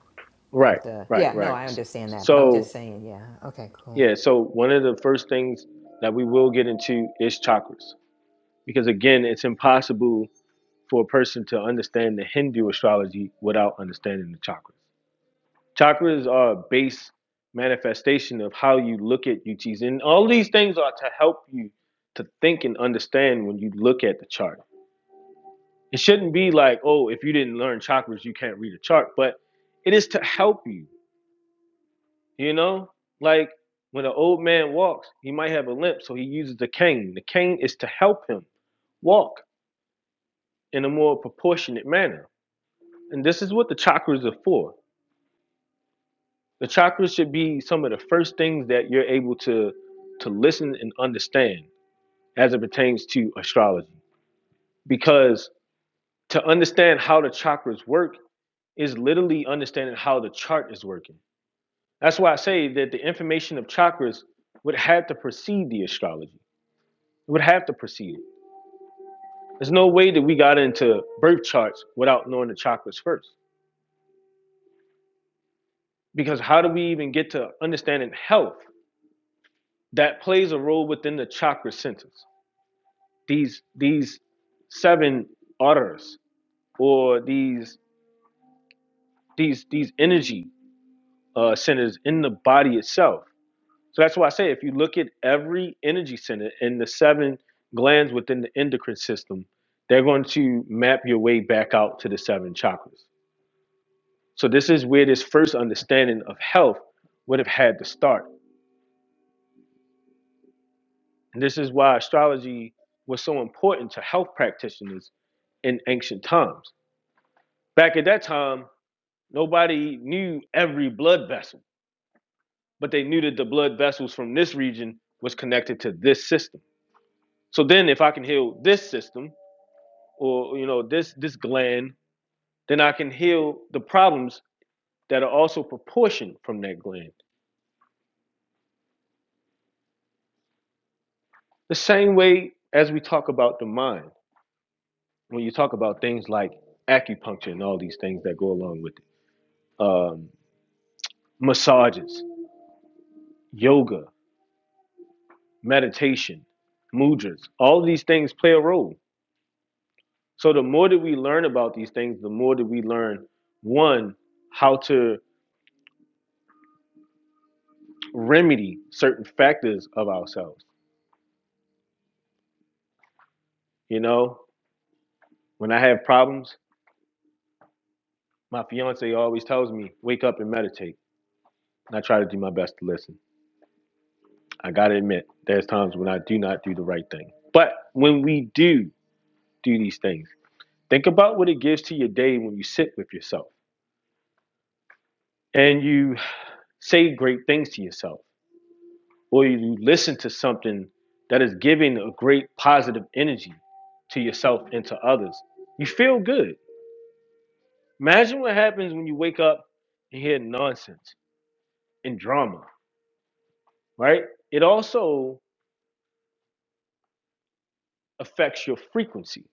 A: right,
E: of the
A: right,
E: Yeah, no,
A: right.
E: I understand that, but I'm just
A: So,
E: saying, yeah. Okay, cool.
A: yeah, so one of the first things that we will get into is chakras because, again, it's impossible for a person to understand the Hindu astrology without understanding the chakras. Chakras are a base manifestation of how you look at UTs, and all these things are to help you to think and understand when you look at the chart. It shouldn't be like, oh, if you didn't learn chakras, you can't read a chart, but it is to help you, you know? Like when an old man walks, he might have a limp, so he uses the cane. The cane is to help him walk in a more proportionate manner. And this is what the chakras are for. The chakras should be some of the first things that you're able to to listen and understand as it pertains to astrology. Because to understand how the chakras work is literally understanding how the chart is working. That's why I say that the information of chakras would have to precede the astrology. It would have to precede it. There's no way that we got into birth charts without knowing the chakras first. Because how do we even get to understanding health that plays a role within the chakra centers? these these seven utters or these these these energy uh, centers in the body itself. So that's why I say if you look at every energy center and the seven glands within the endocrine system, they're going to map your way back out to the seven chakras. So this is where this first understanding of health would have had to start. And this is why astrology was so important to health practitioners in ancient times. Back at that time, Nobody knew every blood vessel, but they knew that the blood vessels from this region was connected to this system. So then if I can heal this system or you know this this gland, then I can heal the problems that are also proportioned from that gland. The same way as we talk about the mind, when you talk about things like acupuncture and all these things that go along with it, um, massages, yoga, meditation, mudras, all of these things play a role So the more that we learn about these things, the more that we learn one how to remedy certain factors of ourselves. You know, when I have problems, my fiance always tells me, "Wake up and meditate." And I try to do my best to listen. I got to admit, there's times when I do not do the right thing. But when we do do these things, think about what it gives to your day when you sit with yourself and you say great things to yourself. or you listen to something that is giving a great positive energy to yourself and to others, you feel good. Imagine what happens when you wake up and hear nonsense and drama, right? It also affects your frequency.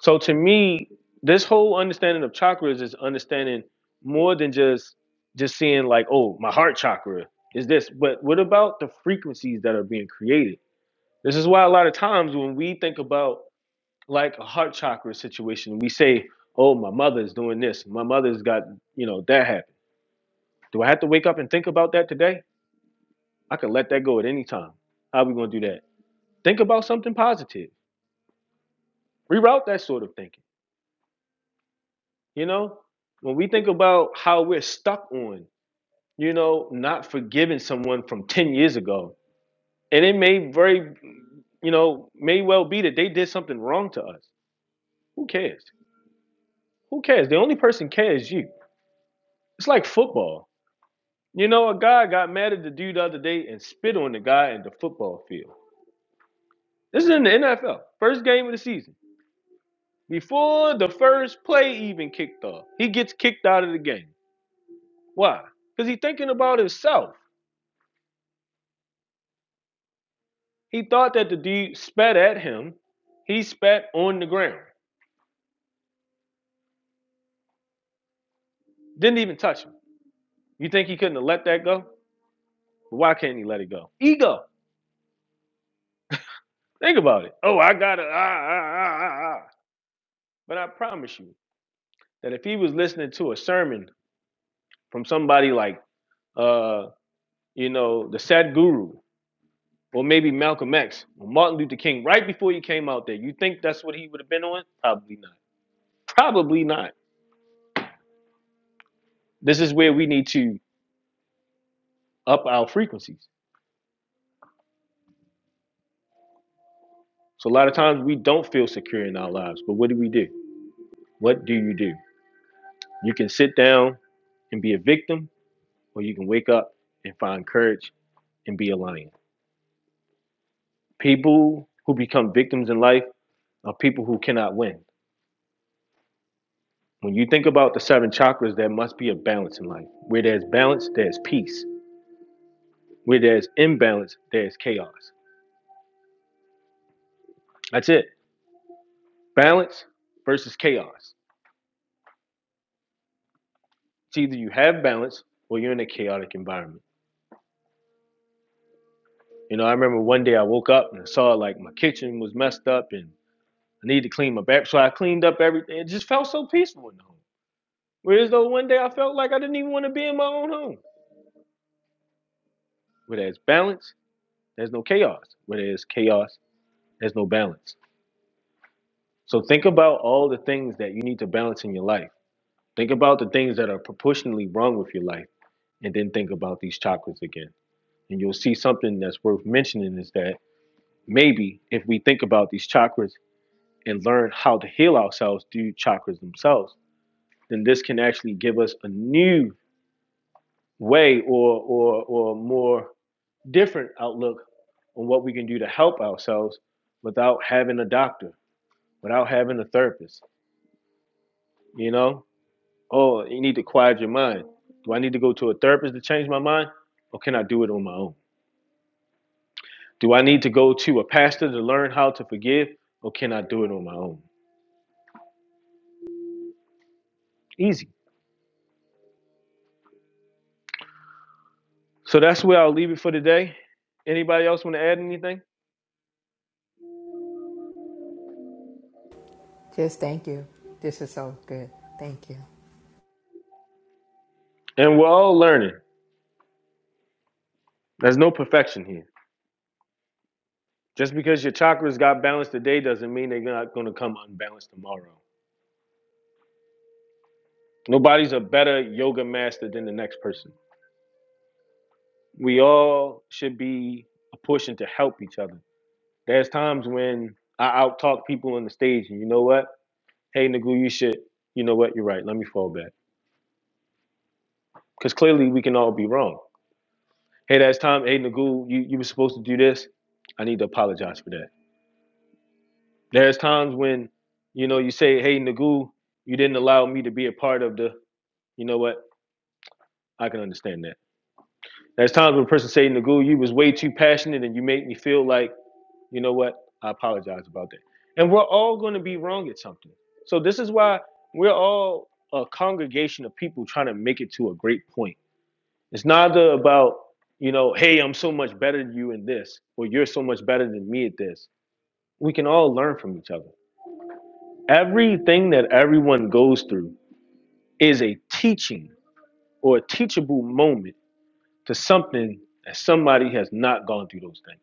A: So to me, this whole understanding of chakras is understanding more than just just seeing like, oh, my heart chakra is this, but what about the frequencies that are being created? This is why a lot of times when we think about like a heart chakra situation. We say, "Oh, my mother's doing this. My mother's got you know that happened." Do I have to wake up and think about that today? I can let that go at any time. How are we gonna do that? Think about something positive. Reroute that sort of thinking. You know, when we think about how we're stuck on, you know, not forgiving someone from ten years ago, and it may very, you know, may well be that they did something wrong to us. Who cares? Who cares? The only person cares is you. It's like football You know, a guy got mad at the dude the other day and spit on the guy in the football field. This is in the NFL, first game of the season. Before the first play even kicked off, he gets kicked out of the game. Why? Because he's thinking about himself. He thought that the dude spat at him. He spat on the ground. Didn't even touch him. You think he couldn't have let that go? Why can't he let it go? Ego. Think about it. Oh, I got to, ah, ah, ah, ah, ah. But I promise you that if he was listening to a sermon from somebody like uh, you know, the Sadhguru, or maybe Malcolm X, or Martin Luther King, right before he came out there. You think that's what he would have been on? Probably not. Probably not. This is where we need to up our frequencies. So a lot of times we don't feel secure in our lives, but what do we do? What do you do? You can sit down and be a victim, or you can wake up and find courage and be a lion. People who become victims in life are people who cannot win. When you think about the seven chakras, there must be a balance in life. Where there's balance, there's peace. Where there's imbalance, there's chaos. That's it. Balance versus chaos. It's either you have balance or you're in a chaotic environment. You know, I remember one day I woke up and I saw like my kitchen was messed up and I needed to clean my back. So I cleaned up everything. It just felt so peaceful in the home. Whereas though one day I felt like I didn't even want to be in my own home. Where there's balance, there's no chaos. Where there's chaos, there's no balance. So think about all the things that you need to balance in your life. Think about the things that are proportionally wrong with your life, and then think about these chakras again. And you'll see something that's worth mentioning is that maybe if we think about these chakras and learn how to heal ourselves through chakras themselves, then this can actually give us a new way or or or more different outlook on what we can do to help ourselves without having a doctor, without having a therapist. You know, Oh, you need to quiet your mind. Do I need to go to a therapist to change my mind? Or can I do it on my own? Do I need to go to a pastor to learn how to forgive? Or can I do it on my own? Easy. So that's where I'll leave it for today. Anybody else want to add anything?
E: Just thank you. This is so good. Thank you.
A: And we're all learning. There's no perfection here. Just because your chakras got balanced today doesn't mean they're not going to come unbalanced tomorrow. Nobody's a better yoga master than the next person. We all should be pushing to help each other There's times when I out talk people on the stage, and you know what? Hey, Nagu, you should. You know what? You're right. Let me fall back. Because clearly we can all be wrong. Hey, that's time. Hey, Nagu, you, you were supposed to do this. I need to apologize for that. There's times when, you know, you say, hey, Nagu, you didn't allow me to be a part of the, you know what? I can understand that. There's times when a person say, Nagu, you was way too passionate and you made me feel like You know what? I apologize about that. And we're all going to be wrong at something. So this is why we're all a congregation of people trying to make it to a great point. It's not about, you know, hey, I'm so much better than you in this, or you're so much better than me at this. We can all learn from each other. Everything that everyone goes through is a teaching or a teachable moment to something that somebody has not gone through those things.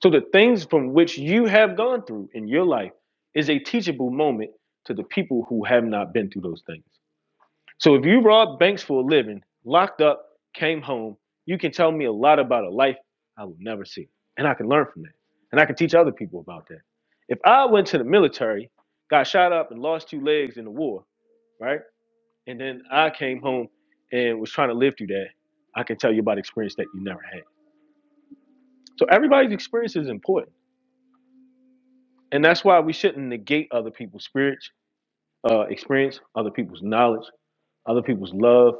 A: So the things from which you have gone through in your life is a teachable moment to the people who have not been through those things. So if you robbed banks for a living, locked up, came home, you can tell me a lot about a life I will never see. And I can learn from that. And I can teach other people about that. If I went to the military, got shot up and lost two legs in the war, right? And then I came home and was trying to live through that, I can tell you about experience that you never had. So everybody's experience is important and that's why we shouldn't negate other people's spirit, uh, experience, other people's knowledge, other people's love,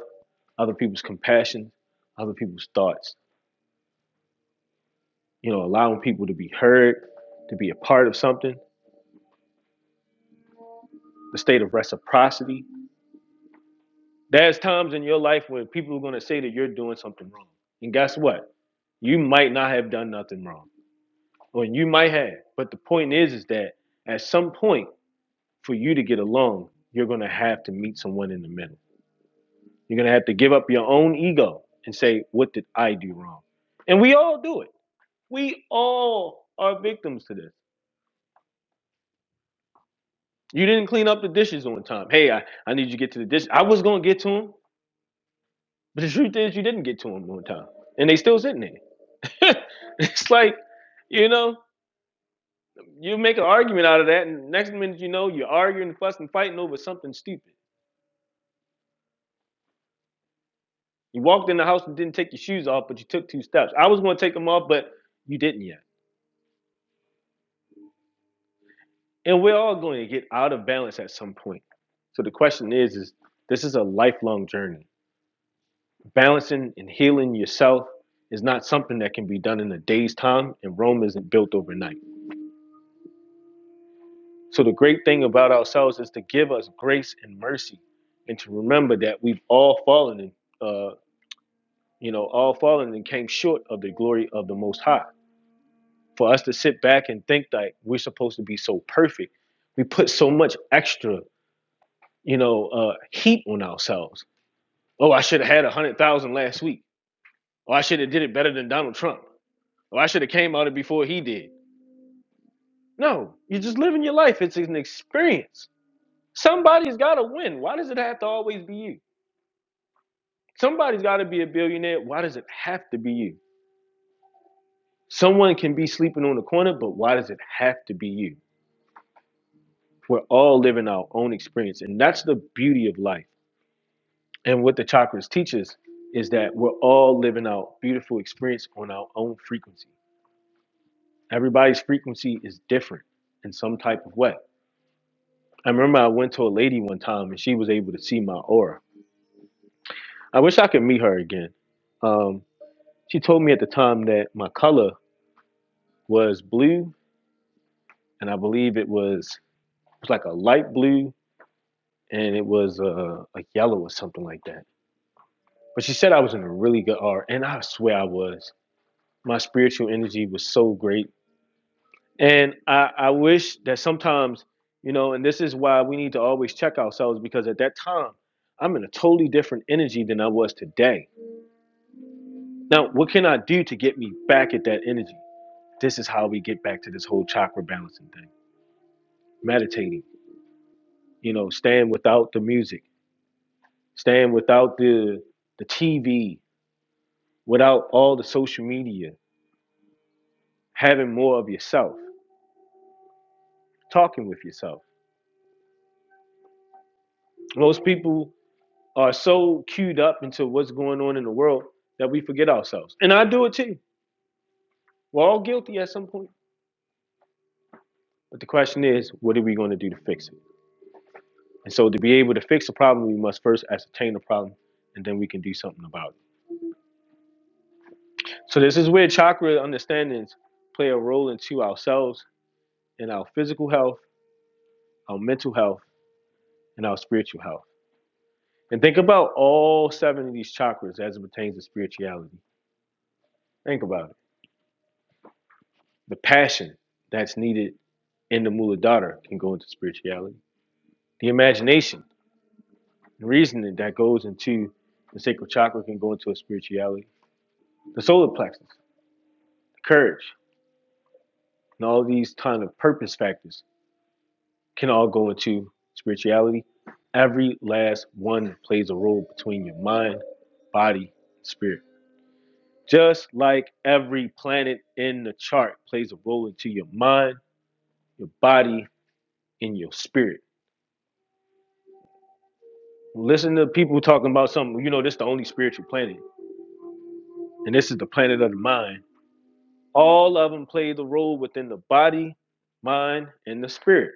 A: other people's compassion, other people's thoughts. You know, allowing people to be heard, to be a part of something, the state of reciprocity. There's times in your life when people are going to say that you're doing something wrong. And guess what? You might not have done nothing wrong, or you might have. But the point is, is that at some point, for you to get along, you're going to have to meet someone in the middle You're going to have to give up your own ego and say, What did I do wrong? And we all do it. We all are victims to this. You didn't clean up the dishes on time. Hey, I, I need you to get to the dish. I was going to get to them, but the truth is, you didn't get to them on time. And they still sitting there. *laughs* it's like, you know, you make an argument out of that, and next minute you know, you're arguing, fussing, fighting over something stupid. You walked in the house and didn't take your shoes off, but you took two steps. I was going to take them off, but you didn't yet. and we're all going to get out of balance at some point so the question is is this is a lifelong journey balancing and healing yourself is not something that can be done in a day's time and rome isn't built overnight so the great thing about ourselves is to give us grace and mercy and to remember that we've all fallen and uh, you know all fallen and came short of the glory of the most high for us to sit back and think that we're supposed to be so perfect we put so much extra you know uh, heat on ourselves Oh, I should have had a hundred thousand last week. Oh, I should have did it better than Donald Trump. Oh, I should have came out it before he did. No, you're just living your life. It's an experience. Somebody's got to win. Why does it have to always be you? Somebody's got to be a billionaire. Why does it have to be you? Someone can be sleeping on the corner, but why does it have to be you? We're all living our own experience, and that's the beauty of life. And what the chakras teach us is that we're all living our beautiful experience on our own frequency. Everybody's frequency is different in some type of way. I remember I went to a lady one time and she was able to see my aura. I wish I could meet her again. Um, she told me at the time that my color was blue, and I believe it was it was like a light blue and it was a a yellow or something like that. But she said I was in a really good aura, and I swear I was. My spiritual energy was so great And I, I wish that sometimes, you know, and this is why we need to always check ourselves because at that time, I'm in a totally different energy than I was today. Now, what can I do to get me back at that energy? This is how we get back to this whole chakra balancing thing. Meditating, you know, staying without the music, staying without the the TV, without all the social media, having more of yourself, talking with yourself. Most people are so cued up into what's going on in the world that we forget ourselves. And I do it too. We're all guilty at some point. But the question is, what are we going to do to fix it? And so, to be able to fix a problem, we must first ascertain the problem and then we can do something about it. So, this is where chakra understandings play a role into ourselves in our physical health, our mental health, and our spiritual health. And think about all seven of these chakras as it pertains to spirituality. Think about it. The passion that's needed and the Muladhara can go into spirituality. The imagination and reasoning that goes into the sacral chakra can go into a spirituality. The solar plexus, the courage, and all these kind of purpose factors can all go into spirituality. Every last one plays a role between your mind, body, and spirit. Just like every planet in the chart plays a role into your mind, your body, and your spirit. Listen to people talking about something, you know, this is the only spiritual planet. and this is the planet of the mind. All of them play the role within the body, mind, and the spirit.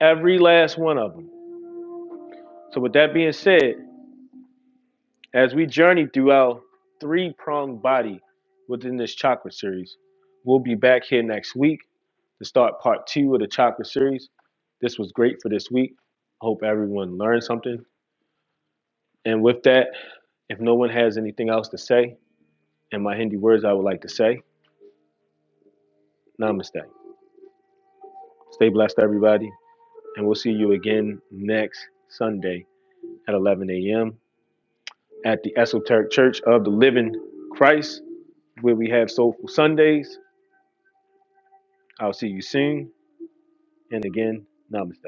A: Every last one of them. So, with that being said, as we journey through our three pronged body within this chakra series, we'll be back here next week to start part two of the chakra series. This was great for this week. I Hope everyone learned something. And with that, if no one has anything else to say, in my Hindi words, I would like to say, Namaste. Stay blessed, everybody. And we'll see you again next Sunday at 11 a.m. at the Esoteric Church of the Living Christ, where we have Soulful Sundays. I'll see you soon. And again, namaste.